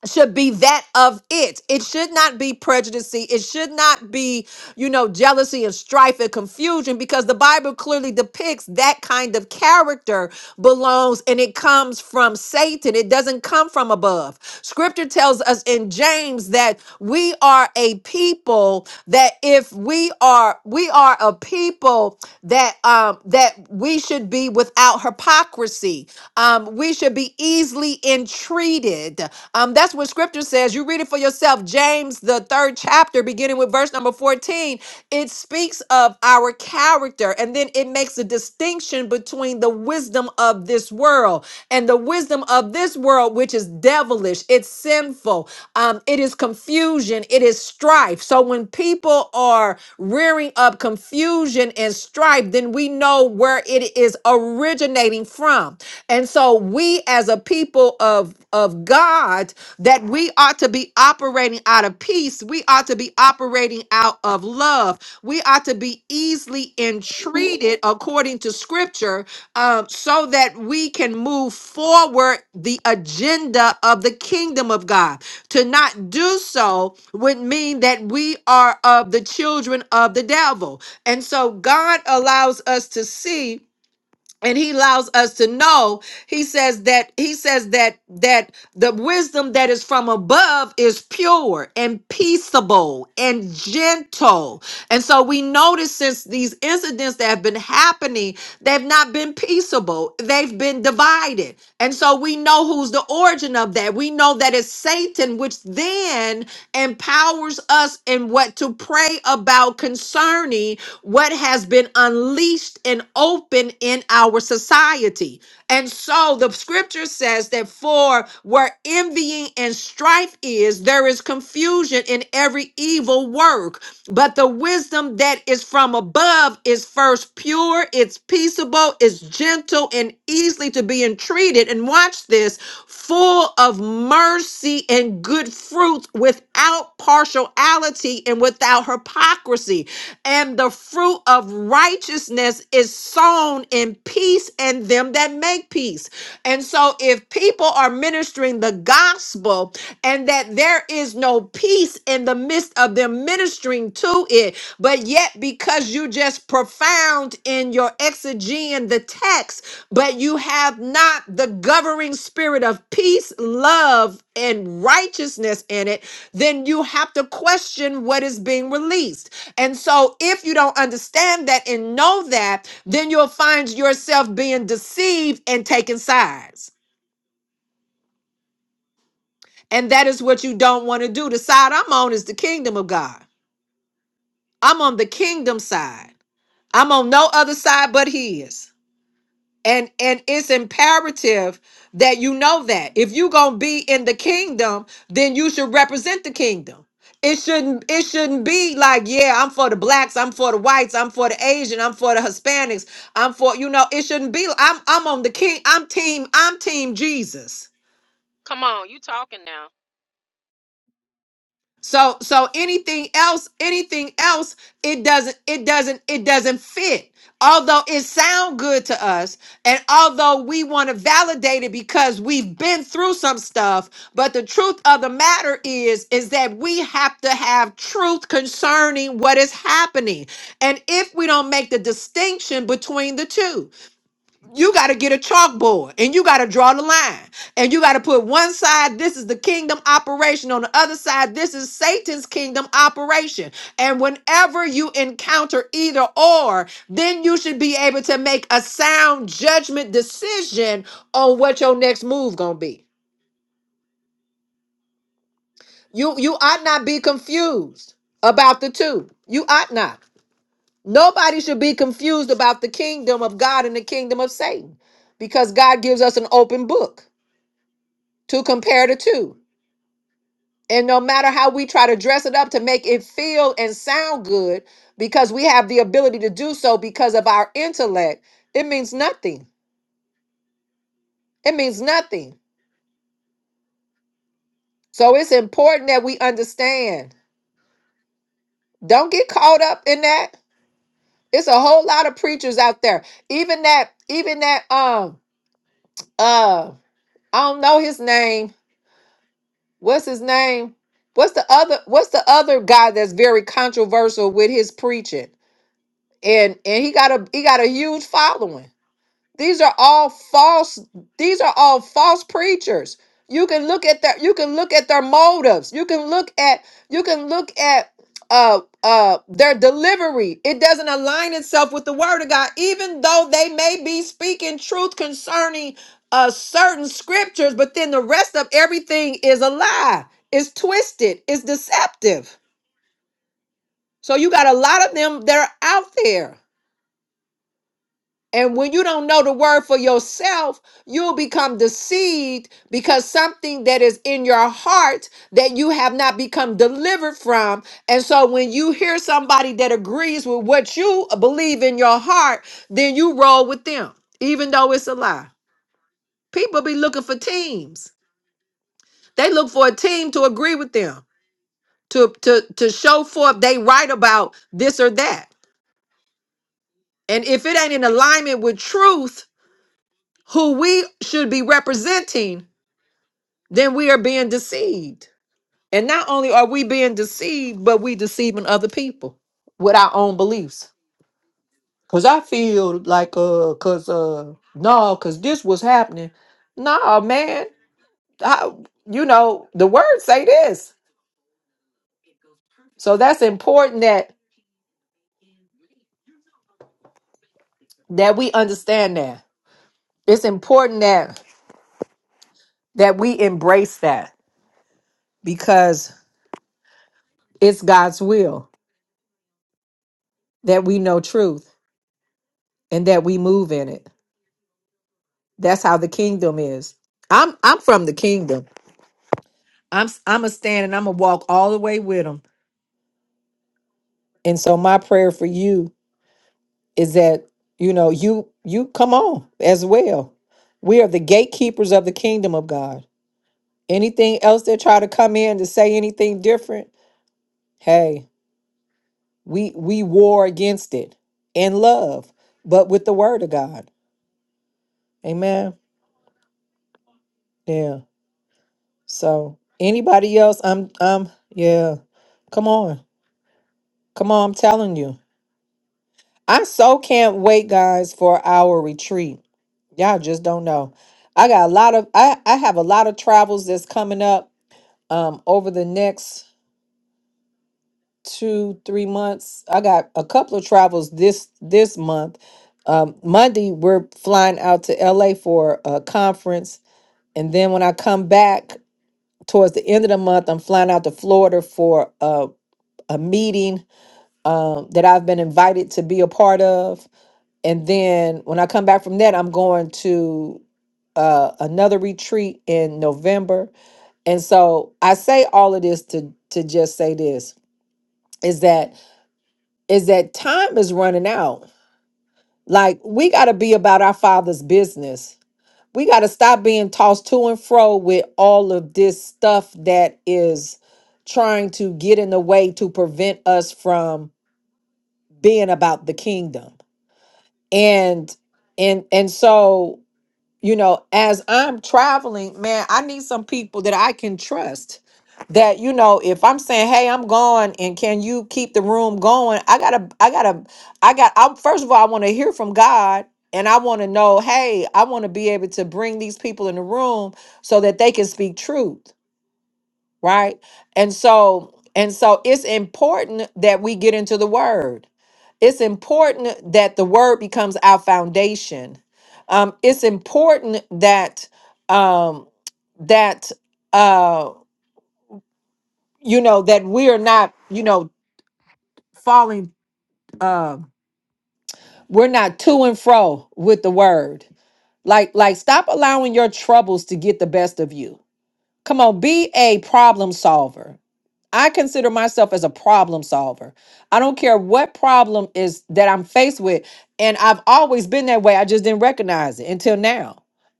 S1: should be that of it. It should not be prejudice. It should not be, you know, jealousy and strife and confusion because the Bible clearly depicts that kind of character belongs and it comes from Satan. It doesn't come from above. Scripture tells us in James that we are a people that if we are we are a people that um um, that we should be without hypocrisy. Um, we should be easily entreated. Um, that's what scripture says. You read it for yourself. James, the third chapter, beginning with verse number 14, it speaks of our character and then it makes a distinction between the wisdom of this world and the wisdom of this world, which is devilish, it's sinful, um, it is is confusion, it is strife. So when people are rearing up confusion and strife, then we know where it is originating from. And so we as a people of of God that we ought to be operating out of peace, we ought to be operating out of love. We ought to be easily entreated according to scripture um, so that we can move forward the agenda of the kingdom of God. To not do so would mean that we are of the children of the devil. And so God allows us to see and he allows us to know he says that he says that that the wisdom that is from above is pure and peaceable and gentle and so we notice since these incidents that have been happening they've not been peaceable they've been divided and so we know who's the origin of that we know that it's satan which then empowers us in what to pray about concerning what has been unleashed and open in our society. And so the scripture says that for where envying and strife is, there is confusion in every evil work. But the wisdom that is from above is first pure, it's peaceable, it's gentle, and easily to be entreated. And watch this full of mercy and good fruits, without partiality and without hypocrisy. And the fruit of righteousness is sown in peace and them that make peace. And so, if people are ministering the gospel, gospel and that there is no peace in the midst of them ministering to it. But yet, because you just profound in your exegeting the text, but you have not the governing spirit of peace, love, and righteousness in it, then you have to question what is being released. And so, if you don't understand that and know that, then you'll find yourself being deceived and taking sides. And that is what you don't want to do. The side I'm on is the kingdom of God. I'm on the kingdom side. I'm on no other side but his. And and it's imperative that you know that. If you're gonna be in the kingdom, then you should represent the kingdom. It shouldn't it shouldn't be like, yeah, I'm for the blacks, I'm for the whites, I'm for the Asian, I'm for the Hispanics, I'm for, you know, it shouldn't be I'm I'm on the king, I'm team, I'm team Jesus.
S6: Come on, you talking now.
S1: So so anything else, anything else, it doesn't it doesn't it doesn't fit. Although it sound good to us, and although we want to validate it because we've been through some stuff, but the truth of the matter is is that we have to have truth concerning what is happening. And if we don't make the distinction between the two, you got to get a chalkboard and you got to draw the line and you got to put one side this is the kingdom operation on the other side this is satan's kingdom operation and whenever you encounter either or then you should be able to make a sound judgment decision on what your next move gonna be you you ought not be confused about the two you ought not nobody should be confused about the kingdom of god and the kingdom of satan because god gives us an open book to compare the two. And no matter how we try to dress it up to make it feel and sound good, because we have the ability to do so because of our intellect, it means nothing. It means nothing. So it's important that we understand. Don't get caught up in that. It's a whole lot of preachers out there. Even that, even that, um, uh, I don't know his name. What's his name? What's the other what's the other guy that's very controversial with his preaching? and and he got a he got a huge following these are all false these are all false preachers you can look at their you can look at their motives you can look at you can look at uh uh their delivery it doesn't align itself with the word of god even though they may be speaking truth concerning uh certain scriptures but then the rest of everything is a lie it's twisted it's deceptive so you got a lot of them that are out there And when you don't know the word for yourself, you'll become deceived because something that is in your heart that you have not become delivered from. And so when you hear somebody that agrees with what you believe in your heart, then you roll with them, even though it's a lie. People be looking for teams. They look for a team to agree with them, to to to show forth they right about this or that. And if it ain't in alignment with truth, who we should be representing, then we are being deceived. And not only are we being deceived, but we deceiving other people with our own beliefs. Cause I feel like uh cause uh no, cause this was happening. Nah, man. I, you know, the words say this. So that's important that that we understand that. It's important that that we embrace that because it's God's will that we know truth and that we move in it. That's how the kingdom is. I'm I'm from the kingdom. I'm s- I'm a stand and I'm a walk all the way with them. And so my prayer for you is that you know you you come on as well. We are the gatekeepers of the kingdom of God. Anything else that try to come in to say anything different, hey, we we war against it in love, but with the word of God. Amen. Yeah. So anybody else, I'm I'm yeah. Come on. Come on, I'm telling you. I so can't wait, guys, for our retreat. Y'all just don't know. I got a lot of I, I have a lot of travels that's coming up um over the next two, three months. I got a couple of travels this this month. Um Monday we're flying out to LA for a conference. And then when I come back towards the end of the month, I'm flying out to Florida for a, a meeting um, that I've been invited to be a part of and then when I come back from that, I'm going to uh, another retreat in November. And so I say all of this to to just say this is that is that time is running out. Like we got to be about our Father's business. We got to stop being tossed to and fro with all of this stuff that is trying to get in the way to prevent us from being about the kingdom. And and and so you know, as I'm traveling, man, I need some people that I can trust. That you know, if I'm saying, "Hey, I'm gone," and can you keep the room going? I gotta, I gotta, I got. I first of all, I want to hear from God, and I want to know, hey, I want to be able to bring these people in the room so that they can speak truth right and so and so it's important that we get into the word it's important that the word becomes our foundation um it's important that um that uh you know that we are not you know falling uh we're not to and fro with the word like like stop allowing your troubles to get the best of you Come on, be a problem solver. I consider myself as a problem solver. I don't care what problem is that I'm faced with. And I've always been that way. I just didn't recognize it until now.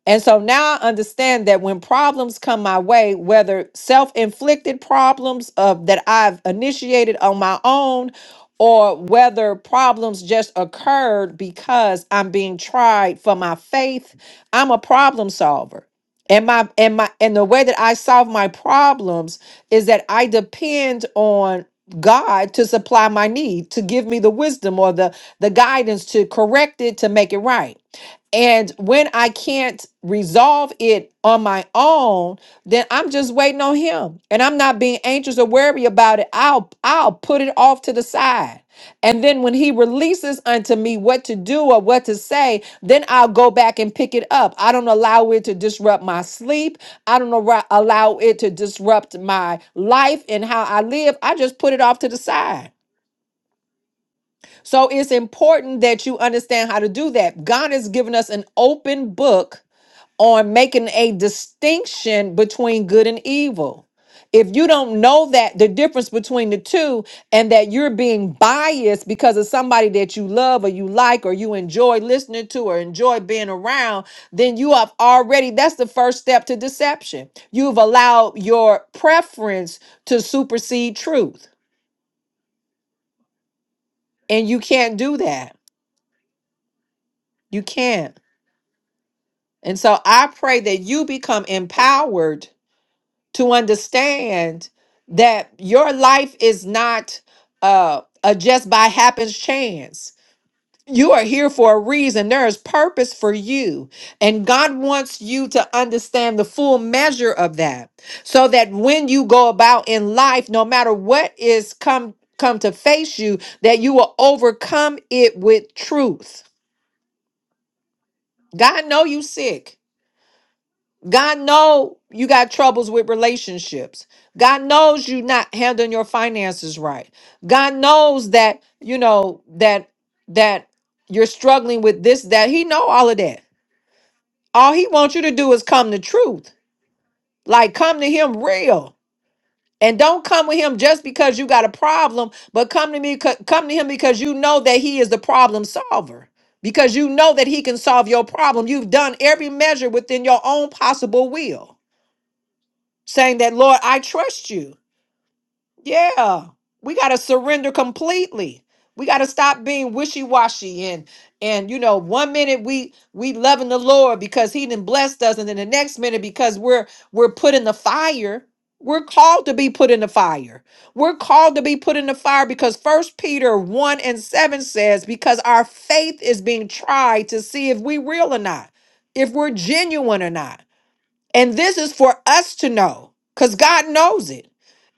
S1: And so now I understand that when problems come my way, whether self-inflicted problems of that I've initiated on my own or whether problems just occurred because I'm being tried for my faith, I'm a problem solver. And my and my and the way that I solve my problems is that I depend on God to supply my need, to give me the wisdom or the the guidance to correct it, to make it right. And when I can't resolve it on my own, then I'm just waiting on him. And I'm not being anxious or worry about it. I'll I'll put it off to the side. And then when he releases unto me what to do or what to say, then I'll go back and pick it up. I don't allow it to disrupt my sleep. I don't arou- allow it to disrupt my life and how I live. I just put it off to the side. So it's important that you understand how to do that. God has given us an open book on making a distinction between good and evil. If you don't know that the difference between the two and that you're being biased because of somebody that you love or you like or you enjoy listening to or enjoy being around, then you have already, that's the first step to deception. You've allowed your preference to supersede truth, and you can't do that. You can't. And so I pray that you become empowered to understand that your life is not uh, a just by happens chance. You are here for a reason. There is purpose for you. And God wants you to understand the full measure of that so that when you go about in life, no matter what is come come to face you, that you will overcome it with truth. God know you sick. God know you got troubles with relationships. God knows you not handling your finances right. God knows that you know that that you're struggling with this that he know all of that. All he wants you to do is come to truth. Like come to him real. And don't come with him just because you got a problem, but come to me come to him because you know that he is the problem solver. Because you know that he can solve your problem. You've done every measure within your own possible will. saying that, Lord, I trust you. Yeah, we got to surrender completely. We got to stop being wishy washy and and you know one minute we we loving the Lord because He didn't blessed us, and then the next minute because we're we're put in the fire. We're called to be put in the fire. We're called to be put in the fire because First Peter one and seven says because our faith is being tried to see if we real or not, if we're genuine or not. And this is for us to know because God knows it.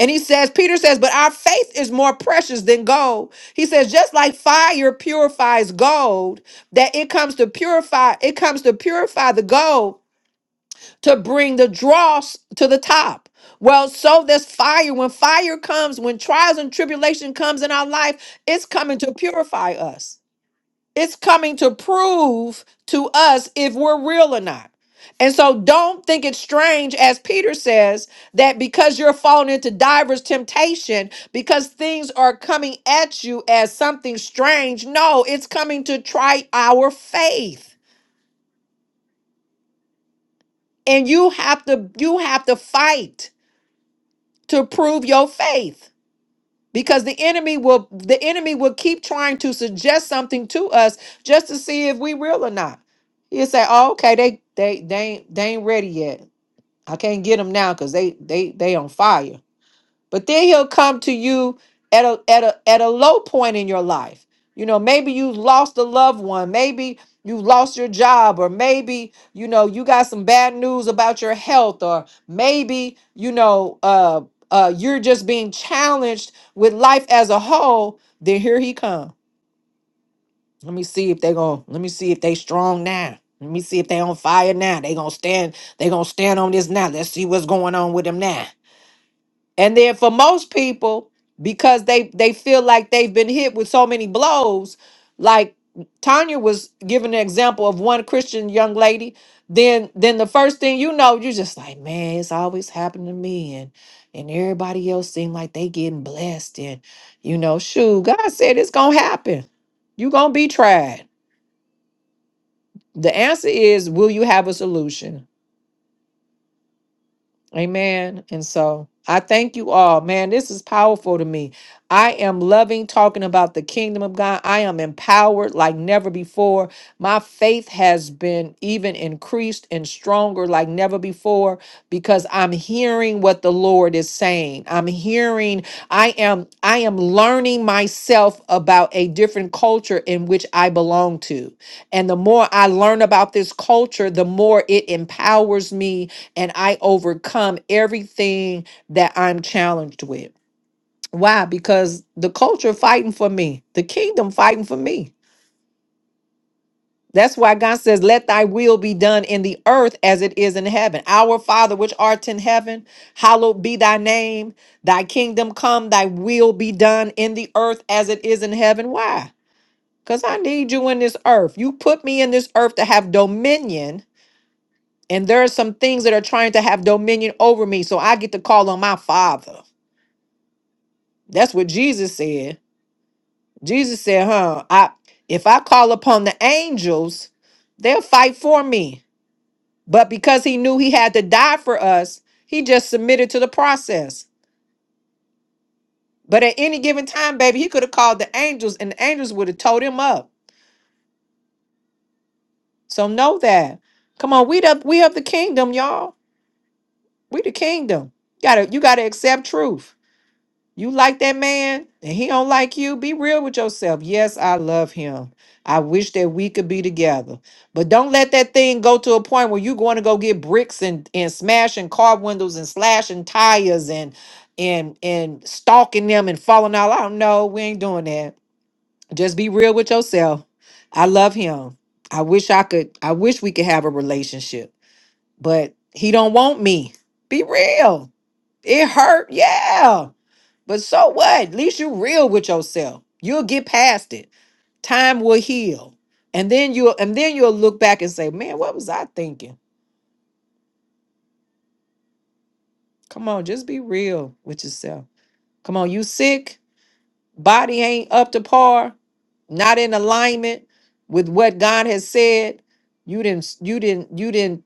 S1: And he says, Peter says, but our faith is more precious than gold. He says, just like fire purifies gold, that it comes to purify, it comes to purify the gold to bring the dross to the top. Well, so this fire, when fire comes, when trials and tribulation comes in our life, it's coming to purify us. It's coming to prove to us if we're real or not. And so don't think it's strange, as Peter says, that because you're falling into divers temptation, because things are coming at you as something strange. No, it's coming to try our faith. And you have to you have to fight to prove your faith. because the enemy will the enemy will keep trying to suggest something to us just to see if we real or not he'll say oh okay they they they ain't, they ain't ready yet i can't get them now because they they they on fire but then he'll come to you at a at a at a low point in your life. You know, maybe you lost a loved one, maybe you lost your job, or maybe you know you got some bad news about your health, or maybe you know uh, uh, you're just being challenged with life as a whole. Then here he come. Let me see if they gonna. Let me see if they strong now. Let me see if they on fire now. They gonna stand. They gonna stand on this now. Let's see what's going on with them now. And then for most people, because they they feel like they've been hit with so many blows, like Tanya was giving an example of one Christian young lady, then then the first thing you know, you're just like, man, it's always happened to me, and and everybody else seem like they getting blessed, and you know, shoot, God said it's gonna happen. You gonna be tried. The answer is, will you have a solution? Amen. And so I thank you all. Man, this is powerful to me. I am loving talking about the kingdom of God. I am empowered like never before. My faith has been even increased and stronger like never before because I'm hearing what the Lord is saying. I'm hearing I am I am learning myself about a different culture in which I belong to. And the more I learn about this culture, the more it empowers me and I overcome everything that I'm challenged with. Why? Because the culture fighting for me, the kingdom fighting for me. That's why God says, Let thy will be done in the earth as it is in heaven. Our Father, which art in heaven, hallowed be thy name. Thy kingdom come, thy will be done in the earth as it is in heaven. Why? Because I need you in this earth. You put me in this earth to have dominion, and there are some things that are trying to have dominion over me. So I get to call on my Father. That's what Jesus said. Jesus said, huh? I if I call upon the angels, they'll fight for me. But because he knew he had to die for us, he just submitted to the process. But at any given time, baby, he could have called the angels and the angels would have towed him up. So know that. Come on, we the we of the kingdom, y'all. We the kingdom. You gotta you gotta accept truth. You like that man and he don't like you, be real with yourself. Yes, I love him. I wish that we could be together. But don't let that thing go to a point where you're going to go get bricks and, and smashing car windows and slashing tires and and and stalking them and falling out. I don't know. We ain't doing that. Just be real with yourself. I love him. I wish I could I wish we could have a relationship. But he don't want me. Be real. It hurt. Yeah. But so what? At least you're real with yourself. You'll get past it. Time will heal. And then you'll and then you'll look back and say, Man, what was I thinking? Come on, just be real with yourself. Come on, you sick, body ain't up to par, not in alignment with what God has said. You didn't you didn't you didn't,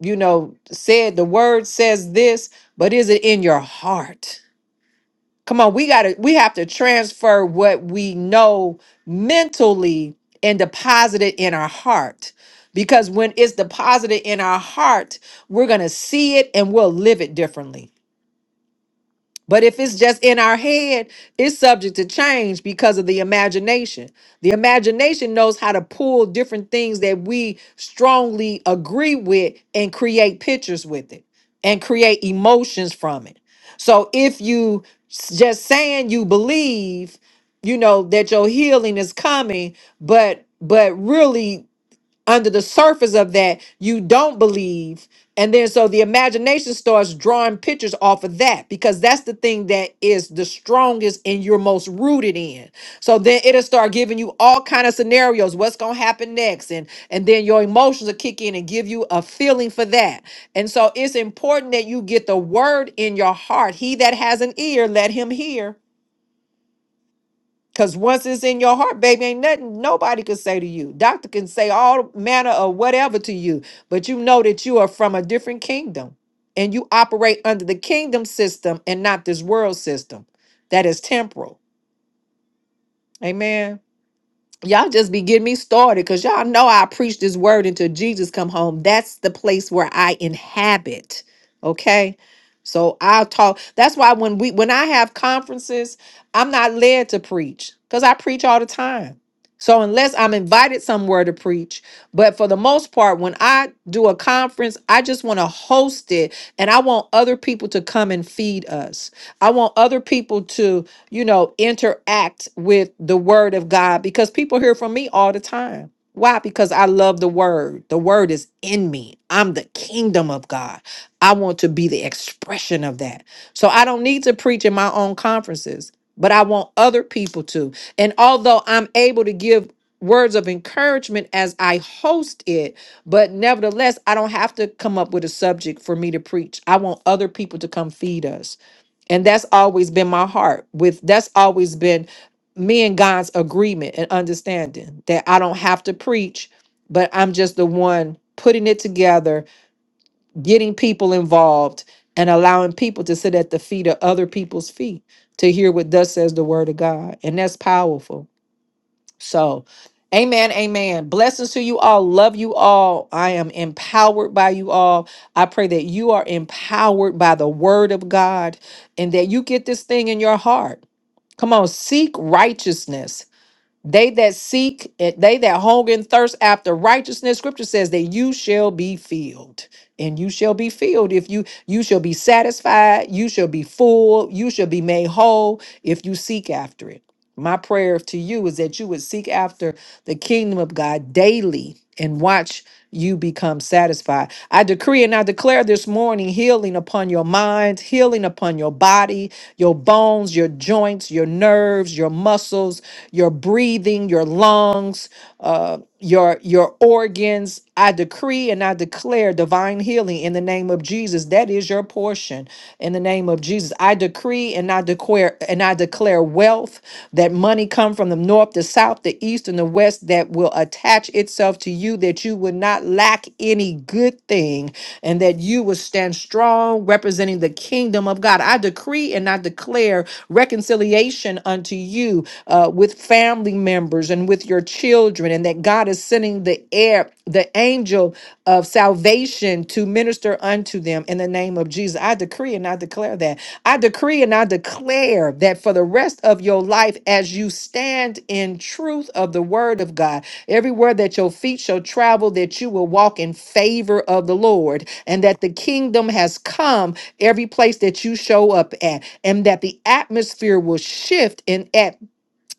S1: you know, said the word says this, but is it in your heart? Come on, we gotta we have to transfer what we know mentally and deposit it in our heart. Because when it's deposited in our heart, we're gonna see it and we'll live it differently. But if it's just in our head, it's subject to change because of the imagination. The imagination knows how to pull different things that we strongly agree with and create pictures with it and create emotions from it. So if you s- just saying you believe, you know that your healing is coming, but but really under the surface of that you don't believe and then so the imagination starts drawing pictures off of that because that's the thing that is the strongest and you're most rooted in so then it'll start giving you all kind of scenarios what's going to happen next and and then your emotions will kick in and give you a feeling for that and so it's important that you get the word in your heart he that has an ear let him hear Cause once it's in your heart, baby, ain't nothing nobody can say to you. Doctor can say all manner of whatever to you, but you know that you are from a different kingdom and you operate under the kingdom system and not this world system that is temporal. Amen y'all just be getting me started because y'all know i preach this word until jesus come home that's the place where i inhabit okay so i'll talk that's why when we when i have conferences i'm not led to preach because i preach all the time so unless i'm invited somewhere to preach but for the most part when i do a conference i just want to host it and i want other people to come and feed us i want other people to you know, interact with the word of God because people hear from me all the time. Why? Because I love the word. The word is in me. I'm the kingdom of God. I want to be the expression of that. So I don't need to preach in my own conferences, but I want other people to. And although I'm able to give words of encouragement as I host it, but nevertheless, I don't have to come up with a subject for me to preach. I want other people to come feed us and that's always been my heart with that's always been me and god's agreement and understanding that i don't have to preach but i'm just the one putting it together getting people involved and allowing people to sit at the feet of other people's feet to hear what thus says the word of god and that's powerful so, amen, amen. Blessings to you all. Love you all. I am empowered by you all. I pray that you are empowered by the word of God and that you get this thing in your heart. Come on, seek righteousness they that seek, eh, they that hunger and thirst after righteousness, scripture says that you shall be filled. And you shall be filled if you you shall be satisfied, you shall be full, you shall be made whole if you seek after it. My prayer to you is that you would seek after the kingdom of God daily and watch you become satisfied. I decree and I declare this morning healing upon your mind, healing upon your body, your bones, your joints, your nerves, your muscles, your breathing, your lungs, uh, your your organs. I decree and I declare divine healing in the name of Jesus. That is your portion in the name of Jesus. I decree and I declare and I declare wealth that money come from the north, the south, the east, and the west that will attach itself myself to you that you would not lack any good thing and that you would stand strong representing the kingdom of God. I decree and I declare reconciliation unto you uh, with family members and with your children, and that God is sending the air, the angel of salvation to minister unto them in the name of Jesus. I decree and I declare that. I decree and I declare that for the rest of your life, as you stand in truth of the word of God, everywhere that your feet shall travel, that you will walk in favor of the Lord, and that the kingdom has come every place that you show up at, and that the atmosphere will shift in at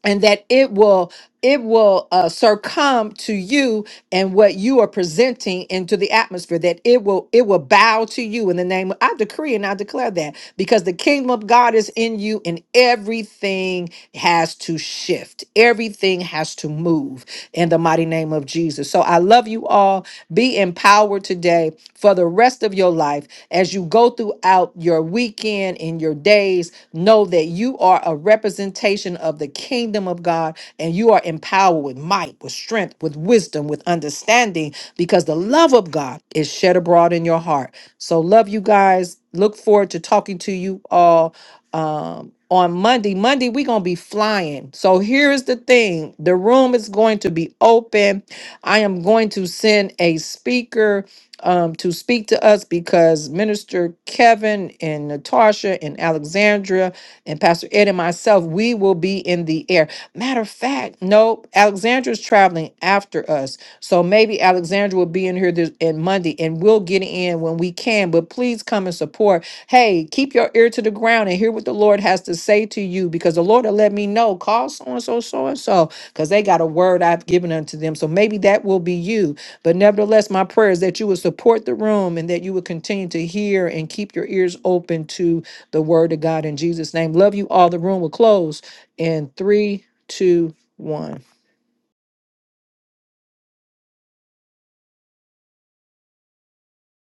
S1: and that it will it will uh, succumb to you and what you are presenting into the atmosphere that it will it will bow to you in the name of, i decree and i declare that because the kingdom of god is in you and everything has to shift everything has to move in the mighty name of jesus so i love you all be empowered today for the rest of your life as you go throughout your weekend in your days. Know that you are a representation of the kingdom of God and you are empowered with might, with strength, with wisdom, with understanding because the love of God is shed abroad in your heart. So, love you guys. Look forward to talking to you all. Um, on Monday, Monday, we're going to be flying. So here's the thing the room is going to be open. I am going to send a speaker um, to speak to us because Minister Kevin and Natasha and Alexandra and Pastor Ed and myself, we will be in the air. Matter of fact, no, Alexandra's traveling after us. So maybe Alexandra will be in here this and Monday and we'll get in when we can. But please come and support. Hey, keep your ear to the ground and hear what the Lord has to say to you because the Lord will let me know. Call so and so, so and so, because they got a word I've given unto them. So maybe that will be you but nevertheless, my prayer is that you would support the room and that you would continue to hear and keep your ears open to the word of God in Jesus' name. Love you all. The room will close in three, two, one.